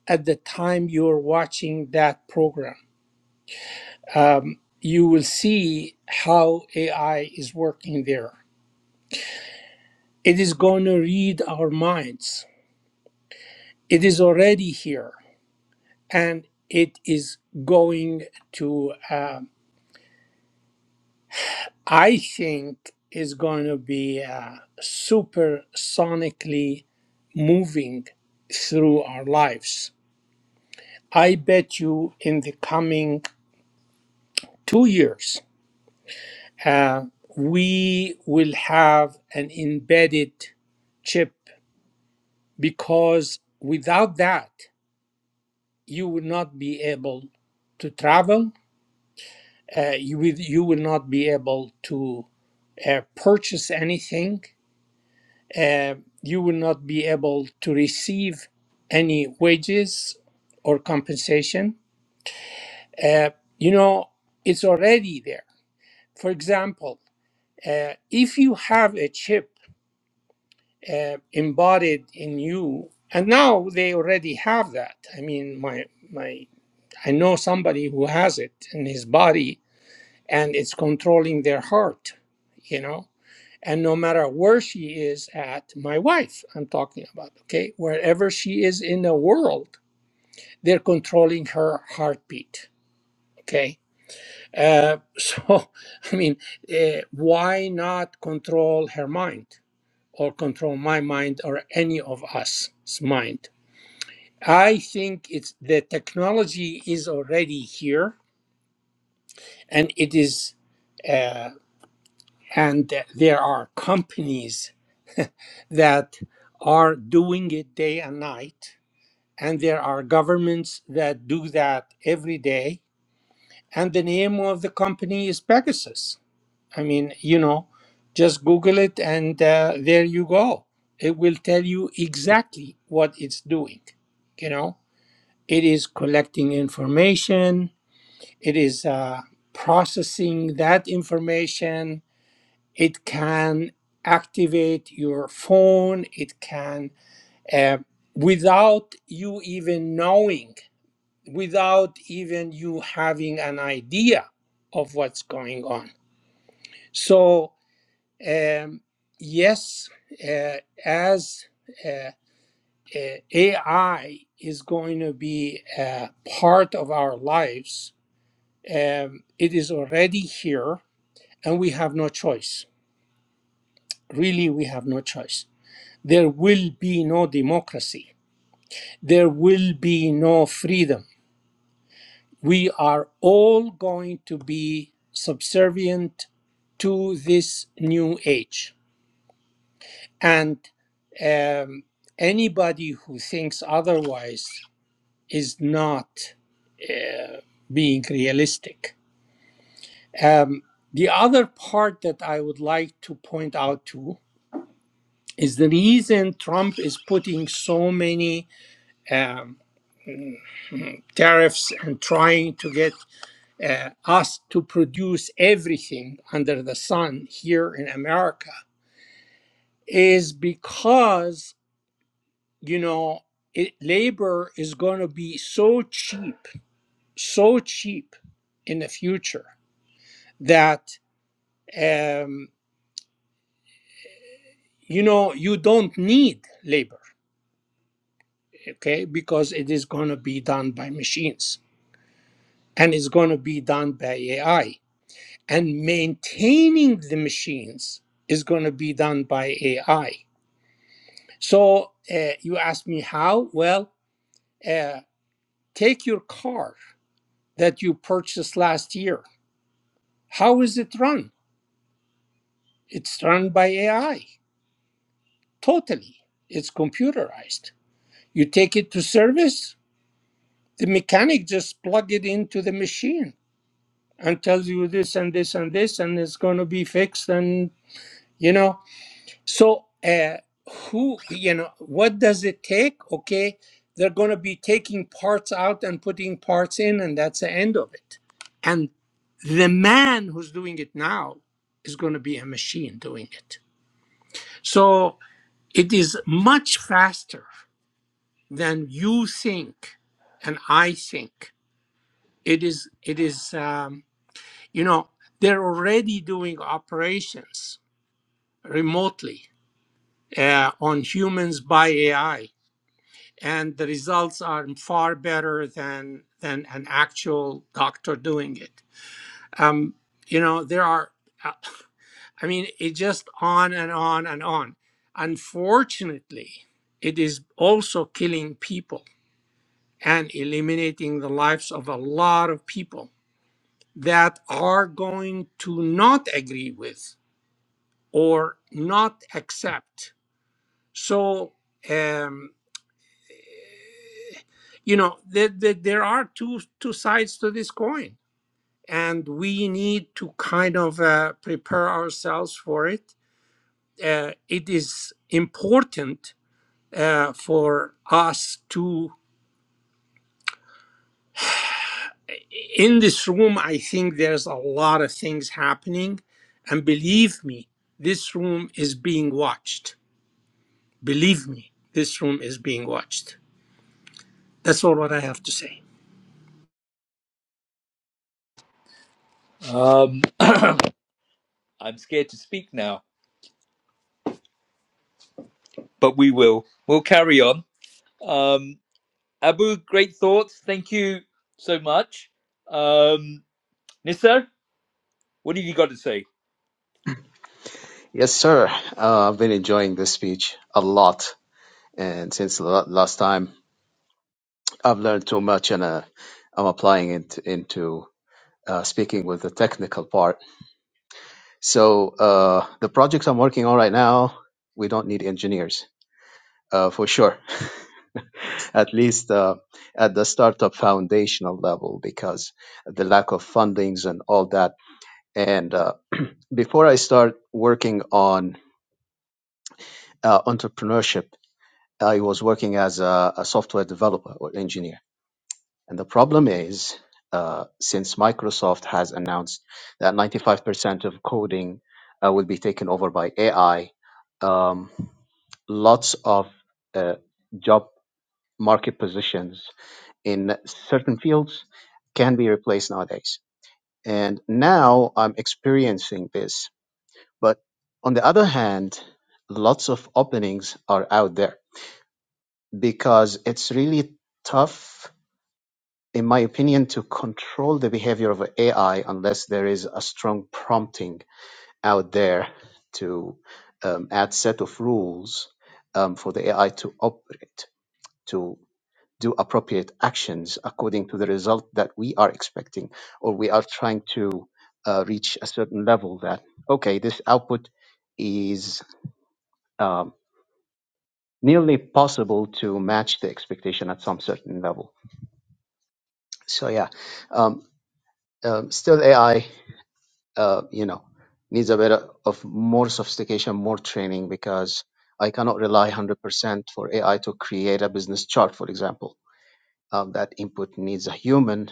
I: at the time you're watching that program. Um, you will see how AI is working there. It is going to read our minds, it is already here and it is going to uh, i think is going to be uh, super moving through our lives i bet you in the coming two years uh, we will have an embedded chip because without that you will not be able to travel uh, you, will, you will not be able to uh, purchase anything, uh, you will not be able to receive any wages or compensation. Uh, you know, it's already there. For example, uh, if you have a chip uh, embodied in you, and now they already have that. I mean, my my, I know somebody who has it in his body, and it's controlling their heart. You know, and no matter where she is at my wife i'm talking about okay wherever she is in the world they're controlling her heartbeat okay uh, so i mean uh, why not control her mind or control my mind or any of us's mind i think it's the technology is already here and it is uh, and there are companies that are doing it day and night. And there are governments that do that every day. And the name of the company is Pegasus. I mean, you know, just Google it and uh, there you go. It will tell you exactly what it's doing. You know, it is collecting information, it is uh, processing that information, it can activate your phone, it can uh, without you even knowing, without even you having an idea of what's going on. So, um, yes, uh, as uh, uh, AI is going to be a part of our lives, um, it is already here, and we have no choice. Really, we have no choice. There will be no democracy. There will be no freedom we are all going to be subservient to this new age. And um, anybody who thinks otherwise is not uh, being realistic. Um, the other part that I would like to point out too is the reason Trump is putting so many um, tariffs and trying to get uh, us to produce everything under the sun here in America is because, you know, it, labor is going to be so cheap, so cheap in the future that, um, you know, you don't need labor, okay, because it is going to be done by machines and it's going to be done by AI. And maintaining the machines is going to be done by AI So uh, you ask me how? Well, uh, take your car that you purchased last year. How is it run? It's run by AI, totally. It's computerized. You take it to service, the mechanic just plug it into the machine and tells you this and this and this, and it's going to be fixed. And you know, So, uh, who, you know, what does it take? Okay, they're going to be taking parts out and putting parts in, and that's the end of it. And the man who's doing it now is going to be a machine doing it. So, it is much faster than you think and I think. It is, it is, um, you know, they're already doing operations remotely uh, on humans by AI and the results are far better than than an actual doctor doing it. Um, you know, there are, uh, I mean, it just on and on and on. Unfortunately, it is also killing people and eliminating the lives of a lot of people that are going to not agree with or not accept. So, um, you know, there, there, there are two two sides to this coin and we need to kind of uh, prepare ourselves for it. Uh, it is important uh, for us to, in this room, I think there's a lot of things happening. And believe me, this room is being watched. Believe me, this room is being watched. That's all what I have to say.
A: Um, I'm scared to speak now, but we will. We'll carry on. Um, Abu, great thoughts. Thank you so much. Um, Nissa, what have you got to say?
J: Yes, sir. Uh, I've been enjoying this speech a lot, and since the la- last time, I've learned too much, and uh, I'm applying it into uh, speaking with the technical part. So uh, the projects I'm working on right now, we don't need engineers uh, for sure, at least uh, at the startup foundational level, because the lack of fundings and all that. And uh, before I start working on uh, entrepreneurship I was working as a, a software developer or engineer. And the problem is, uh, since Microsoft has announced that 95% of coding uh, will be taken over by AI, um, lots of uh, job market positions in certain fields can be replaced nowadays. And now I'm experiencing this. But on the other hand, lots of openings are out there because it's really tough, in my opinion, to control the behavior of AI unless there is a strong prompting out there to um, add set of rules um, for the AI to operate, to do appropriate actions according to the result that we are expecting, or we are trying to uh, reach a certain level that, okay, this output is um, nearly possible to match the expectation at some certain level. So yeah, um, um, still AI, uh, you know, needs a bit of more sophistication, more training because I cannot rely 100% for AI to create a business chart, for example. Um, that input needs a human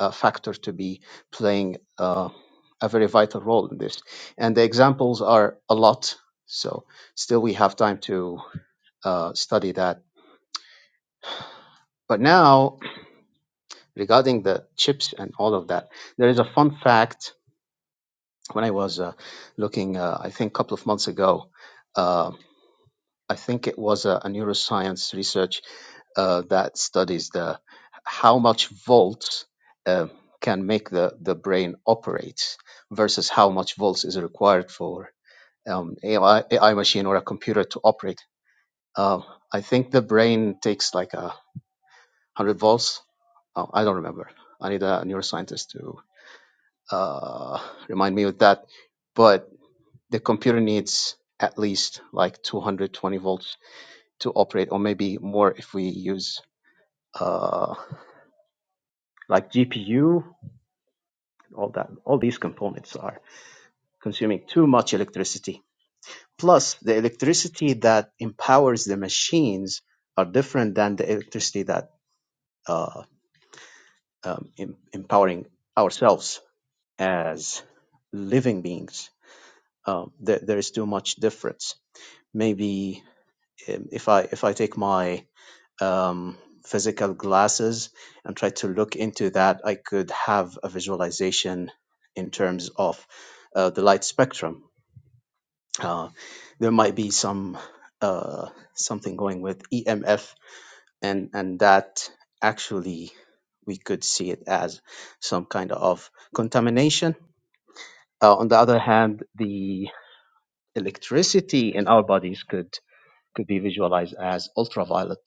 J: uh, factor to be playing uh, a very vital role in this. And the examples are a lot. So still we have time to uh, study that. But now regarding the chips and all of that, there is a fun fact when I was uh, looking, uh, I think a couple of months ago, uh, I think it was a, a neuroscience research uh, that studies the how much volts uh, can make the, the brain operate versus how much volts is required for um, AI, machine or a computer to operate. Uh, I think the brain takes like a hundred volts. Oh, I don't remember. I need a neuroscientist to uh, remind me of that. But the computer needs at least like 220 volts to operate or maybe more if we use uh, like gpu all that all these components are consuming too much electricity plus the electricity that empowers the machines are different than the electricity that uh, um, em- empowering ourselves as living beings um, there, there is too much difference maybe um, if i if i take my um, physical glasses and try to look into that, I could have a visualization in terms of uh, the light spectrum. Uh, there might be some uh, something going with EMF, and and that actually we could see it as some kind of contamination. Uh, on the other hand, the electricity in our bodies could could be visualized as ultraviolet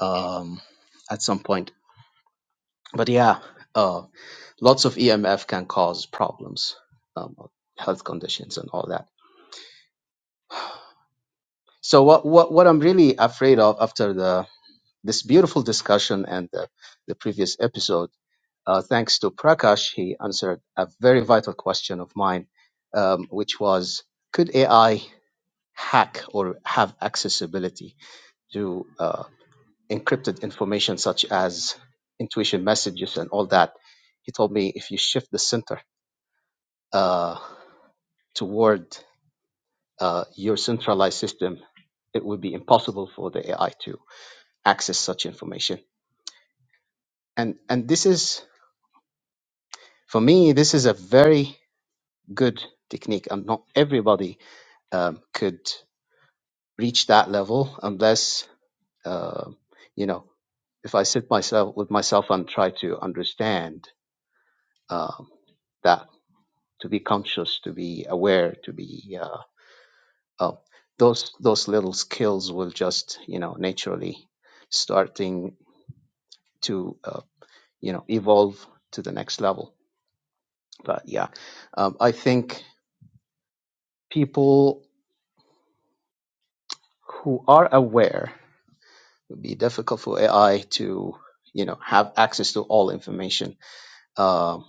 J: um, at some point But yeah, uh, lots of EMF can cause problems, um, health conditions, and all that. So what what what I'm really afraid of after the this beautiful discussion and the, the previous episode, uh, thanks to Prakash, he answered a very vital question of mine, um, which was could AI hack or have accessibility to uh, encrypted information such as intuition messages and all that? He told me if you shift the center. Uh, toward uh, your centralized system, it would be impossible for the AI to access such information. And and this is for me, this is a very good technique, and not everybody um, could reach that level unless uh, you know. If I sit myself with myself and try to understand um, that, to be conscious, to be aware, to be uh, uh, those those little skills will just you know naturally starting to uh, you know evolve to the next level but yeah um, i think people who are aware it would be difficult for ai to you know have access to all information um,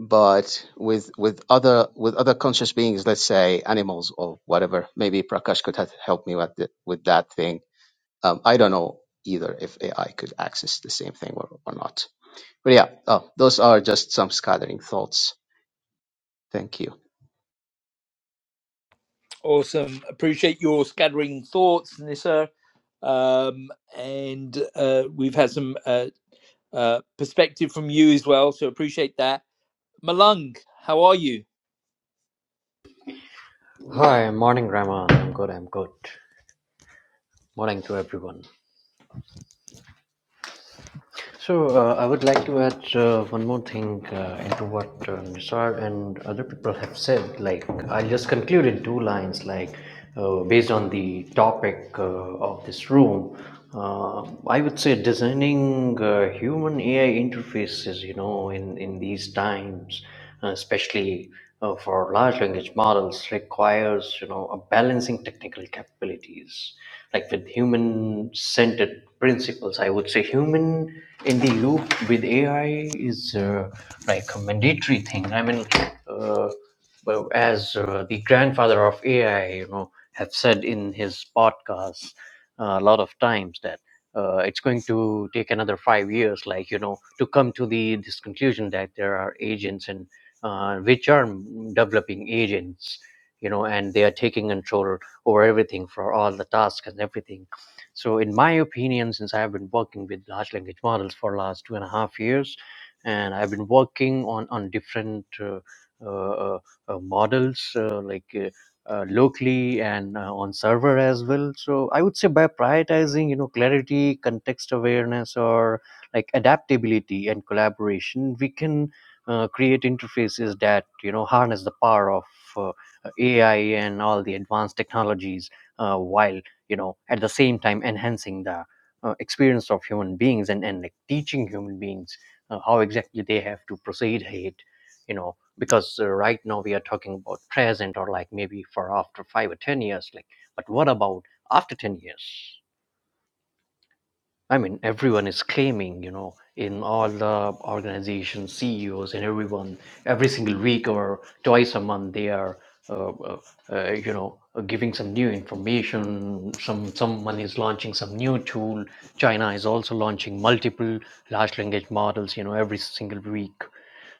J: but with with other with other conscious beings let's say animals or whatever maybe prakash could have helped me with, the, with that thing um, i don't know either if ai could access the same thing or, or not but yeah uh, those are just some scattering thoughts thank you
A: Awesome. Appreciate your scattering thoughts, Nissa. Um, and uh, we've had some uh, uh, perspective from you as well, so appreciate that. Malung, how are you?
K: Hi, morning, Rahman. I'm good. I'm good. Morning to everyone. So uh, I would like to add uh, one more thing uh, into what uh, Nisar and other people have said. Like I'll just conclude in two lines. Like uh, based on the topic uh, of this room, uh, I would say designing uh, human AI interfaces. You know, in in these times. uh, especially uh, for large language models requires you know a balancing technical capabilities like with human centered principles i would say human in the loop with ai is uh, like a mandatory thing i mean uh, well, as uh, the grandfather of ai you know have said in his podcast uh, a lot of times that uh, it's going to take another five years like you know to come to the this conclusion that there are agents and uh, which are developing agents, you know, and they are taking control over everything for all the tasks and everything. So, in my opinion, since I have been working with large language models for last two and a half years, and I've been working on on different uh, uh, uh, uh, models uh, like. Uh, uh, locally and uh, on server as well so i would say by prioritizing you know clarity context awareness or like adaptability and collaboration we can uh, create interfaces that you know harness the power of uh, AI and all the advanced technologies, uh, while you know at the same time enhancing the uh, experience of human beings and and like, teaching human beings uh, how exactly they have to proceed ahead, you know. Because uh, right now we are talking about present or like maybe for after five or ten years, like, but what about after ten years? I mean, everyone is claiming, you know, in all the organizations, CEOs, and everyone, every single week or twice a month, they are, uh, uh, uh, you know, uh, giving some new information. Some someone is launching some new tool. China is also launching multiple large language models, you know, every single week.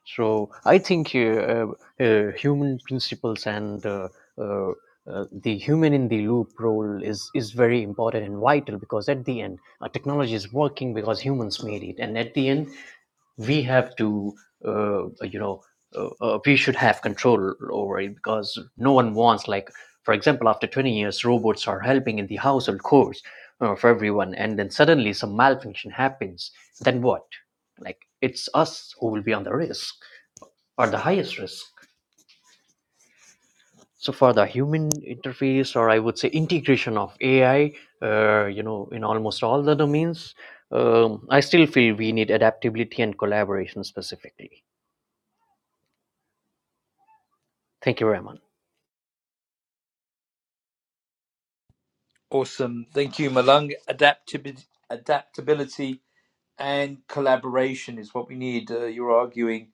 K: So I think uh, uh, uh, human principles and uh, uh, uh, the human in the loop role is is very important and vital because at the end, uh, technology is working because humans made it, and at the end, we have to uh, you know uh, uh, we should have control over it because no one wants like for example after 20 years robots are helping in the household chores uh, for everyone and then suddenly some malfunction happens then what like it's us who will be on the risk are the highest risk. So for the human interface, or I would say integration of AI, uh, you know, in almost all the domains, um, I still feel we need adaptability and collaboration specifically. Thank you, Raman.
A: Awesome. Thank you, Malung. Adaptability, adaptability and collaboration is what we need. Uh, you're arguing.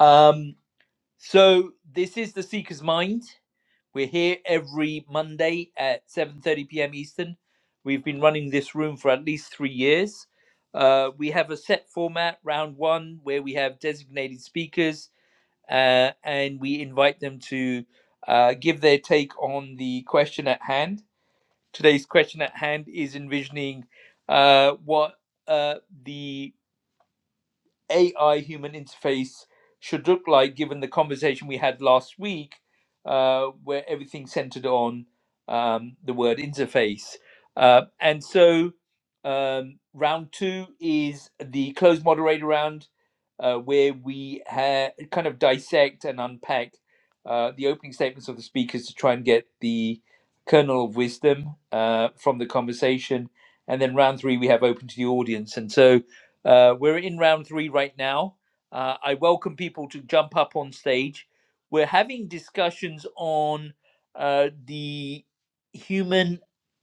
A: Um, so this is the Seeker's Mind. We're here every Monday at 7:30 p.m. Eastern. We've been running this room for at least three years. Uh, we have a set format, round one, where we have designated speakers uh, and we invite them to uh, give their take on the question at hand Today's question at hand is envisioning uh, what uh, the AI human interface should look like, given the conversation we had last week, uh, where everything centered on um, the word interface. Uh, and so um, round two is the closed moderator round, uh, where we ha- kind of dissect and unpack uh, the opening statements of the speakers to try and get the kernel of wisdom uh, from the conversation. And then round three, we have open to the audience. And so uh, we're in round three right now. Uh, I welcome people to jump up on stage. We're having discussions on uh, the human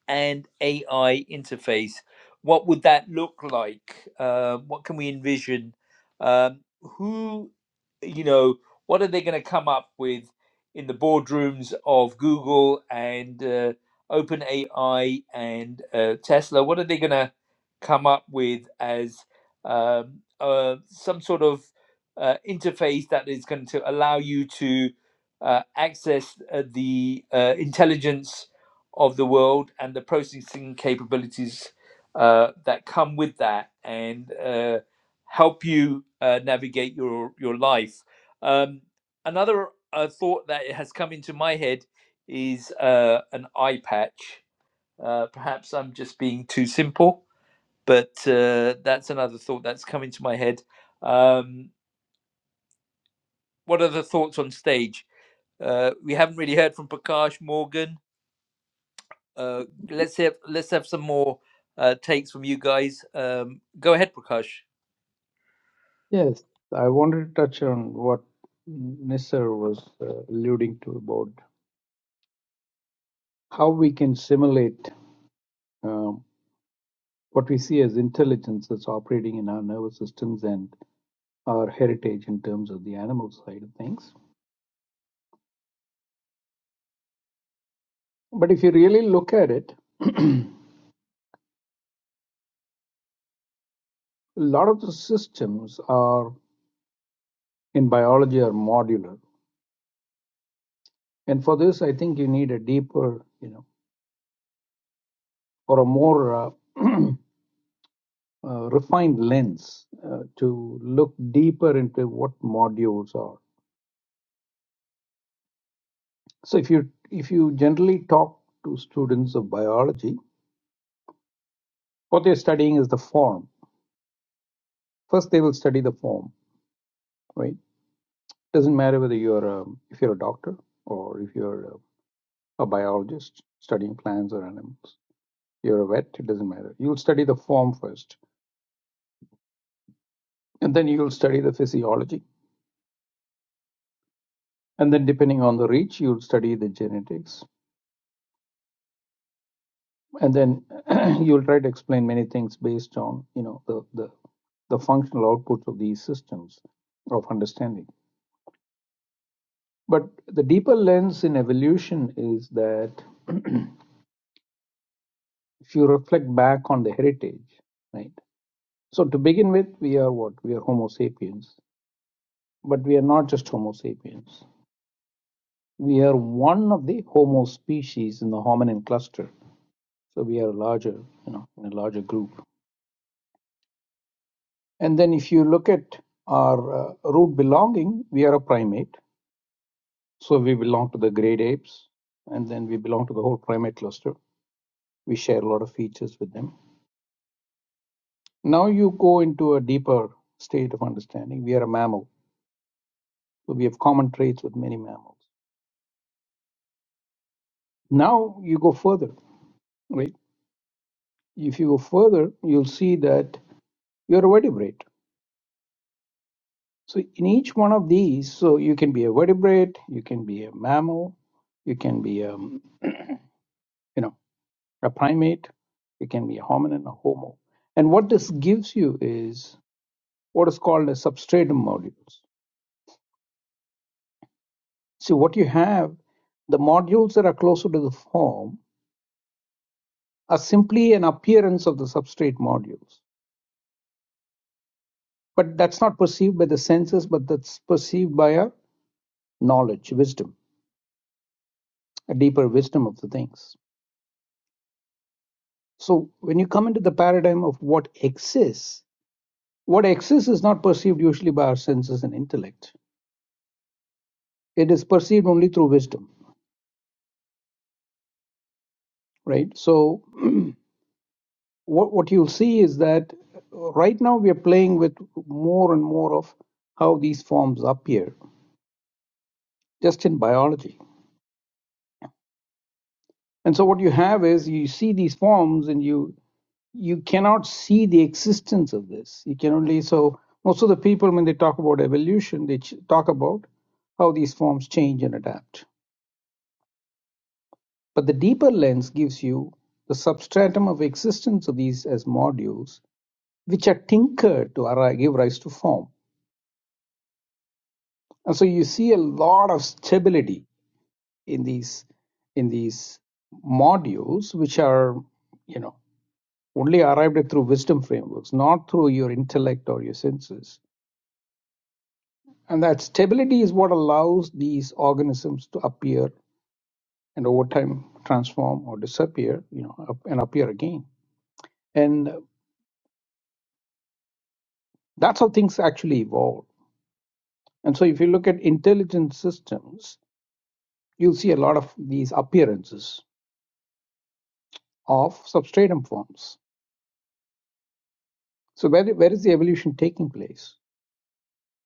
A: and AI interface. What would that look like? Uh, what can we envision? Um, who, you know, what are they going to come up with in the boardrooms of Google and uh, OpenAI and uh, Tesla? What are they going to come up with as um, uh, some sort of uh, interface that is going to allow you to uh, access uh, the uh, intelligence of the world and the processing capabilities uh, that come with that and uh, help you uh, navigate your, your life. Um, another uh, thought that has come into my head is uh, an eye patch. Uh, perhaps I'm just being too simple, but uh, that's another thought that's come into my head. Um, what are the thoughts on stage? Uh, we haven't really heard from Prakash Morgan. Uh, let's have let's have some more uh, takes from you guys. Um, go ahead, Prakash.
E: Yes, I wanted to touch on what Nisar was uh, alluding to about how we can simulate um, what we see as intelligence that's operating in our nervous systems and our heritage in terms of the animal side of things. But if you really look at it, a lot of the systems are in biology are modular, and for this, I think you need a deeper, you know, or a more uh, uh, refined lens uh, to look deeper into what modules are. So if you if you generally talk to students of biology, what they're studying is the form. First, they will study the form, right? Doesn't matter whether you're a, if you're a doctor or if you're a, a biologist studying plants or animals. You're a vet. It doesn't matter. You'll study the form first, and then you'll study the physiology, and then depending on the reach, you'll study the genetics, and then you'll try to explain many things based on you know the the, the functional outputs of these systems of understanding but the deeper lens in evolution is that if you reflect back on the heritage right so to begin with we are what we are homo sapiens but we are not just homo sapiens we are one of the homo species in the hominin cluster so we are larger you know in a larger group And then if you look at our uh, root belonging, we are a primate. So we belong to the great apes, and then we belong to the whole primate cluster. We share a lot of features with them. Now you go into a deeper state of understanding. We are a mammal, so we have common traits with many mammals. Now you go further, right? If you go further, you'll see that you're a vertebrate. So in each one of these, so you can be a vertebrate, you can be a mammal, you can be a you know a primate, it can be a hominin, a homo. And what this gives you is what is called as substratum modules. So what you have, the modules that are closer to the form are simply an appearance of the substrate modules. But that's not perceived by the senses, but that's perceived by a knowledge, wisdom, a deeper wisdom of the things. So when you come into the paradigm of what exists, what exists is not perceived usually by our senses and intellect. It is perceived only through wisdom right? So what what you'll see is that right now we are playing with more and more of how these forms appear, just in biology. And so what you have is you see these forms and you you cannot see the existence of this. You can only so most of the people when they talk about evolution, they ch- talk about how these forms change and adapt. But the deeper lens gives you the substratum of existence of these as modules, which are tinkered to give rise to form And so you see a lot of stability in these in these modules, which are you know only arrived at through wisdom frameworks, not through your intellect or your senses. And that stability is what allows these organisms to appear and over time transform or disappear, you know, up and appear again. And that's how things actually evolve. And so if you look at intelligent systems, you'll see a lot of these appearances of substratum forms So where, where is the evolution taking place?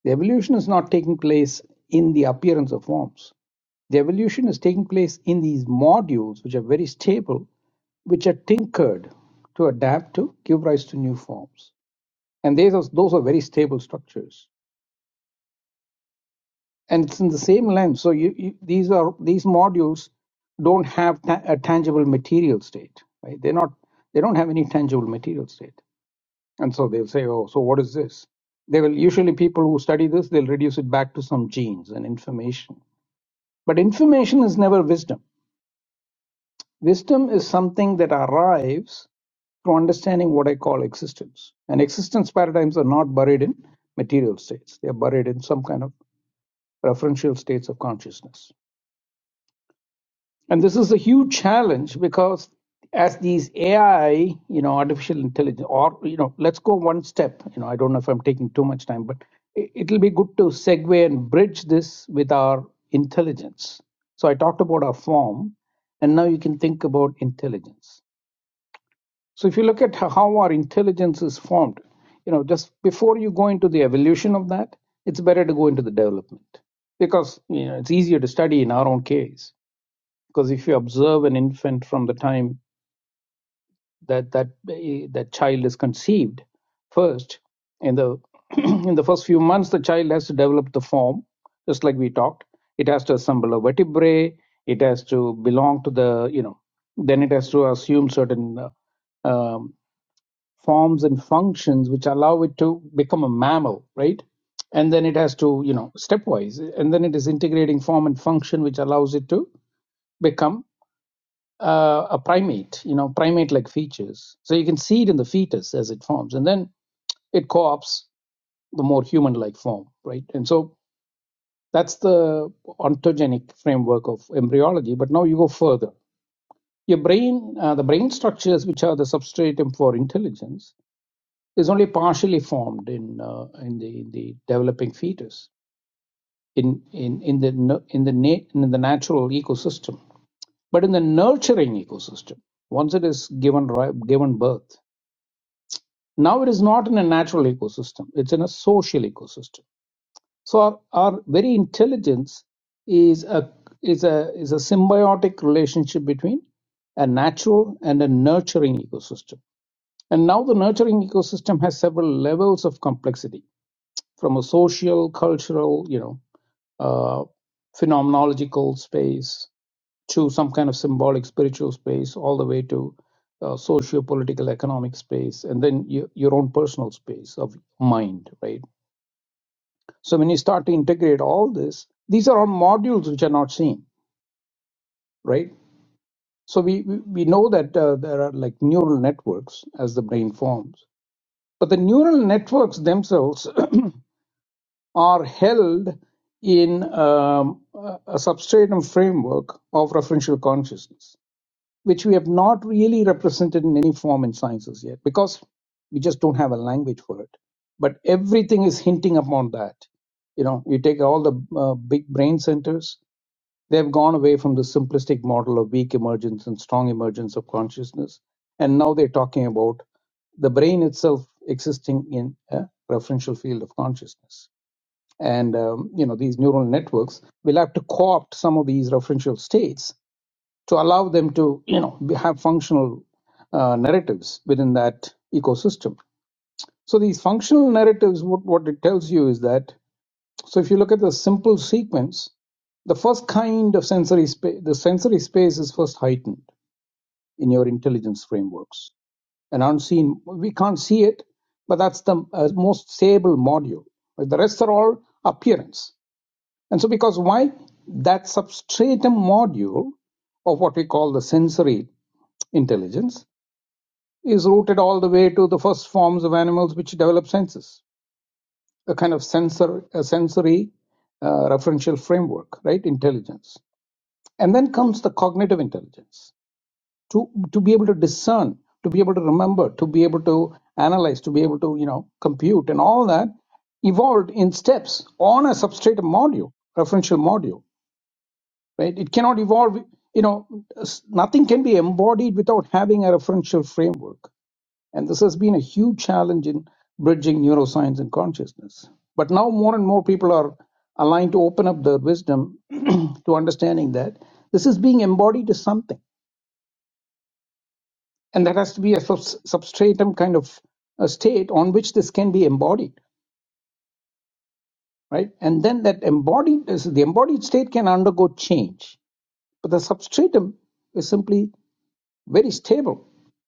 E: The evolution is not taking place in the appearance of forms. The evolution is taking place in these modules, which are very stable, which are tinkered to adapt to give rise to new forms. And these are, those are very stable structures. And it's in the same lens. So you, you, these are these modules don't have ta- a tangible material state. Right? They're not. They don't have any tangible material state And so they'll say, oh, so what is this? They will usually people who study this, they'll reduce it back to some genes and information. But information is never wisdom. Wisdom is something that arrives through understanding what I call existence. And existence paradigms are not buried in material states. They are buried in some kind of referential states of consciousness. And this is a huge challenge because as these AI, you know, artificial intelligence, or, you know, let's go one step. You know, I don't know if I'm taking too much time, but it- it'll be good to segue and bridge this with our intelligence. So I talked about our form, and now you can think about intelligence. So if you look at ho- how our intelligence is formed, you know, just before you go into the evolution of that, it's better to go into the development because, you know, it's easier to study in our own case because if you observe an infant from the time that that eh, that child is conceived first in the in the first few months the child has to develop the form just like we talked it has to assemble a vertebrae it has to belong to the you know then it has to assume certain uh, um, forms and functions which allow it to become a mammal right and then it has to you know stepwise and then it is integrating form and function which allows it to become uh, a primate, you know, primate-like features. So you can see it in the fetus as it forms, and then it co-opts the more human-like form, right? And so that's the ontogenic framework of embryology. But now you go further. Your brain, uh, the brain structures which are the substratum for intelligence, is only partially formed in uh, in the in the developing fetus in in in the in the na- in the natural ecosystem, but in the nurturing ecosystem, once it is given given birth Now it is not in a natural ecosystem, it's in a social ecosystem. So our, our very intelligence is a is a is a symbiotic relationship between a natural and a nurturing ecosystem. And now the nurturing ecosystem has several levels of complexity from a social, cultural, you know, uh, phenomenological space to some kind of symbolic spiritual space all the way to uh, socio-political economic space and then you, your own personal space of mind right so when you start to integrate all this these are all modules which are not seen right so we we we know that uh, there are like neural networks as the brain forms but the neural networks themselves are held in um, a a substratum framework of referential consciousness which we have not really represented in any form in sciences yet because we just don't have a language for it. But everything is hinting upon that. You know, you take all the uh, big brain centers, they've gone away from the simplistic model of weak emergence and strong emergence of consciousness. And now they're talking about the brain itself existing in a referential field of consciousness. And, um, you know, these neural networks will have to co opt some of these referential states to allow them to you know be- have functional uh, narratives within that ecosystem so these functional narratives what, what it tells you is that so if you look at the simple sequence the first kind of sensory space the sensory space is first heightened in your intelligence frameworks and unseen we can't see it but that's the uh, most stable module Like, the rest are all appearance and so because why that substratum module of what we call the sensory Intelligence is rooted all the way to the first forms of animals which develop senses, a kind of sensor, a sensory uh, referential framework, right? Intelligence. And then comes the cognitive intelligence to, to be able to discern, to be able to remember, to be able to analyze, to be able to, you know, compute and all that evolved in steps on a substrate module, referential module, right? It cannot evolve, you know, s- nothing can be embodied without having a referential framework. And this has been a huge challenge in bridging neuroscience and consciousness. But now more and more people are aligned to open up their wisdom to understanding that this is being embodied as something. And that has to be a subs- substratum kind of a state on which this can be embodied, right? And then that embodied, the embodied state can undergo change. But the substratum is simply very stable.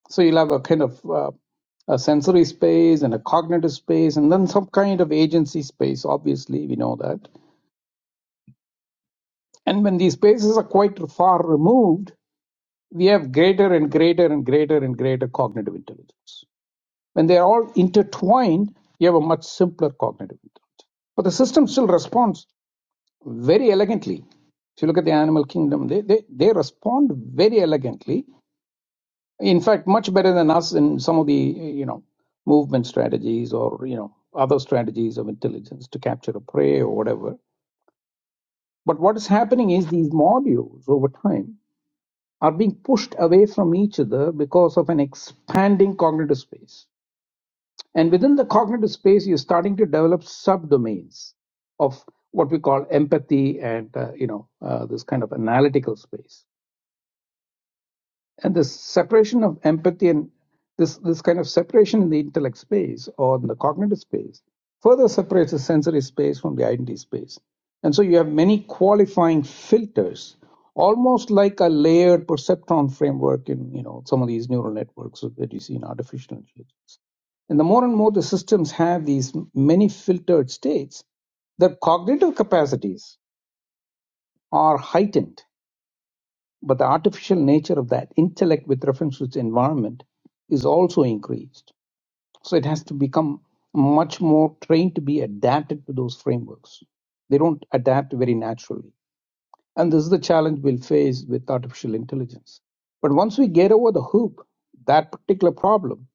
E: So you'll have a kind of uh, a sensory space and a cognitive space, and then some kind of agency space. Obviously, we know that. And when these spaces are quite far removed, we have greater and greater and greater and greater cognitive intelligence. When they are all intertwined, you have a much simpler cognitive intelligence. But the system still responds very elegantly. If you look at the animal kingdom, they, they, they respond very elegantly in fact much better than us in some of the you know movement strategies or you know other strategies of intelligence to capture a prey or whatever but what is happening is these modules over time are being pushed away from each other because of an expanding cognitive space and within the cognitive space you're starting to develop subdomains of what we call empathy and uh, you know uh, this kind of analytical space and this separation of empathy and this this kind of separation in the intellect space or in the cognitive space further separates the sensory space from the identity space and so you have many qualifying filters almost like a layered perceptron framework in you know some of these neural networks that you see in artificial intelligence and the more and more the systems have these many filtered states their cognitive capacities are heightened but the artificial nature of that intellect with reference to its environment is also increased. So it has to become much more trained to be adapted to those frameworks. They don't adapt very naturally. And this is the challenge we'll face with artificial intelligence. But once we get over the hoop, that particular problem,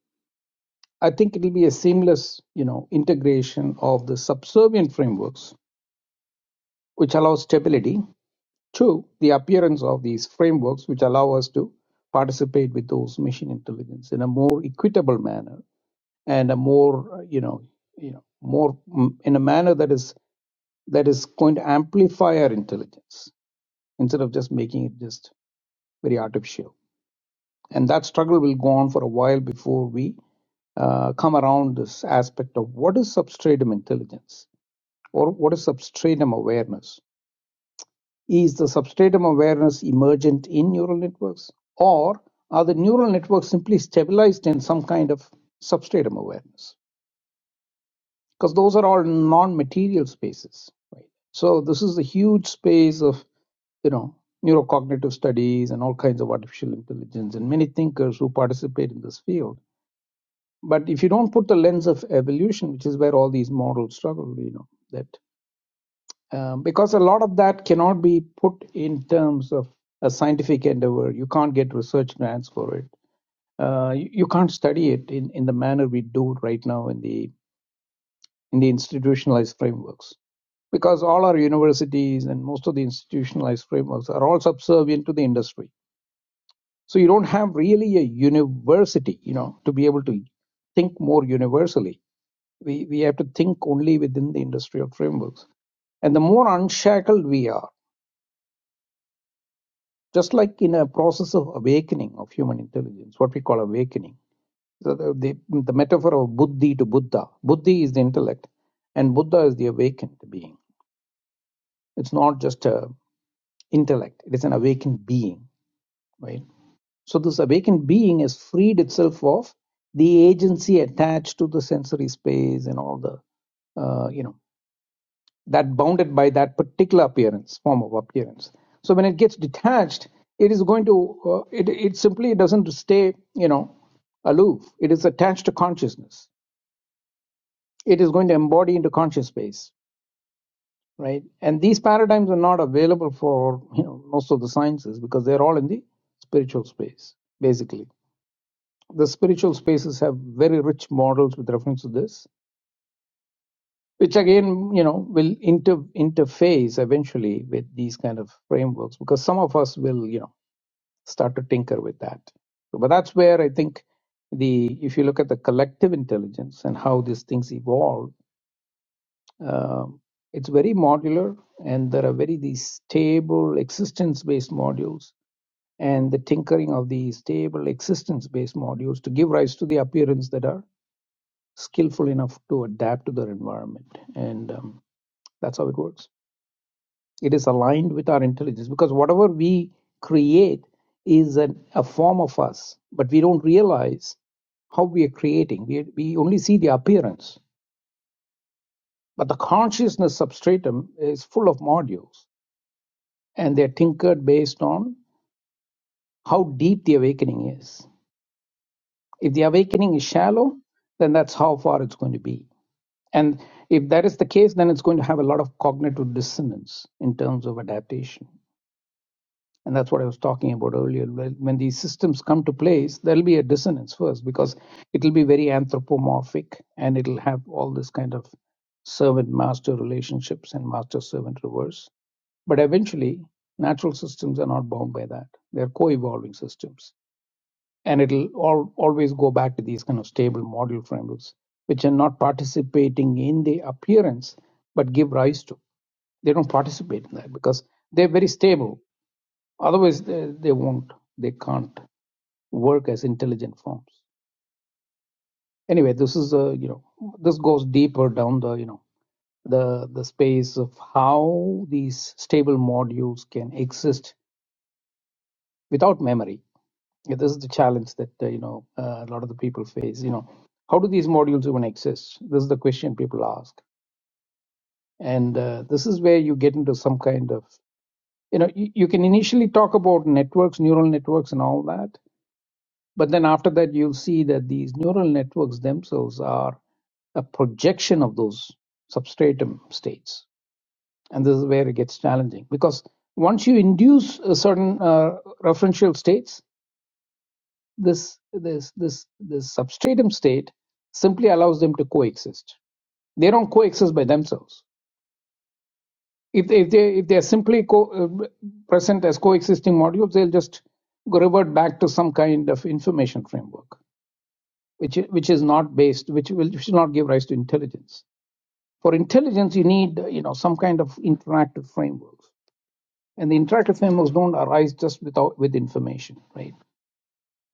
E: I think it'll be a seamless, you know, integration of the subservient frameworks, which allows stability Two, the appearance of these frameworks which allow us to participate with those machine intelligence in a more equitable manner and a more, uh, you know, you know, more mm, in a manner that is that is going to amplify our intelligence instead of just making it just very artificial. And that struggle will go on for a while before we uh, come around this aspect of what is substratum intelligence or what is substratum awareness Is the substratum awareness emergent in neural networks, or are the neural networks simply stabilized in some kind of substratum awareness? Because those are all non-material spaces, right? So this is a huge space of you know neurocognitive studies and all kinds of artificial intelligence and many thinkers who participate in this field but if you don't put the lens of evolution which is where all these models struggle you know that um, because a lot of that cannot be put in terms of a scientific endeavor. You can't get research grants for it. Uh, you, you can't study it in, in the manner we do right now in the in the institutionalized frameworks because all our universities and most of the institutionalized frameworks are all subservient to the industry. So you don't have really a university, you know, to be able to think more universally. We we have to think only within the industrial frameworks. And the more unshackled we are just like in a process of awakening of human intelligence, what we call awakening. So the, the, the metaphor of buddhi to Buddha, buddhi is the intellect, and Buddha is the awakened being. It's not just a intellect; it is an awakened being, right? So this awakened being has freed itself of the agency attached to the sensory space and all the uh, you know that bounded by that particular appearance form of appearance so when it gets detached it is going to uh, it, it simply doesn't stay you know aloof it is attached to consciousness it is going to embody into conscious space right and these paradigms are not available for you know most of the sciences because they're all in the spiritual space basically the spiritual spaces have very rich models with reference to this which again you know will inter interface eventually with these kind of frameworks because some of us will you know start to tinker with that but that's where i think the if you look at the collective intelligence and how these things evolve um, it's very modular and there are very these stable existence based modules and the tinkering of these stable existence based modules to give rise to the appearance that are skillful enough to adapt to their environment and um, that's how it works it is aligned with our intelligence because whatever we create is an, a form of us but we don't realize how we are creating we, we only see the appearance but the consciousness substratum is full of modules and they're tinkered based on how deep the awakening is if the awakening is shallow then that's how far it's going to be and if that is the case then it's going to have a lot of cognitive dissonance in terms of adaptation And that's what I was talking about earlier. When these systems come to place, there'll be a dissonance first because it'll be very anthropomorphic and it'll have all this kind of servant master relationships and master servant reverse. But eventually, natural systems are not bound by that. They're co evolving systems. And it'll all, always go back to these kind of stable model frameworks, which are not participating in the appearance, but give rise to. They don't participate in that because they're very stable Otherwise, they, they won't, they can't work as intelligent forms. Anyway, this is a you know this goes deeper down the you know the the space of how these stable modules can exist without memory. Yeah, This is the challenge that uh, you know uh, a lot of the people face. You know, how do these modules even exist? This is the question people ask, and uh, this is where you get into some kind of you know you, you can initially talk about networks, neural networks, and all that But then after that, you'll see that these neural networks themselves are a projection of those substratum states. And this is where it gets challenging because once you induce a certain uh, referential states, this, this, this, this substratum state simply allows them to coexist. They don't coexist by themselves. If, they- if, they, if they're simply co- uh, present as coexisting modules, they'll just go revert back to some kind of information framework. which i- which is not based, which will which will not give rise to intelligence. For intelligence, you need uh, you know some kind of interactive frameworks, and the interactive frameworks don't arise just without with information, right?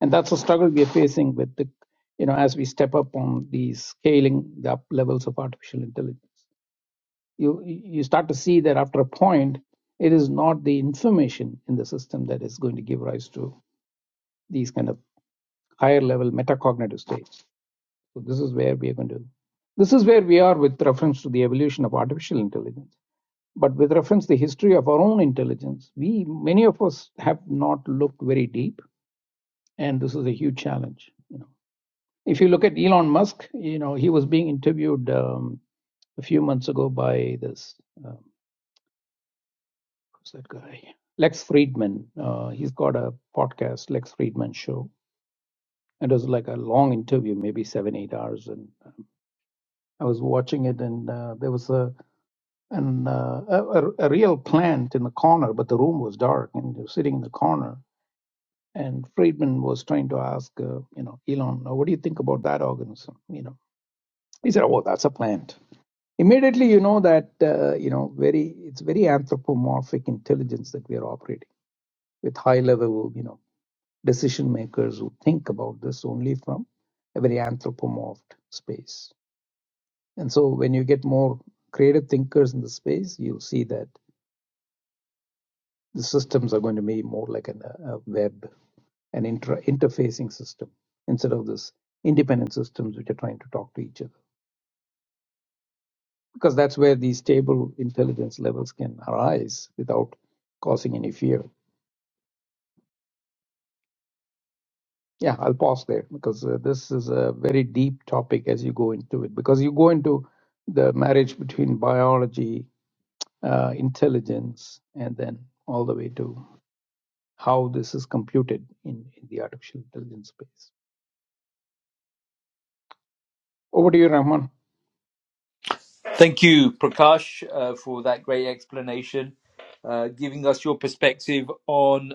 E: And that's a struggle we are facing with the you know as we step up on the scaling the up levels of artificial intelligence. You you start to see that after a point, it is not the information in the system that is going to give rise to these kind of higher level metacognitive states So this is where we are going to. This is where we are with reference to the evolution of artificial intelligence. But with reference to the history of our own intelligence, we many of us have not looked very deep, and this is a huge challenge. You know, if you look at Elon Musk, you know he was being interviewed um, a few months ago by this um, who's that guy lex friedman uh, he's got a podcast lex friedman show and it was like a long interview maybe seven eight hours and i was watching it and uh, there was a and uh, a, a real plant in the corner, but the room was dark and they were sitting in the corner. And Friedman was trying to ask, uh, you know, Elon, uh, what do you think about that organism? You know, he said, oh, that's a plant. Immediately, you know that, uh, you know, very it's very anthropomorphic intelligence that we are operating with high level, you know, decision makers who think about this only from a very anthropomorphed space. And so when you get more creative thinkers in the space, you'll see that the systems are going to be more like an, a web, an inter- interfacing system instead of this independent systems which are trying to talk to each other. Because that's where these stable intelligence levels can arise without causing any fear. Yeah, I'll pause there because uh, this is a very deep topic as you go into it. Because you go into the marriage between biology, uh, intelligence, and then all the way to how this is computed in, in the artificial intelligence space. Over to you, Rahman.
A: Thank you, Prakash, uh, for that great explanation, uh, giving us your perspective on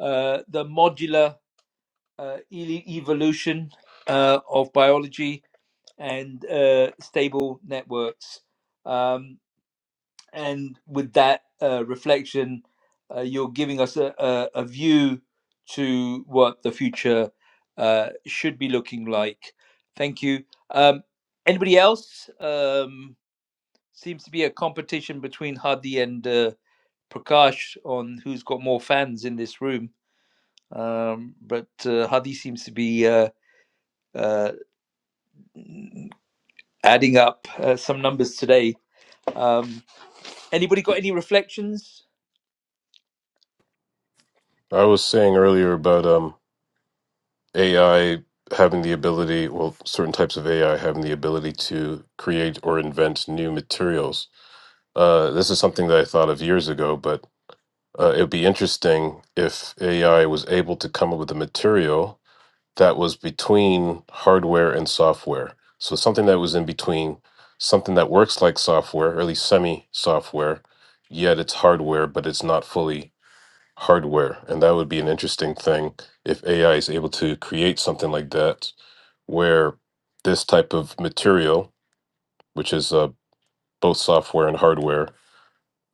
A: uh, the modular uh, e- evolution uh, of biology and uh, stable networks. Um, and with that uh, reflection, uh, you're giving us a, a, a view to what the future uh, should be looking like. Thank you. Um, anybody else? Um, seems to be a competition between Hadi and uh, Prakash on who's got more fans in this room. Um, but uh, Hadi seems to be uh, uh, adding up uh, some numbers today. Um, anybody got any reflections?
G: I was saying earlier about um AI having the ability, well, certain types of AI having the ability to create or invent new materials. Uh, this is something that I thought of years ago, but Uh, it would be interesting if AI was able to come up with a material that was between hardware and software. So something that was in between, something that works like software, or at least semi software, yet it's hardware, but it's not fully hardware. And that would be an interesting thing if AI is able to create something like that, where this type of material, which is uh, both software and hardware,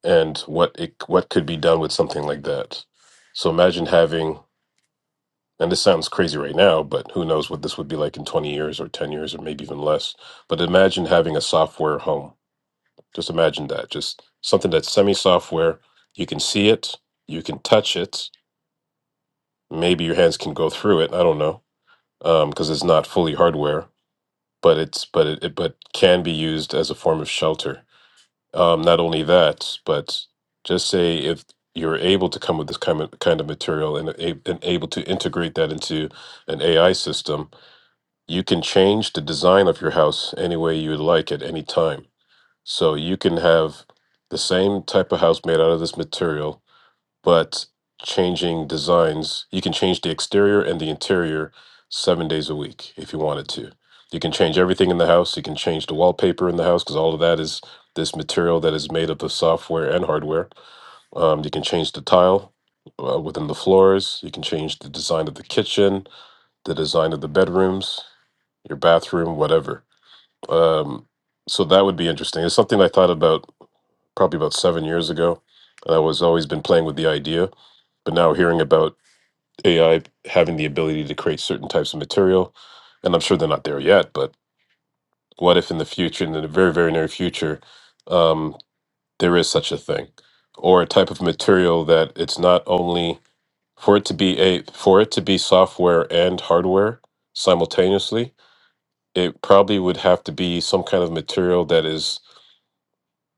G: and what it what could be done with something like that. So imagine having and this sounds crazy right now, but who knows what this would be like in 20 years or 10 years or maybe even less. But imagine having a software home. Just imagine that. Just something that's semi software. You can see it, you can touch it. Maybe your hands can go through it. I don't know. Um, because it's not fully hardware, but it's but it, it but can be used as a form of shelter Um, not only that, but just say if you're able to come with this kind of, kind of material and, a- and able to integrate that into an AI system, you can change the design of your house any way you would like at any time. So you can have the same type of house made out of this material but changing designs, you can change the exterior and the interior seven days a week if you wanted to. You can change everything in the house. You can change the wallpaper in the house because all of that is this material that is made up of software and hardware. Um, you can change the tile uh, within the floors. You can change the design of the kitchen, the design of the bedrooms, your bathroom, whatever. Um, so that would be interesting. It's something I thought about probably about seven years ago. And I was always been playing with the idea but now we're hearing about AI having the ability to create certain types of material, and I'm sure they're not there yet. But what if in the future, in the very very near future, um, there is such a thing, or a type of material that it's not only for it to be a for it to be software and hardware simultaneously. It probably would have to be some kind of material that is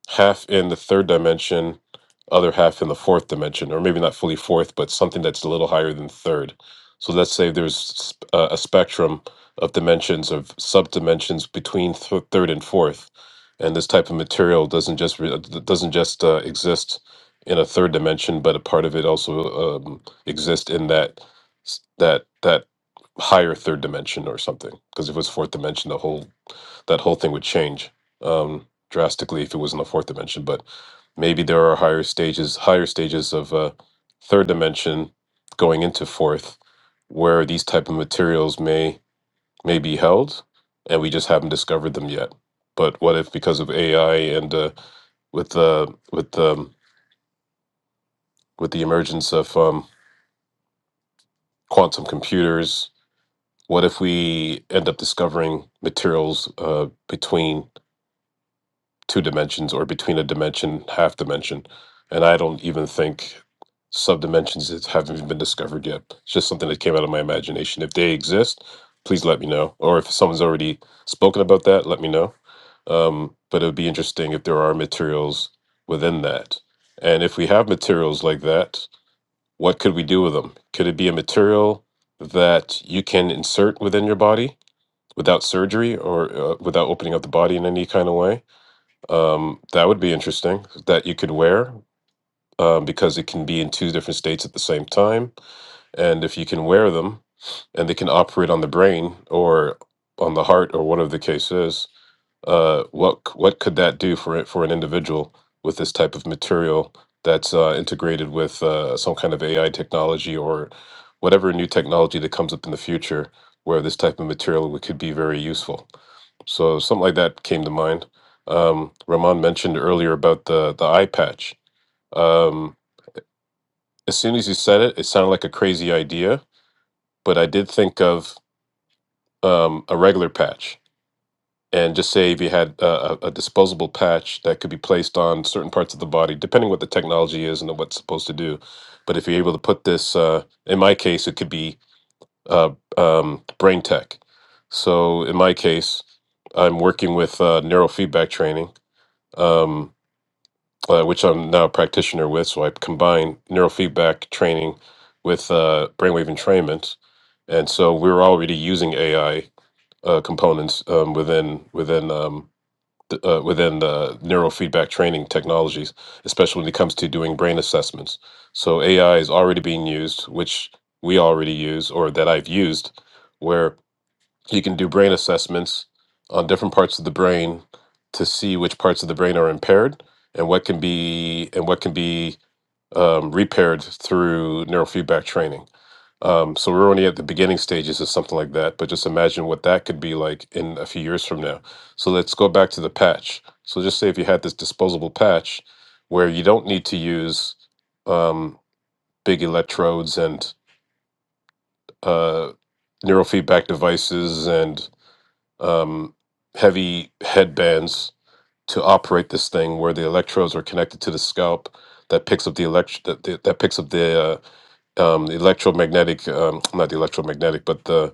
G: half in the third dimension, other half in the fourth dimension, or maybe not fully fourth, but something that's a little higher than third. So let's say there's sp- uh, a spectrum of dimensions of subdimensions between th- third and fourth, and this type of material doesn't just re- uh, d- doesn't just uh, exist in a third dimension, but a part of it also um, exists in that s- that that higher third dimension or something. Because if it was fourth dimension, the whole that whole thing would change. Um, drastically if it was in the fourth dimension, but maybe there are higher stages, higher stages of uh, third dimension going into fourth, where these type of materials may may be held, and we just haven't discovered them yet. But what if because of AI and uh, with the with the with the emergence of um, quantum computers, what if we end up discovering materials uh, between two dimensions or between a dimension, half dimension. And I don't even think subdimensions is- haven't even been discovered yet. It's just something that came out of my imagination. If they exist, please let me know. Or if someone's already spoken about that, let me know. Um, but it would be interesting if there are materials within that. And if we have materials like that, what could we do with them? Could it be a material that you can insert within your body without surgery or uh, without opening up the body in any kind of way? Um, that would be interesting that you could wear um, because it can be in two different states at the same time. And if you can wear them and they can operate on the brain or on the heart or whatever the case is, uh, what c- what could that do for it for an individual with this type of material that's uh, integrated with uh, some kind of AI technology or whatever new technology that comes up in the future where this type of material would- could be very useful. So something like that came to mind. Um, Rahman mentioned earlier about the the eye patch. Um, as soon as you said it, it sounded like a crazy idea, but I did think of um, a regular patch and just say if you had a, a a disposable patch that could be placed on certain parts of the body, depending what the technology is and what's supposed to do. But if you're able to put this, uh, in my case, it could be uh, um, brain tech. So in my case, I'm working with uh, neurofeedback training, um, uh, which I'm now a practitioner with. So I combine neurofeedback training with uh, brainwave entrainment, and so we're already using AI uh, components um, within within. Um, th- uh, within the neurofeedback training technologies, especially when it comes to doing brain assessments. So AI is already being used, which we already use, or that I've used, where you can do brain assessments on different parts of the brain to see which parts of the brain are impaired and what can be and what can be um, repaired through neurofeedback training. Um, so we're only at the beginning stages of something like that, but just imagine what that could be like in a few years from now. So let's go back to the patch. So just say if you had this disposable patch where you don't need to use um, big electrodes and uh, neurofeedback devices and um, heavy headbands to operate this thing, where the electrodes are connected to the scalp that picks up the elect that, that that picks up the uh, um, the electromagnetic um, not the electromagnetic, but the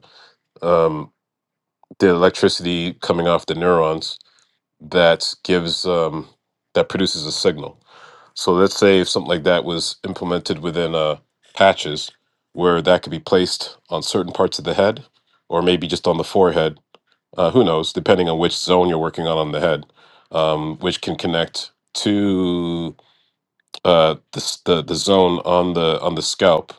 G: um, the electricity coming off the neurons that gives um, that produces a signal. So let's say if something like that was implemented within uh, patches, where that could be placed on certain parts of the head, or maybe just on the forehead. Uh, who knows? Depending on which zone you're working on on the head, um, which can connect to uh, the, s- the the zone on the on the scalp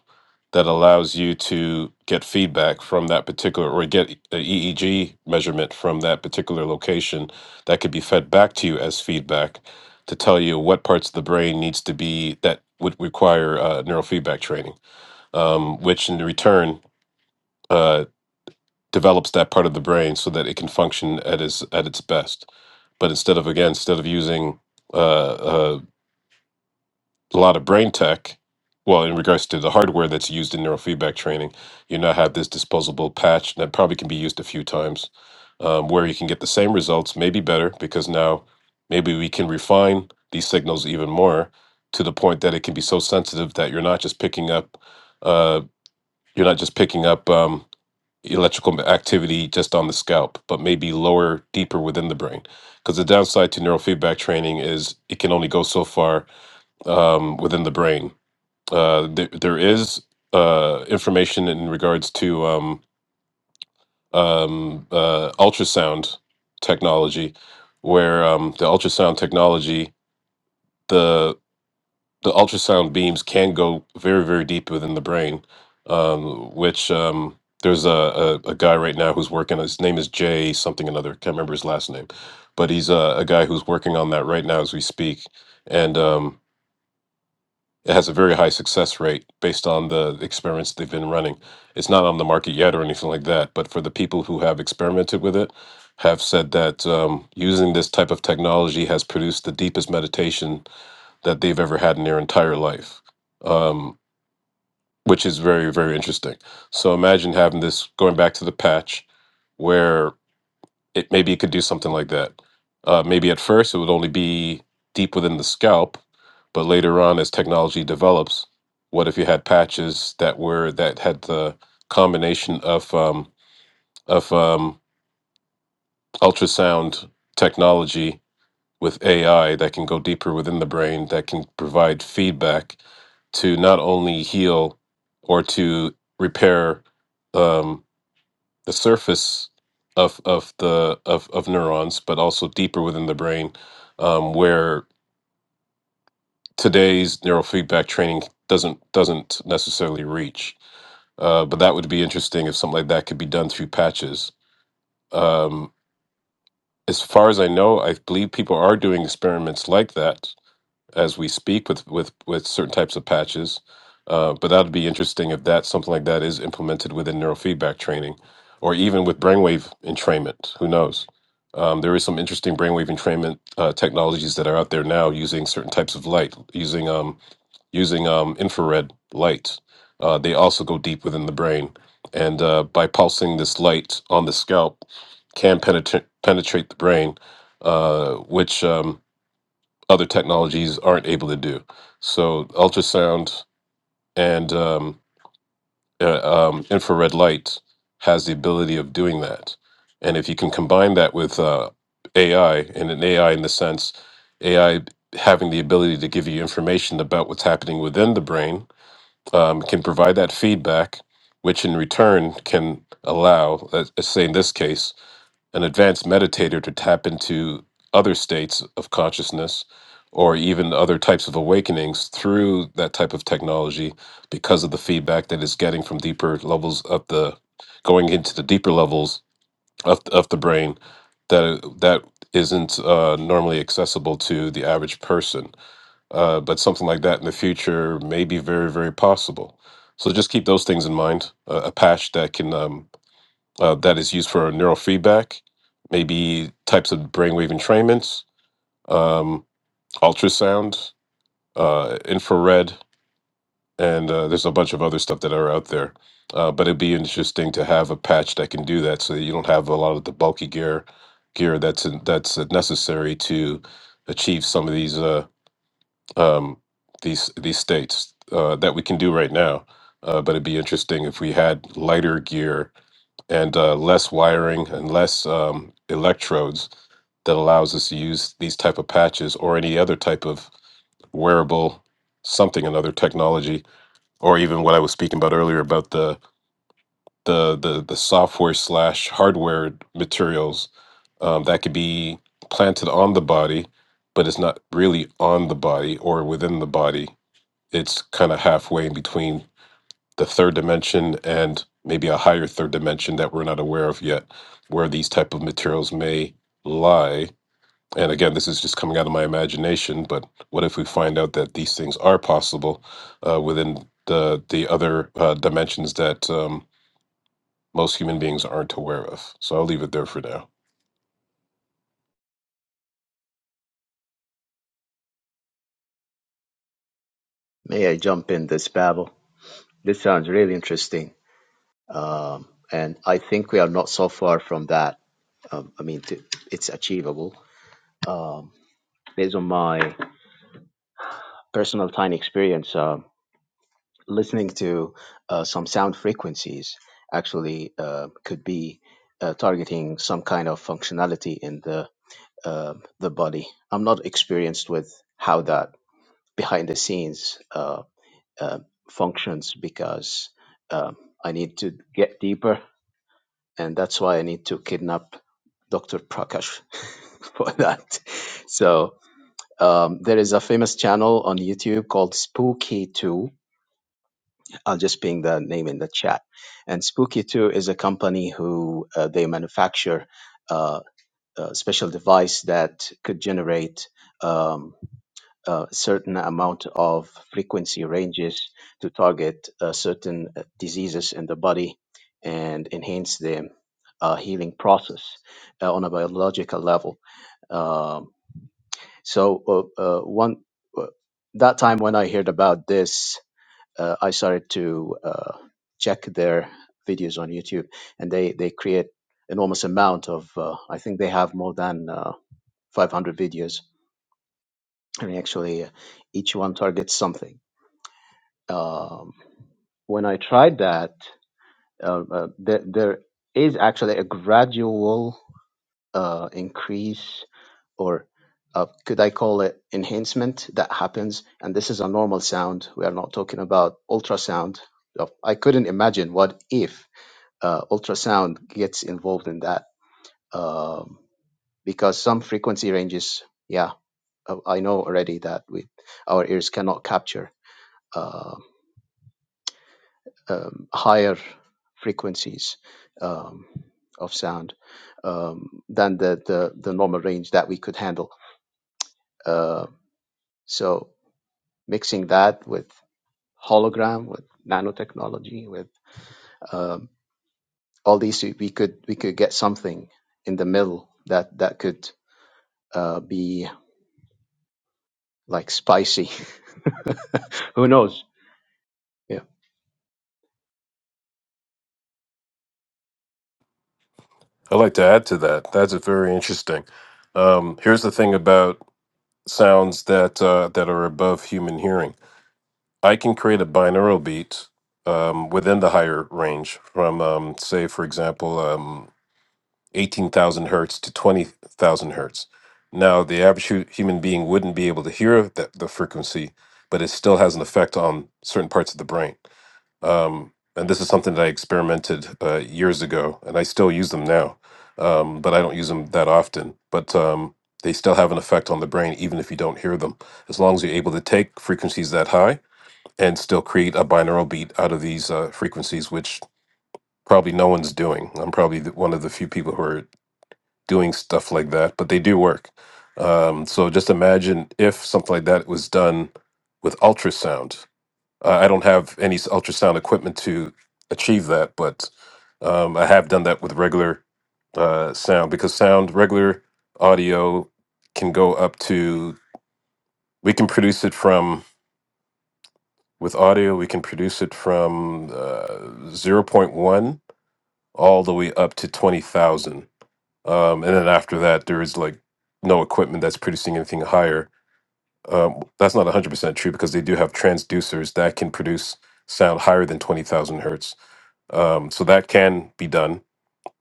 G: that allows you to get feedback from that particular or get a EEG measurement from that particular location that could be fed back to you as feedback to tell you what parts of the brain needs to be that would require uh, neurofeedback training, um, which in return uh, develops that part of the brain so that it can function at its at its best. But instead of again, instead of using uh, uh, a lot of brain tech. Well, in regards to the hardware that's used in neurofeedback training, you now have this disposable patch that probably can be used a few times, um, where you can get the same results, maybe better, because now maybe we can refine these signals even more to the point that it can be so sensitive that you're not just picking up, uh, you're not just picking up um, electrical activity just on the scalp, but maybe lower, deeper within the brain. Because the downside to neurofeedback training is it can only go so far um, within the brain uh, there, there is uh, information in regards to um, um, uh, ultrasound technology, where um, the ultrasound technology, the the ultrasound beams can go very very deep within the brain, um, which um, there's a, a, a guy right now who's working. His name is Jay something another. Can't remember his last name, but he's a, a guy who's working on that right now as we speak, and. Um, It has a very high success rate based on the experiments they've been running. It's not on the market yet or anything like that, but for the people who have experimented with it, have said that um, using this type of technology has produced the deepest meditation that they've ever had in their entire life, um, which is very, very interesting. So imagine having this going back to the patch where it maybe it could do something like that. Uh, maybe at first it would only be deep within the scalp, but later on, as technology develops, what if you had patches that were that had the combination of um, of um, ultrasound technology with AI that can go deeper within the brain that can provide feedback to not only heal or to repair um, the surface of of the of, of neurons, but also deeper within the brain, um, where today's neurofeedback training doesn't doesn't necessarily reach. Uh, but that would be interesting if something like that could be done through patches. Um, as far as I know, I believe people are doing experiments like that as we speak with with with certain types of patches. Uh, but that'd be interesting if that something like that is implemented within neurofeedback training, or even with brainwave entrainment. Who knows? Um, there is some interesting brainwave entrainment uh, technologies that are out there now using certain types of light, using um, using um, infrared light. Uh, they also go deep within the brain, and uh, by pulsing this light on the scalp, can penetrate penetrate the brain, uh, which um, other technologies aren't able to do. So ultrasound and um, uh, um, infrared light has the ability of doing that. And if you can combine that with uh, AI and an AI in the sense AI having the ability to give you information about what's happening within the brain, um, can provide that feedback, which in return can allow, let's say in this case, an advanced meditator to tap into other states of consciousness or even other types of awakenings through that type of technology because of the feedback that it's getting from deeper levels of the going into the deeper levels of, of the brain that that isn't uh, normally accessible to the average person uh, but something like that in the future may be very very possible so just keep those things in mind a a patch that can um, uh, that is used for neurofeedback, maybe types of brainwave entrainments, um, ultrasound, uh, infrared, and uh, there's a bunch of other stuff that are out there. Uh, but it'd be interesting to have a patch that can do that, so that you don't have a lot of the bulky gear gear that's in, that's uh, necessary to achieve some of these uh, um, these these states uh, that we can do right now. Uh, but it'd be interesting if we had lighter gear and uh, less wiring and less um, electrodes that allows us to use these type of patches or any other type of wearable something another technology or even what i was speaking about earlier about the the the, the software slash hardware materials um, that could be planted on the body but it's not really on the body or within the body it's kind of halfway in between the third dimension and maybe a higher third dimension that we're not aware of yet where these type of materials may lie and again this is just coming out of my imagination but what if we find out that these things are possible uh, within the the other uh, dimensions that um, most human beings aren't aware of so i'll leave it there for now
J: May I jump in this babble? This sounds really interesting. Um, and I think we are not so far from that. Um, I mean, t- it's achievable. Um, based on my personal tiny experience, um listening to uh, some sound frequencies actually uh, could be uh, targeting some kind of functionality in the uh, the body. I'm not experienced with how that behind the scenes. uh, uh, functions because uh, I need to get deeper, and that's why I need to kidnap Dr. Prakash for that. So um, there is a famous channel on YouTube called Spooky Two. I'll just ping the name in the chat. And Spooky Two is a company who uh, they manufacture uh, a special device that could generate. um, uh, certain amount of frequency ranges to target uh, certain uh, diseases in the body and enhance the uh, healing process uh, on a biological level. Um, so uh, uh, one uh, that time when I heard about this, uh, I started to uh, check their videos on YouTube, and they they create enormous amount of. Uh, I think they have more than uh, 500 videos, and actually uh, each one targets something Um, when I tried that, uh, uh, there, there is actually a gradual uh, increase, or uh, could I call it enhancement, that happens. And this is a normal sound. We are not talking about ultrasound. Uh, I couldn't imagine what if uh, ultrasound gets involved in that, um, because some frequency ranges, yeah, uh, I know already that we our ears cannot capture. Um, um, higher frequencies um, of sound um, than the, the, the normal range that we could handle. Uh, so mixing that with hologram, with nanotechnology, with um, all these, we could we could get something in the middle that that could uh, be like spicy. Who knows? Yeah,
G: i'd like to add to that that's very interesting um, here's the thing about sounds that uh, that are above human hearing I can create a binaural beat um, within the higher range from, um, say, for example, um, 18,000 hertz to 20,000 hertz. Now, the average hu- human being wouldn't be able to hear that, the frequency, but it still has an effect on certain parts of the brain. Um, and this is something that I experimented uh, years ago, and I still use them now, um, but I don't use them that often. But um, they still have an effect on the brain, even if you don't hear them. As long as you're able to take frequencies that high, and still create a binaural beat out of these uh, frequencies, which probably no one's doing. I'm probably the- one of the few people who are doing stuff like that, but they do work. Um, so just imagine if something like that was done with ultrasound. Uh, I don't have any s- ultrasound equipment to achieve that, but um, I have done that with regular uh, sound because sound, regular audio, can go up to, we can produce it from With audio, we can produce it from uh, zero point 0.1 all the way up to 20,000. Um, and then after that, there is like no equipment that's producing anything higher. Um, that's not 100% true because they do have transducers that can produce sound higher than 20,000 hertz. Um, so that can be done,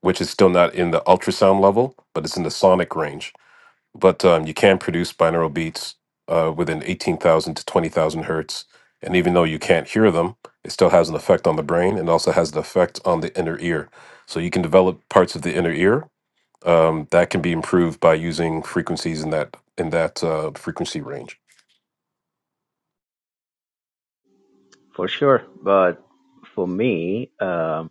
G: which is still not in the ultrasound level, but it's in the sonic range but um, you can produce binaural beats uh, within 18,000 to 20,000 hertz. And even though you can't hear them, it still has an effect on the brain and also has an effect on the inner ear. So you can develop parts of the inner ear um, that can be improved by using frequencies in that in that uh, frequency range.
J: For sure. But for me, um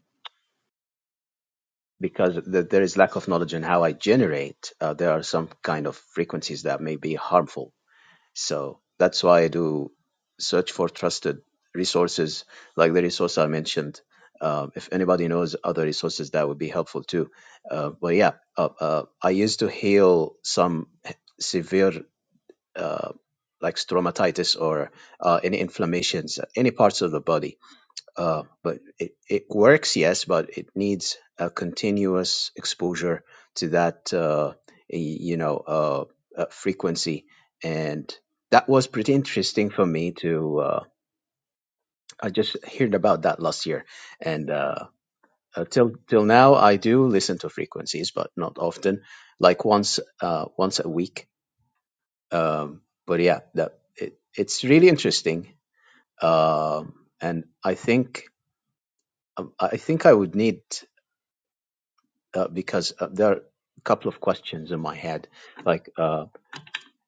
J: because th- there is lack of knowledge in how I generate, uh, there are some kind of frequencies that may be harmful. So that's why I do search for trusted resources, like the resource I mentioned. Um, if anybody knows other resources, that would be helpful too. Uh, but yeah, uh, uh, I used to heal some severe, uh, like stomatitis or uh, any inflammations, any parts of the body uh, but it, it works, yes, but it needs a continuous exposure to that, uh, y- you know, uh, uh, frequency. And that was pretty interesting for me to, uh, I just heard about that last year. And uh, uh, till, till now, I do listen to frequencies, but not often, like once, uh, once a week. Um, but yeah, that, it, it's really interesting. Um, and I think um, I think I would need uh, because uh, there are a couple of questions in my head, like uh,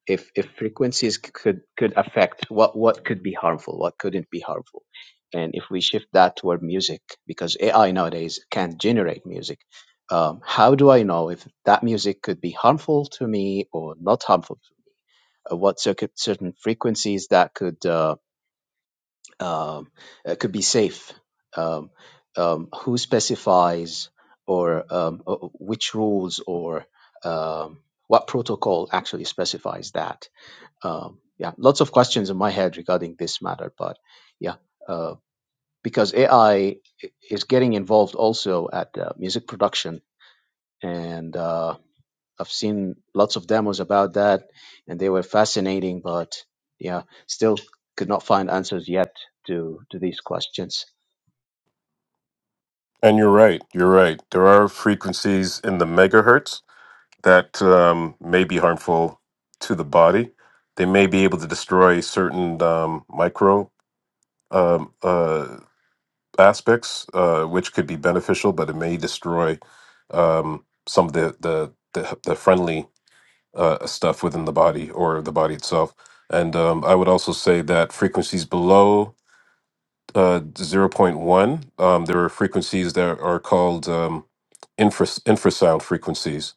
J: if if frequencies c- could could affect what what could be harmful, what couldn't be harmful, and if we shift that toward music, because AI nowadays can generate music. Um, how do I know if that music could be harmful to me or not harmful to me? Uh, what circuit, certain frequencies that could uh, um, it could be safe. Um, um, who specifies or um, uh, which rules or um, what protocol actually specifies that? Um, yeah, lots of questions in my head regarding this matter, but yeah, uh, because AI is getting involved also at uh, music production and. Uh, I've seen lots of demos about that, and they were fascinating, but yeah, still could not find answers yet to to these questions.
G: And you're right. You're right. There are frequencies in the megahertz that um, may be harmful to the body. They may be able to destroy certain um, micro um, uh, aspects, uh, which could be beneficial, but it may destroy um, some of the the the, the friendly uh, stuff within the body or the body itself. And um, I would also say that frequencies below uh, zero point 0.1. Um, there are frequencies that are called um, infras- infrasound frequencies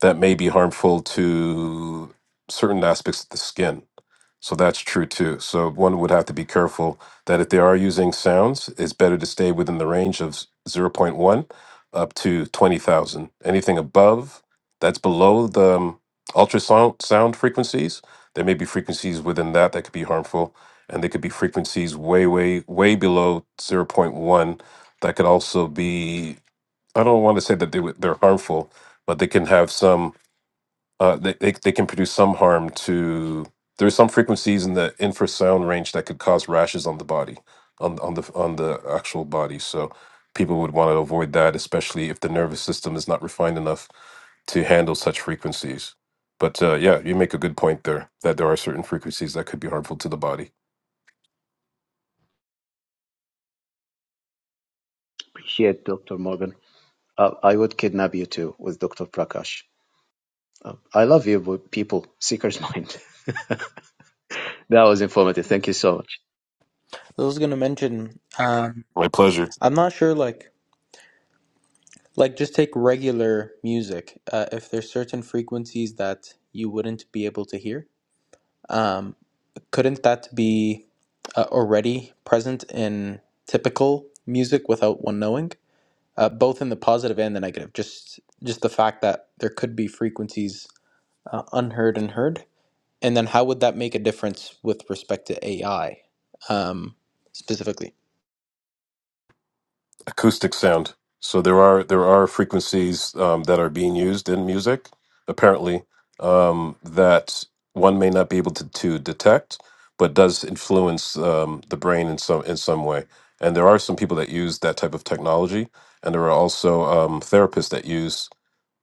G: that may be harmful to certain aspects of the skin. So that's true too. So one would have to be careful that if they are using sounds, it's better to stay within the range of s- zero point 0.1 up to 20,000. Anything above, that's below the um, ultrasound sound frequencies. There may be frequencies within that that could be harmful, and there could be frequencies way, way, way below zero point 0.1 that could also be. I don't want to say that they, would- they're harmful, but they can have some uh, they, they they can produce some harm to. There are some frequencies in the infrasound range that could cause rashes on the body, on on the on the actual body. So people would want to avoid that, especially if the nervous system is not refined enough to handle such frequencies. But uh, yeah, you make a good point there that there are certain frequencies that could be harmful to the body.
J: Appreciate Dr. Morgan. Uh, I would kidnap you too with Dr. Prakash. Uh, I love you, but people, seeker's mind. that was informative. Thank you so much.
C: was going to mention um,
G: My pleasure.
C: i'm not sure like like just take regular music uh, if there's certain frequencies that you wouldn't be able to hear um, couldn't that be uh, already present in typical music without one knowing uh, both in the positive and the negative just just the fact that there could be frequencies uh, unheard and heard and then how would that make a difference with respect to ai um, specifically
G: acoustic sound. So there are there are frequencies um, that are being used in music, apparently, um, that one may not be able to, to detect, but does influence um, the brain in some in some way. And there are some people that use that type of technology, and there are also um, therapists that use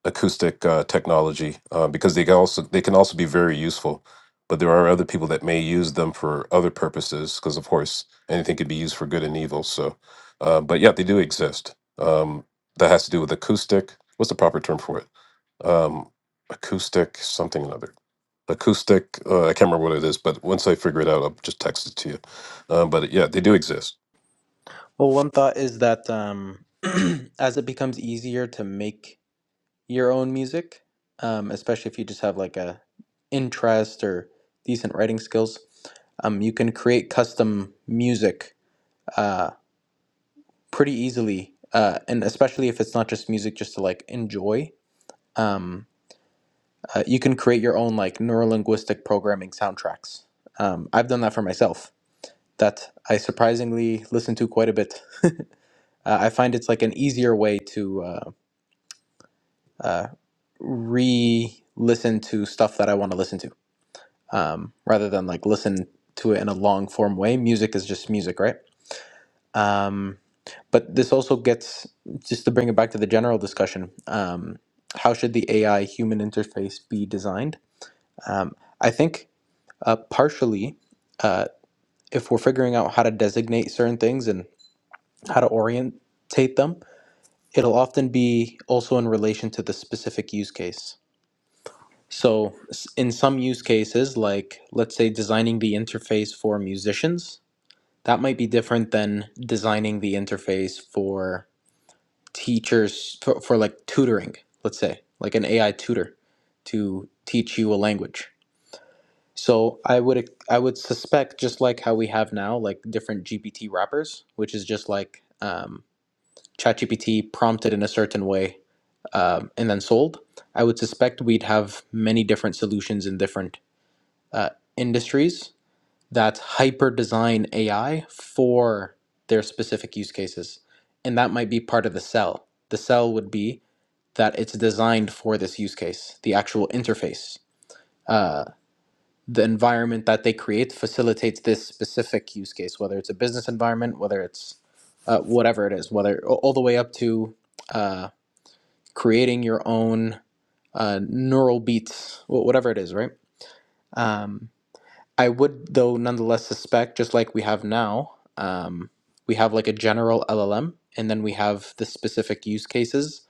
G: acoustic uh, technology uh, because they can also they can also be very useful. But there are other people that may use them for other purposes because, of course, anything could be used for good and evil. So, uh, but yeah, they do exist. Um, that has to do with acoustic. What's the proper term for it? Um, acoustic something or other. Acoustic. Uh, I can't remember what it is, but once I figure it out, I'll just text it to you. Um, but yeah, they do exist.
C: well one thought is that um, as it becomes easier to make your own music, um, especially if you just have like a interest or decent writing skills, um, you can create custom music uh, pretty easily, uh, and especially if it's not just music just to like enjoy. Um, uh, you can create your own like neurolinguistic programming soundtracks. Um, I've done that for myself. That I surprisingly listen to quite a bit. Uh, I find it's like an easier way to uh, uh, re-listen to stuff that I want to listen to um, rather than like listen to it in a long form way. Music is just music, right? Um, but this also gets just to bring it back to the general discussion. Um, how should the AI human interface be designed? I think uh, partially, uh, if we're figuring out how to designate certain things and how to orientate them, it'll often be also in relation to the specific use case. So, s- in some use cases, like let's say designing the interface for musicians, that might be different than designing the interface for teachers for, for like tutoring let's say like an ai tutor to teach you a language so i would i would suspect just like how we have now like different gpt wrappers which is just like um, chatgpt prompted in a certain way um, and then sold i would suspect we'd have many different solutions in different uh, industries that's hyper design AI for their specific use cases. And that might be part of the cell. The cell would be that it's designed for this use case, the actual interface. Uh, the environment that they create facilitates this specific use case, whether it's a business environment, whether it's uh, whatever it is, whether all all the way up to uh, creating your own uh, neural beats, wh- whatever it is, right? Um, I would, though, nonetheless suspect, just like we have now, um, we have like a general LLM, and then we have the specific use cases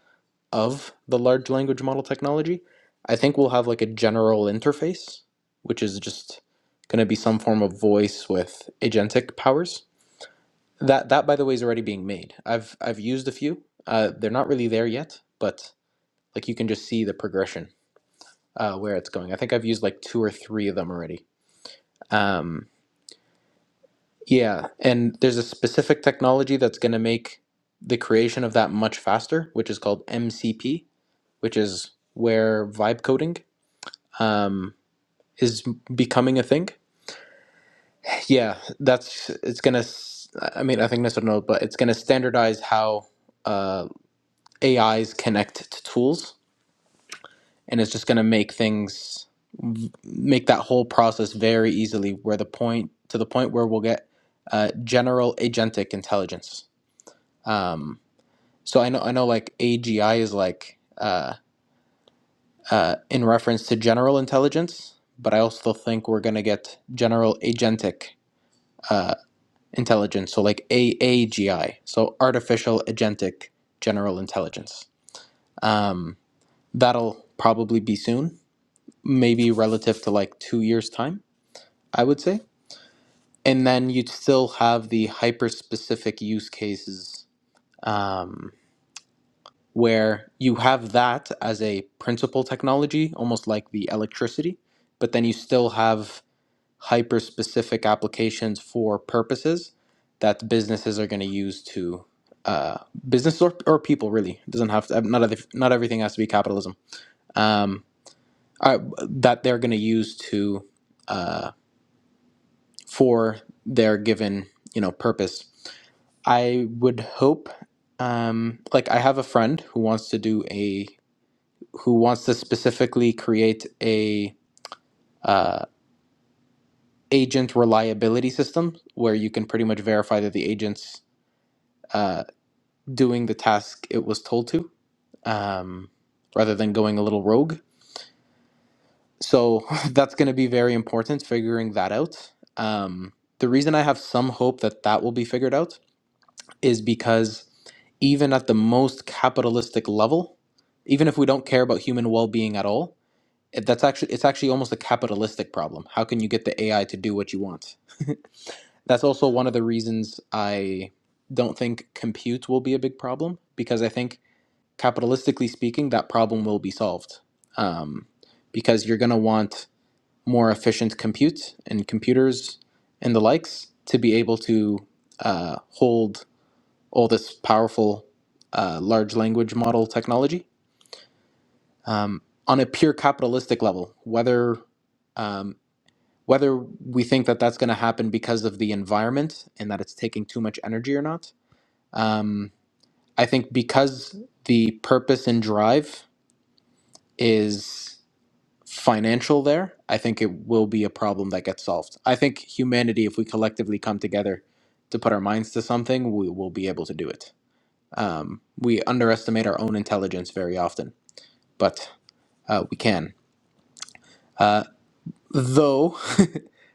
C: of the large language model technology. I think we'll have like a general interface, which is just going to be some form of voice with agentic powers. That that, by the way, is already being made. I've I've used a few. Uh, they're not really there yet, but like you can just see the progression uh, where it's going. I think I've used like two or three of them already. Um, Yeah, and there's a specific technology that's going to make the creation of that much faster, which is called MCP, which is where vibe coding um, is becoming a thing. Yeah, that's it's going to. I mean, I think Mr. know, but it's going to standardize how uh, AIs connect to tools, and it's just going to make things v- make that whole process very easily. Where the point to the point where we'll get uh, general agentic intelligence. Um, So I know I know like AGI is like uh, uh, in reference to general intelligence, but I also think we're gonna get general agentic uh, intelligence. So like AAGI, so artificial agentic general intelligence. Um, that'll probably be soon, maybe relative to like two years time, I would say. And then you'd still have the hyper specific use cases. Um, where you have that as a principal technology, almost like the electricity, but then you still have hyper specific applications for purposes that businesses are going to use to uh, business or, or people really it doesn't have to not other, not everything has to be capitalism um, uh, that they're going to use to uh, for their given you know purpose i would hope um, like i have a friend who wants to do a who wants to specifically create a uh, agent reliability system where you can pretty much verify that the agent's uh, doing the task it was told to, um, rather than going a little rogue. So that's going to be very important figuring that out. Um, the reason I have some hope that that will be figured out is because even at the most capitalistic level, even if we don't care about human well being at all, it- that's actually it's actually almost a capitalistic problem how can you get the ai to do what you want that's also one of the reasons i don't think compute will be a big problem because i think capitalistically speaking that problem will be solved um, because you're going to want more efficient compute and computers and the likes to be able to uh, hold all this powerful uh, large language model technology um, on a pure capitalistic level whether um, whether we think that that's going to happen because of the environment and that it's taking too much energy or not. Um, I think because the purpose and drive is financial there, I think it will be a problem that gets solved. I think humanity, if we collectively come together to put our minds to something, we will be able to do it. We underestimate our own intelligence very often, but uh, we can. Though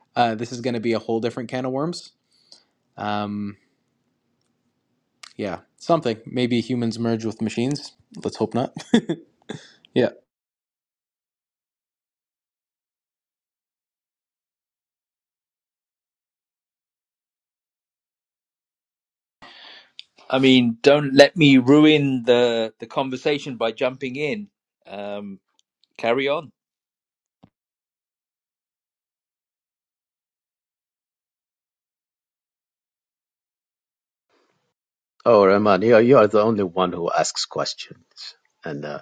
C: uh, this is going to be a whole different can of worms Yeah, something. Maybe humans merge with machines. Let's hope not. yeah.
A: I mean, don't let me ruin the the conversation by jumping in. Um, carry on.
J: Oh, Rahman, you are, you are the only one who asks questions, and uh,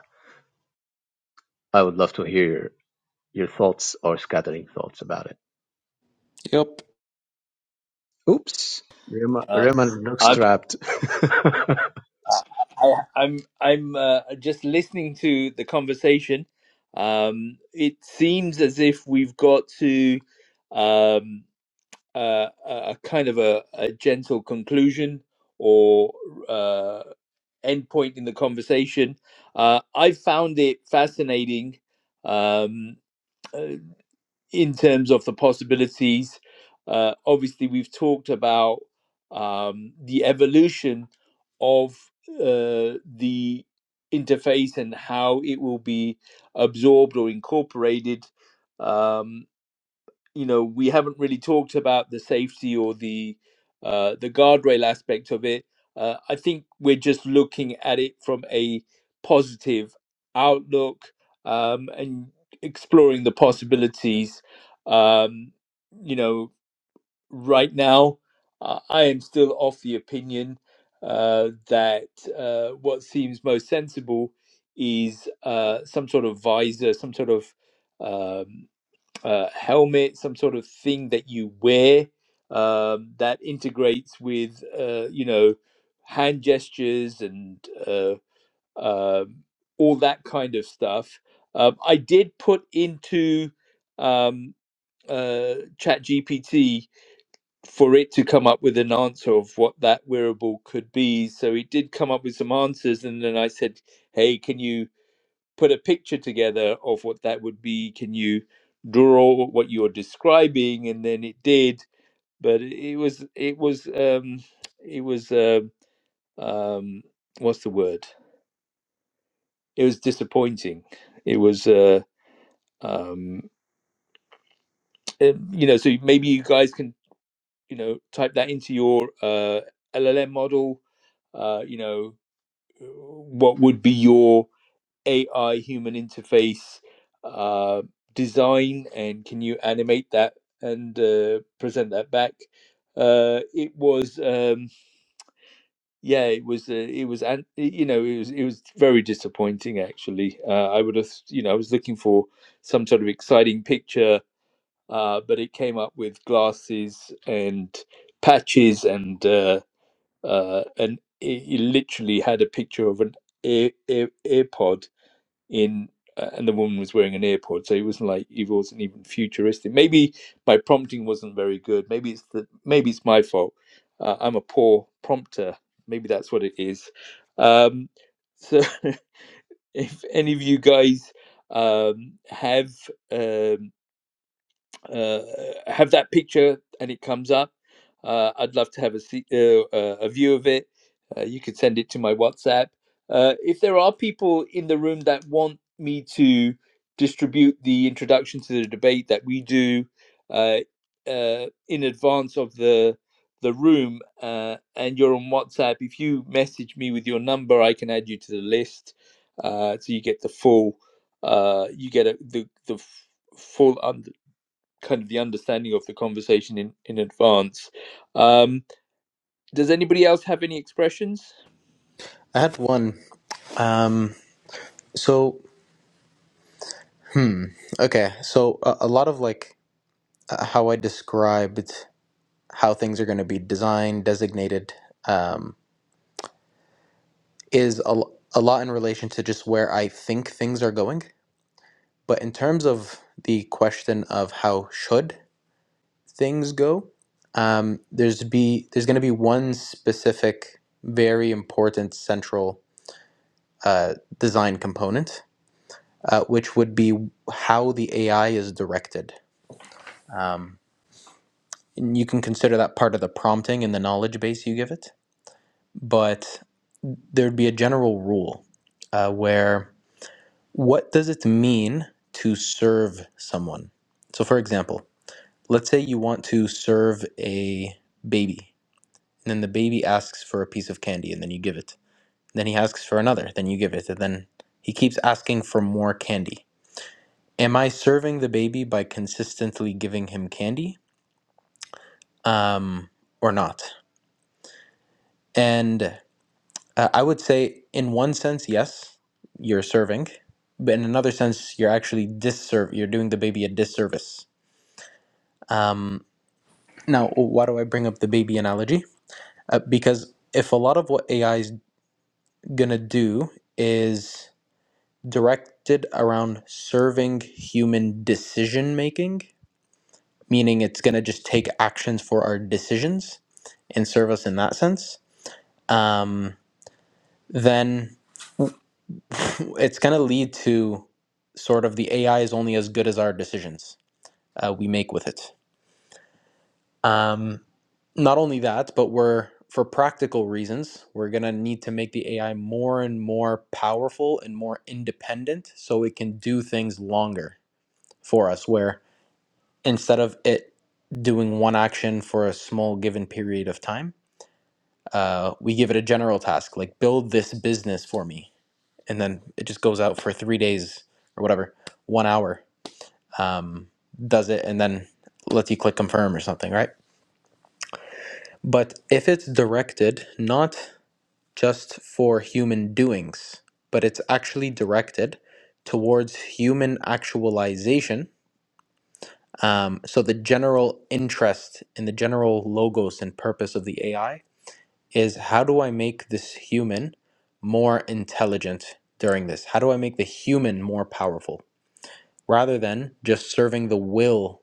J: I would love to hear your thoughts or scattering thoughts about it.
C: Yep.
J: Oops. Raymond,
A: Uh,
J: Raymond looks
A: I'm
J: trapped.
A: I'm I'm uh, just listening to the conversation. Um, it seems as if we've got to. Um, uh, a kind of a, a gentle conclusion or uh, end point in the conversation. Uh, I found it fascinating um, uh, in terms of the possibilities. Uh, obviously, we've talked about um, the evolution of uh, the interface and how it will be absorbed or incorporated. Um, you know we haven't really talked about the safety or the uh, the guardrail aspect of it. Uh, I think we're just looking at it from a positive outlook um, and exploring the possibilities. Um, you know, right now, uh, I am still of the opinion uh, that uh, what seems most sensible is uh, some sort of visor, some sort of um uh, helmet, some sort of thing that you wear um, that integrates with, uh, you know, hand gestures and uh, um all that kind of stuff. Um, I did put into um, uh, ChatGPT for it to come up with an answer of what that wearable could be. So it did come up with some answers, and then I said, "Hey, can you?" put a picture together of what that would be. Can you draw what you're describing? And then it did, but it was it was um, it was uh, um, what's the word? It was disappointing. It was uh, um, eh, you know. So maybe you guys can you know type that into your uh, LLM model. Uh, you know, uh, what would be your AI human interface uh, design and can you animate that and uh, present that back? Uh, it was um, yeah, it was uh, it was an- you know it was it was very disappointing actually. Uh, I would have you know I was looking for some sort of exciting picture, uh, but it came up with glasses and patches and uh, uh, and it, it literally had a picture of an ear, ear earpod in uh, and the woman was wearing an earpod so it wasn't like it wasn't even futuristic maybe my prompting wasn't very good maybe it's the maybe it's my fault uh, i'm a poor prompter maybe that's what it is um so if any of you guys um have um, uh, have that picture and it comes up. Uh, I'd love to have a see, uh, uh, a view of it. Uh, you could send it to my WhatsApp. Uh, if there are people in the room that want me to distribute the introduction to the debate that we do uh, uh, in advance of the the room, uh, and you're on WhatsApp, if you message me with your number, I can add you to the list, uh, so you get the full uh, you get a, the the f- full understanding kind of the understanding of the conversation in in advance. Um, does anybody else have any expressions?
C: I had one. Um. So, hmm. Okay. So a, a lot of like uh, how I described how things are going to be designed, designated, um, is a, l- a lot in relation to just where I think things are going. But in terms of the question of how should things go, um, there's be there's going to be one specific, very important central uh, design component, uh, which would be how the AI is directed. Um, and you can consider that part of the prompting and the knowledge base you give it, but there'd be a general rule uh, where what does it mean to serve someone? So, for example, let's say you want to serve a baby, and then the baby asks for a piece of candy, and then you give it. Then he asks for another, then you give it, and then he keeps asking for more candy Am I serving the baby by consistently giving him candy um, or not? And uh, I would say, in one sense, yes, you're serving, but in another sense, you're actually disserve. You're doing the baby a disservice. Um, now, why do I bring up the baby analogy? Uh, because if a lot of what AI is gonna do is directed around serving human decision making, meaning it's going to just take actions for our decisions and serve us in that sense, um, then it's going to lead to sort of the AI is only as good as our decisions uh, we make with it. Um, not only that, but we're for practical reasons, we're going to need to make the AI more and more powerful and more independent so it can do things longer for us, where instead of it doing one action for a small given period of time, uh, we give it a general task like build this business for me and then it just goes out for three days or whatever one hour um, does it and then lets you click confirm or something right but if it's directed not just for human doings but it's actually directed towards human actualization um, so the general interest and the general logos and purpose of the ai is how do I make this human more intelligent during this? How do I make the human more powerful rather than just serving the will,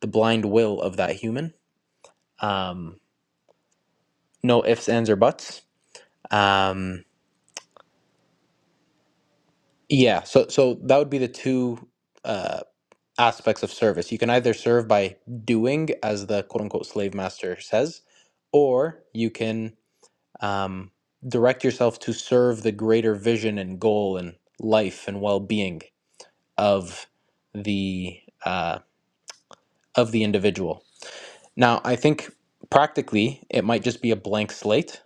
C: the blind will of that human? Um, no ifs, ands, or buts. Um, yeah, so so that would be the two uh, aspects of service. You can either serve by doing, as the quote unquote slave master says, or you can Um, direct yourself to serve the greater vision and goal and life and well-being of the uh, of the individual. Now, I think practically it might just be a blank slate,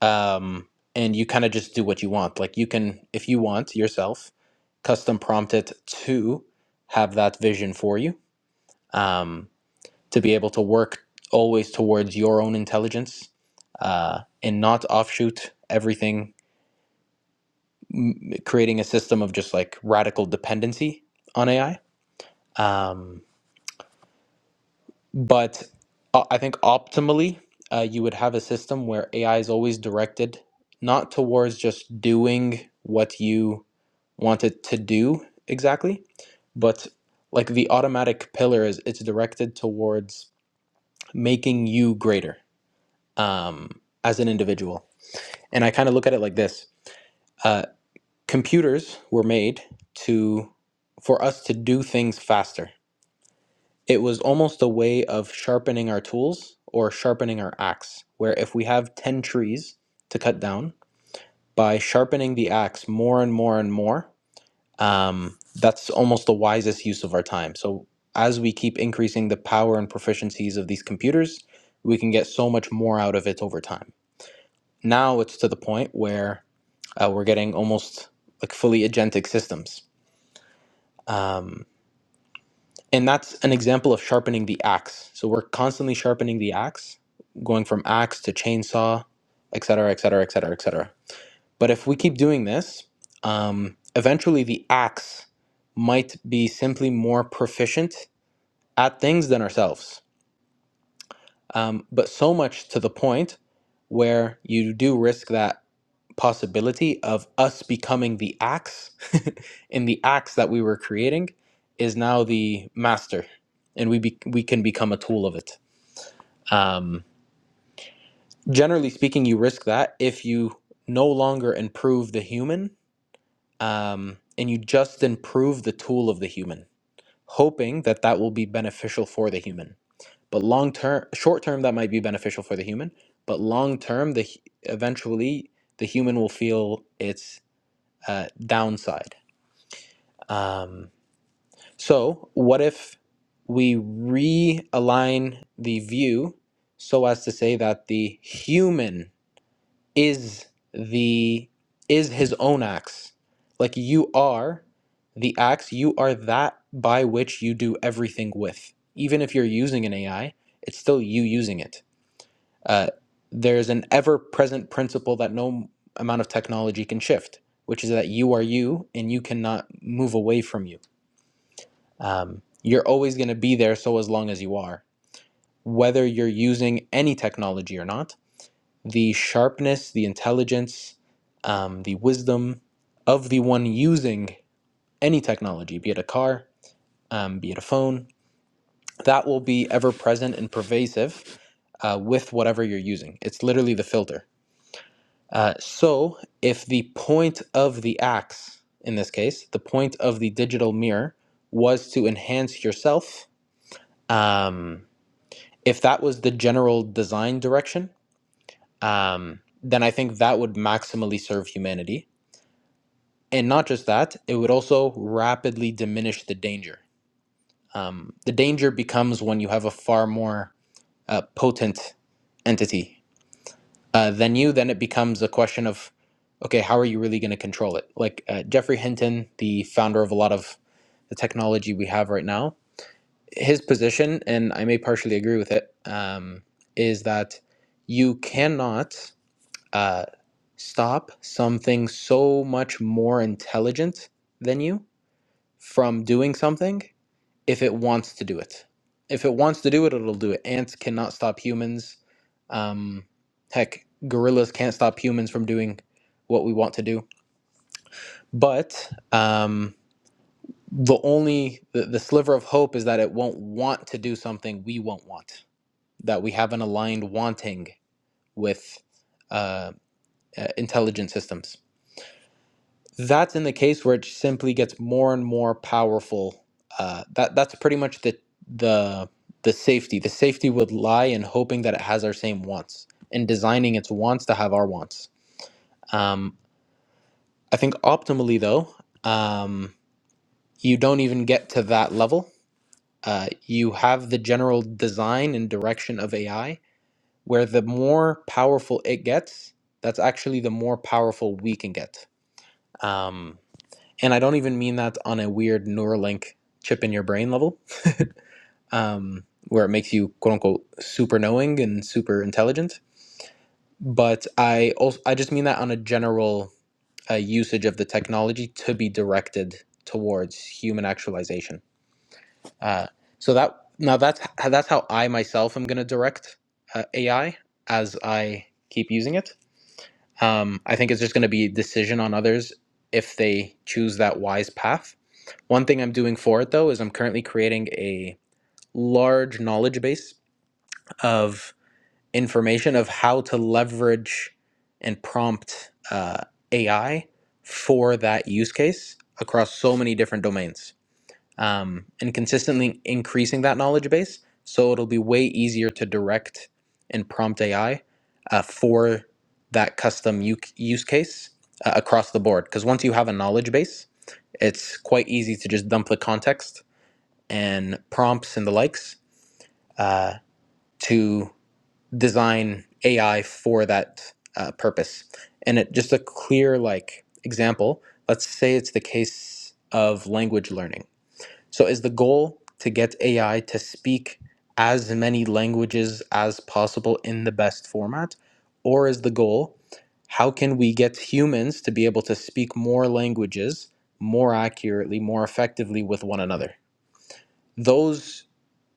C: um, and you kind of just do what you want. Like you can, if you want yourself, custom prompt it to have that vision for you um, to be able to work always towards your own intelligence uh, and not offshoot everything creating a system of just like radical dependency on AI. Um, but uh, I think optimally, uh, you would have a system where AI is always directed not towards just doing what you want it to do exactly, but like the automatic pillar is it's directed towards making you greater um, as an individual. And I kind of look at it like this: uh, computers were made to for us to do things faster it was almost a way of sharpening our tools or sharpening our axe where if we have 10 trees to cut down by sharpening the axe more and more and more um, that's almost the wisest use of our time so as we keep increasing the power and proficiencies of these computers we can get so much more out of it over time now it's to the point where uh, we're getting almost like fully agentic systems Um, and that's an example of sharpening the axe so we're constantly sharpening the axe going from axe to chainsaw et cetera et cetera et cetera et cetera but if we keep doing this um, eventually the axe might be simply more proficient at things than ourselves um, but so much to the point where you do risk that possibility of us becoming the axe and the axe that we were creating is now the master and we be, we can become a tool of it um, generally speaking you risk that if you no longer improve the human um, and you just improve the tool of the human hoping that that will be beneficial for the human but long term short term that might be beneficial for the human but long term the hu- eventually the human will feel its uh, downside Um, so, what if we realign the view so as to say that the human is the is his own acts? Like you are the acts, you are that by which you do everything with. Even if you're using an AI, it's still you using it. Uh, there's an ever-present principle that no amount of technology can shift, which is that you are you and you cannot move away from you um, you're always going to be there so as long as you are whether you're using any technology or not the sharpness the intelligence um, the wisdom of the one using any technology be it a car um, be it a phone that will be ever present and pervasive uh, with whatever you're using it's literally the filter uh, so if the point of the axe in this case the point of the digital mirror was to enhance yourself um, if that was the general design direction, um, then I think that would maximally serve humanity. And not just that, it would also rapidly diminish the danger. Um, the danger becomes when you have a far more uh, potent entity uh, than you, then it becomes a question of, okay, how are you really going to control it? Like uh, Jeffrey Hinton, the founder of a lot of the technology we have right now, his position, and I may partially agree with it, um, is that you cannot uh, stop something so much more intelligent than you from doing something if it wants to do it. If it wants to do it, it'll do it. Ants cannot stop humans. Um, heck, gorillas can't stop humans from doing what we want to do. But um, the only the, the sliver of hope is that it won't want to do something we won't want. That we have an aligned wanting with uh, uh, intelligent systems That's in the case where it simply gets more and more powerful. Uh, that that's pretty much the the the safety. The safety would lie in hoping that it has our same wants and designing its wants to have our wants. Um, I think optimally though, um, you don't even get to that level. Uh, you have the general design and direction of AI, where the more powerful it gets, that's actually the more powerful we can get. Um, and I don't even mean that on a weird Neuralink chip in your brain level, um, where it makes you quote unquote super knowing and super intelligent. But I also I just mean that on a general uh, usage of the technology to be directed towards human actualization. Uh, so that now that's that's how I myself am going to direct uh, AI as I keep using it Um, I think it's just going to be a decision on others if they choose that wise path. One thing I'm doing for it though is I'm currently creating a large knowledge base of information of how to leverage and prompt uh, AI for that use case across so many different domains um, and consistently increasing that knowledge base. So it'll be way easier to direct and prompt AI uh, for that custom u- use case uh, across the board. Because once you have a knowledge base, it's quite easy to just dump the context and prompts and the likes uh, to design AI for that uh, purpose. And it just a clear like example. Let's say it's the case of language learning so, is the goal to get AI to speak as many languages as possible in the best format? Or is the goal how can we get humans to be able to speak more languages more accurately, more effectively with one another? Those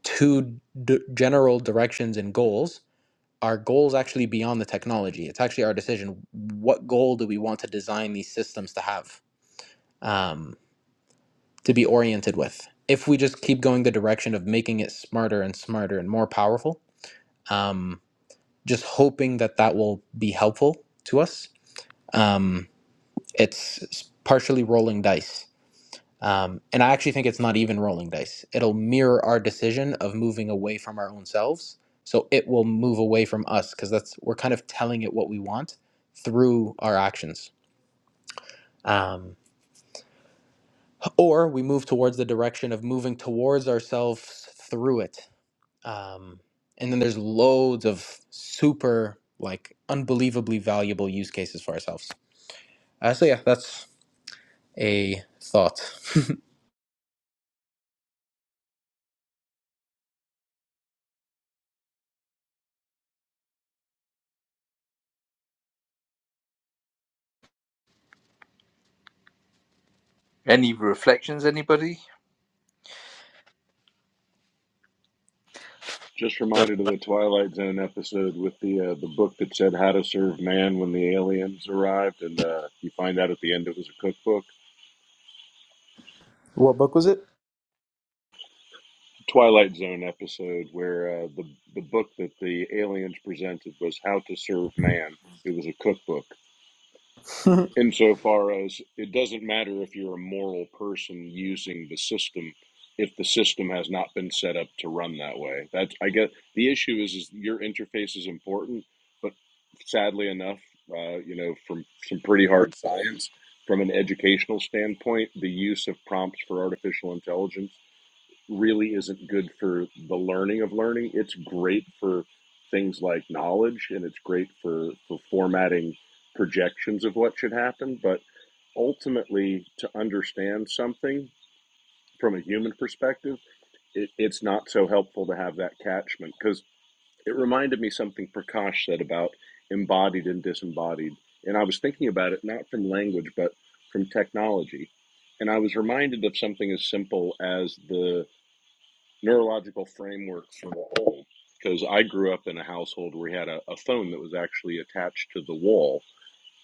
C: two d- general directions and goals are goals actually beyond the technology. It's actually our decision. What goal do we want to design these systems to have? Um, to be oriented with. If we just keep going the direction of making it smarter and smarter and more powerful, um, just hoping that that will be helpful to us, um, it's partially rolling dice. Um, and I actually think it's not even rolling dice. It'll mirror our decision of moving away from our own selves. So it will move away from us because that's we're kind of telling it what we want through our actions. Um, or we move towards the direction of moving towards ourselves through it Um, and then there's loads of super, like, unbelievably valuable use cases for ourselves. Uh, so, yeah, that's a thought.
A: Any reflections? Anybody?
B: Just reminded of the Twilight Zone episode with the uh, the book that said how to serve man when the aliens arrived, and uh, you find out at the end it was a cookbook.
C: What book was it?
B: Twilight Zone episode where uh, the the book that the aliens presented was How to Serve Man. It was a cookbook. Insofar as it doesn't matter if you're a moral person using the system, if the system has not been set up to run that way. That's I guess the issue is is your interface is important, but sadly enough, uh, you know, from some pretty hard science, from an educational standpoint, the use of prompts for artificial intelligence really isn't good for the learning of learning. It's great for things like knowledge and it's great for, for formatting projections of what should happen. But ultimately, to understand something from a human perspective, it, it's not so helpful to have that catchment because it reminded me something Prakash said about embodied and disembodied. And I was thinking about it not from language, but from technology. And I was reminded of something as simple as the neurological framework for the whole. Because I grew up in a household where we had a, a phone that was actually attached to the wall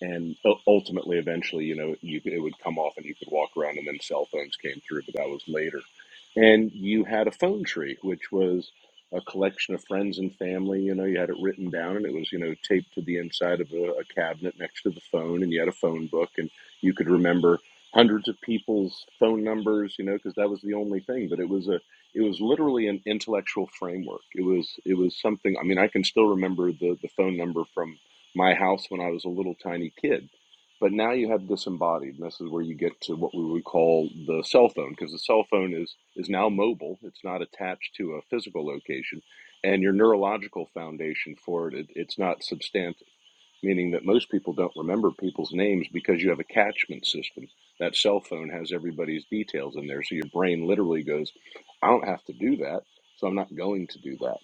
B: and ultimately, eventually, you know, you it would come off and you could walk around, and then cell phones came through, but that was later. And you had a phone tree, which was a collection of friends and family. You know, you had it written down, and it was you know taped to the inside of a, a cabinet next to the phone, and you had a phone book, and you could remember hundreds of people's phone numbers. You know, because that was the only thing. But it was a it was literally an intellectual framework. It was it was something. I mean, I can still remember the the phone number from my house when I was a little tiny kid. But now you have disembodied, and this is where you get to what we would call the cell phone, because the cell phone is is now mobile. It's not attached to a physical location, and your neurological foundation for it, it it's not substantive meaning that most people don't remember people's names because you have a catchment system. That cell phone has everybody's details in there. So your brain literally goes, I don't have to do that. So I'm not going to do that.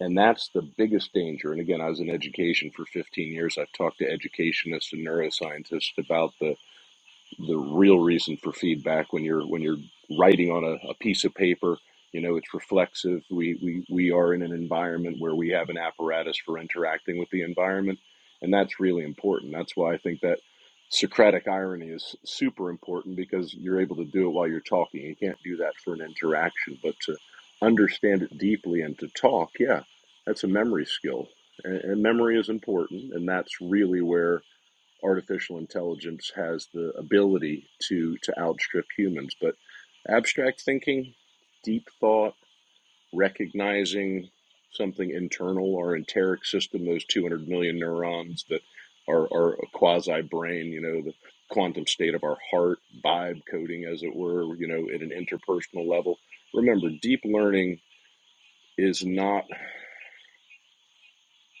B: And that's the biggest danger. And again, I was in education for 15 years. I've talked to educationists and neuroscientists about the the real reason for feedback when you're when you're writing on a, a piece of paper you know it's reflexive we, we we are in an environment where we have an apparatus for interacting with the environment and that's really important that's why i think that socratic irony is super important because you're able to do it while you're talking you can't do that for an interaction but to understand it deeply and to talk yeah that's a memory skill and, and memory is important and that's really where artificial intelligence has the ability to to outstrip humans. But abstract thinking, deep thought, recognizing something internal, our enteric system, those 200 million neurons that are, are a quasi brain, you know, the quantum state of our heart, vibe coding, as it were, you know, at an interpersonal level. Remember, deep learning is not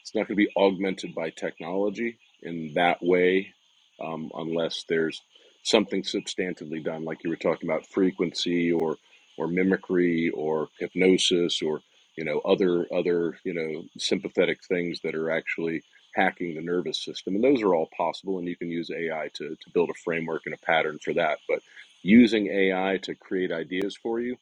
B: It's not going to be augmented by technology in that way um, unless there's something substantively done, like you were talking about frequency or or mimicry or hypnosis or you know other other you know sympathetic things that are actually hacking the nervous system and those are all possible and you can use ai to, to build a framework and a pattern for that but using ai to create ideas for you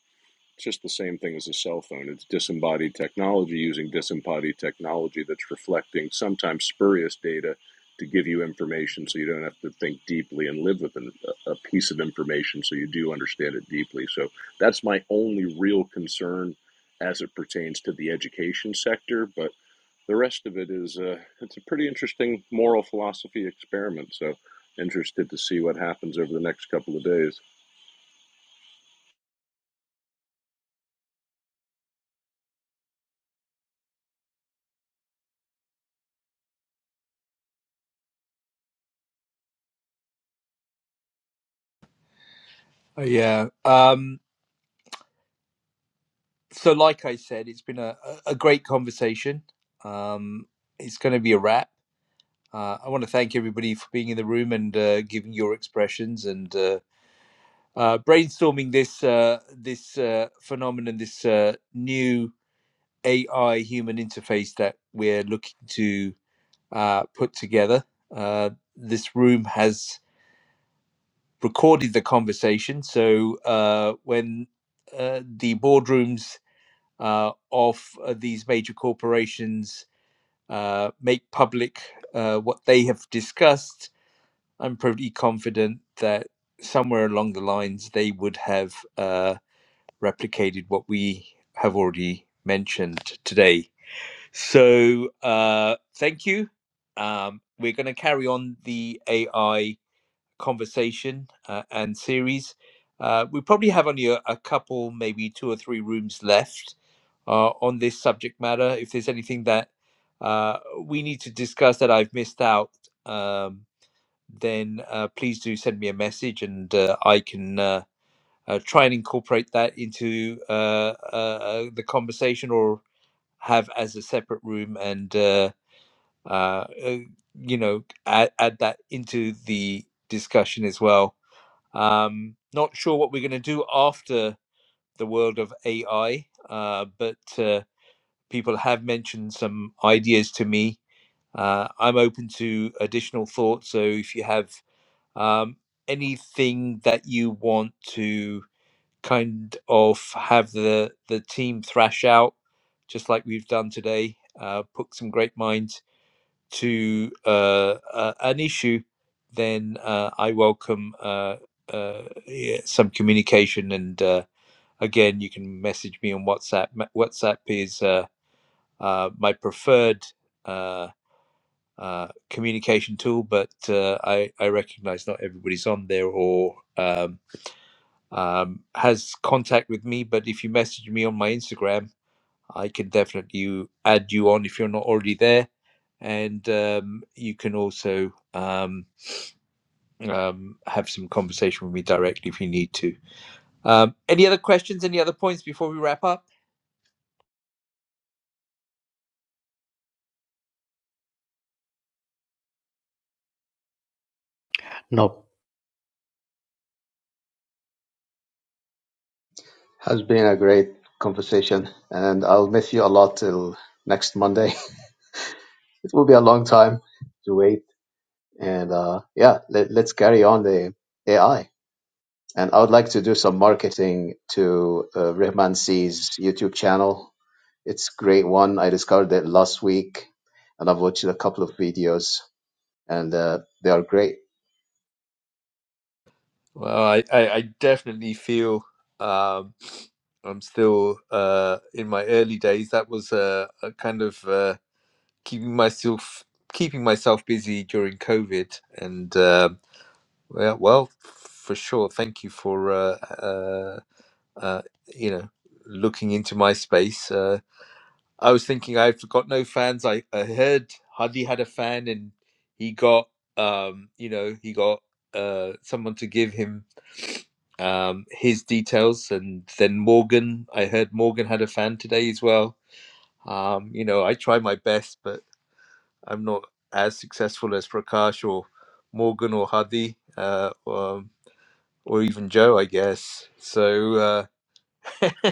B: it's just the same thing as a cell phone. It's disembodied technology using disembodied technology that's reflecting sometimes spurious data to give you information so you don't have to think deeply and live with an, a piece of information so you do understand it deeply. So that's my only real concern as it pertains to the education sector. But the rest of it is uh, it's a pretty interesting moral philosophy experiment. So interested to see what happens over the next couple of days.
A: Oh, yeah. Um, so, like I said, it's been a, a a great conversation. Um, it's going to be a wrap. Uh, I want to thank everybody for being in the room and uh, giving your expressions and uh, uh, brainstorming this uh, this uh, phenomenon, this uh, new AI human interface that we're looking to uh, put together. Uh, this room has recorded the conversation, so uh, when uh, the boardrooms uh, of uh, these major corporations uh, make public uh, what they have discussed I'm pretty confident that somewhere along the lines they would have uh, replicated what we have already mentioned today. So uh, thank you. Um, we're going to carry on the AI conversation uh, and series. Uh, we probably have only a, a couple, maybe two or three rooms left uh, on this subject matter. If there's anything that uh, we need to discuss that I've missed out, um, then uh, please do send me a message and uh, I can uh, uh, try and incorporate that into uh, uh, uh, the conversation or have as a separate room and, uh, uh, uh, you know, add, add that into the discussion as well. Um, not sure what we're going to do after the world of AI, uh, but uh, people have mentioned some ideas to me. Uh, I'm open to additional thoughts. So if you have um, anything that you want to kind of have the the team thrash out, just like we've done today, uh, put some great minds to uh, uh, an issue, then uh, I welcome uh, uh, yeah, some communication. And uh, again, you can message me on WhatsApp. Ma- WhatsApp is uh, uh, my preferred. uh, uh, communication tool, but uh, I, I recognize not everybody's on there or um, um, has contact with me. But if you message me on my Instagram, I can definitely add you on if you're not already there. And um, you can also um, um, have some conversation with me directly if you need to. Um, any other questions? Any other points before we wrap up?
K: Nope.
J: Has been a great conversation, and I'll miss you a lot till next Monday. it will be a long time to wait, and uh, yeah, let, let's carry on the AI. And I would like to do some marketing to uh, Rehman C's YouTube channel. It's a great one. I discovered it last week, and I've watched a couple of videos, and uh, they are great.
A: Well, I, I, I definitely feel um, I'm still uh, in my early days. That was uh, a kind of uh, keeping myself keeping myself busy during COVID, and um Yeah, well, for sure. Thank you for uh, uh, uh, you know looking into my space. Uh, I was thinking I've got no fans. I, I heard Hadi had a fan, and he got um, you know he got uh, someone to give him um, his details, and then Morgan. I heard Morgan had a fan today as well. Um, you know, I try my best, but I'm not as successful as Prakash or Morgan or Hadi. Uh, um, or even Joe, I guess. So uh,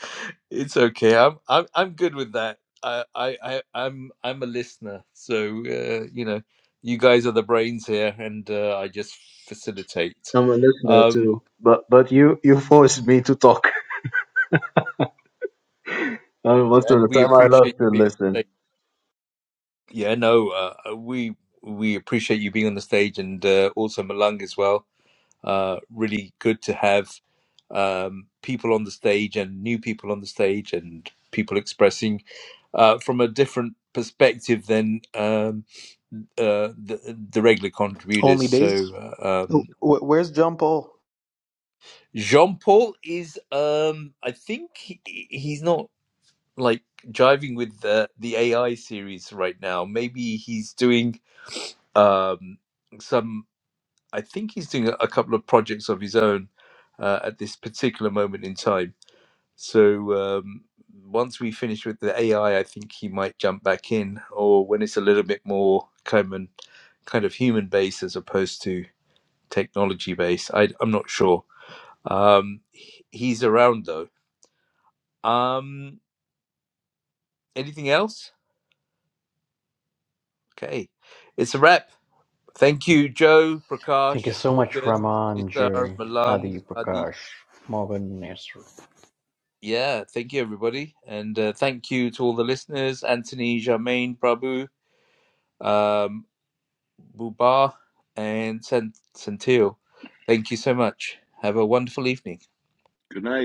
A: it's okay. I'm I'm I'm good with that. I I I- I'm I'm a listener. So uh, you know, you guys are the brains here, and uh, I just facilitate.
J: I'm a listener
A: Um,
J: too, but but you you forced me to talk. Uh, most of
A: and
J: the
A: we
J: time I
A: appreciate
J: love
A: you
J: to
A: being on the
J: listen.
A: stage. Yeah, no, uh, we we appreciate you being on the stage, and uh, also Malung as well. Uh, really good to have um, people on the stage and new people on the stage and people expressing uh, from a different perspective than um, uh, the, the regular contributors.
C: Only
A: So
C: Days?
A: uh,
C: Wh-
A: um,
C: Where's John Paul?
A: Jean Paul is, um, I think he, he's not like jiving with the, the AI series right now. Maybe he's doing um, some. I think he's doing a, a couple of projects of his own uh, at this particular moment in time. So um, once we finish with the AI, I I think he might jump back in, or when it's a little bit more kind common, kind of human based as opposed to technology based. I, I'm not sure. Um, he- he's around though. Um, anything else? Okay, it's a wrap. Thank you, Joe,
K: Thank you
A: Prakash,
K: so much,
A: Morgan,
K: Raman,
A: Nisar,
K: Jerry,
A: Malang,
K: Hadi,
A: Adi.
K: Prakash, Morgan, Nesru.
A: Yeah, thank you, everybody. And uh, thank you to all the listeners Anthony, Jermaine, Prabhu, um, Buba, and Sant- Santil. Thank you so much. Have a wonderful evening.
B: Good night.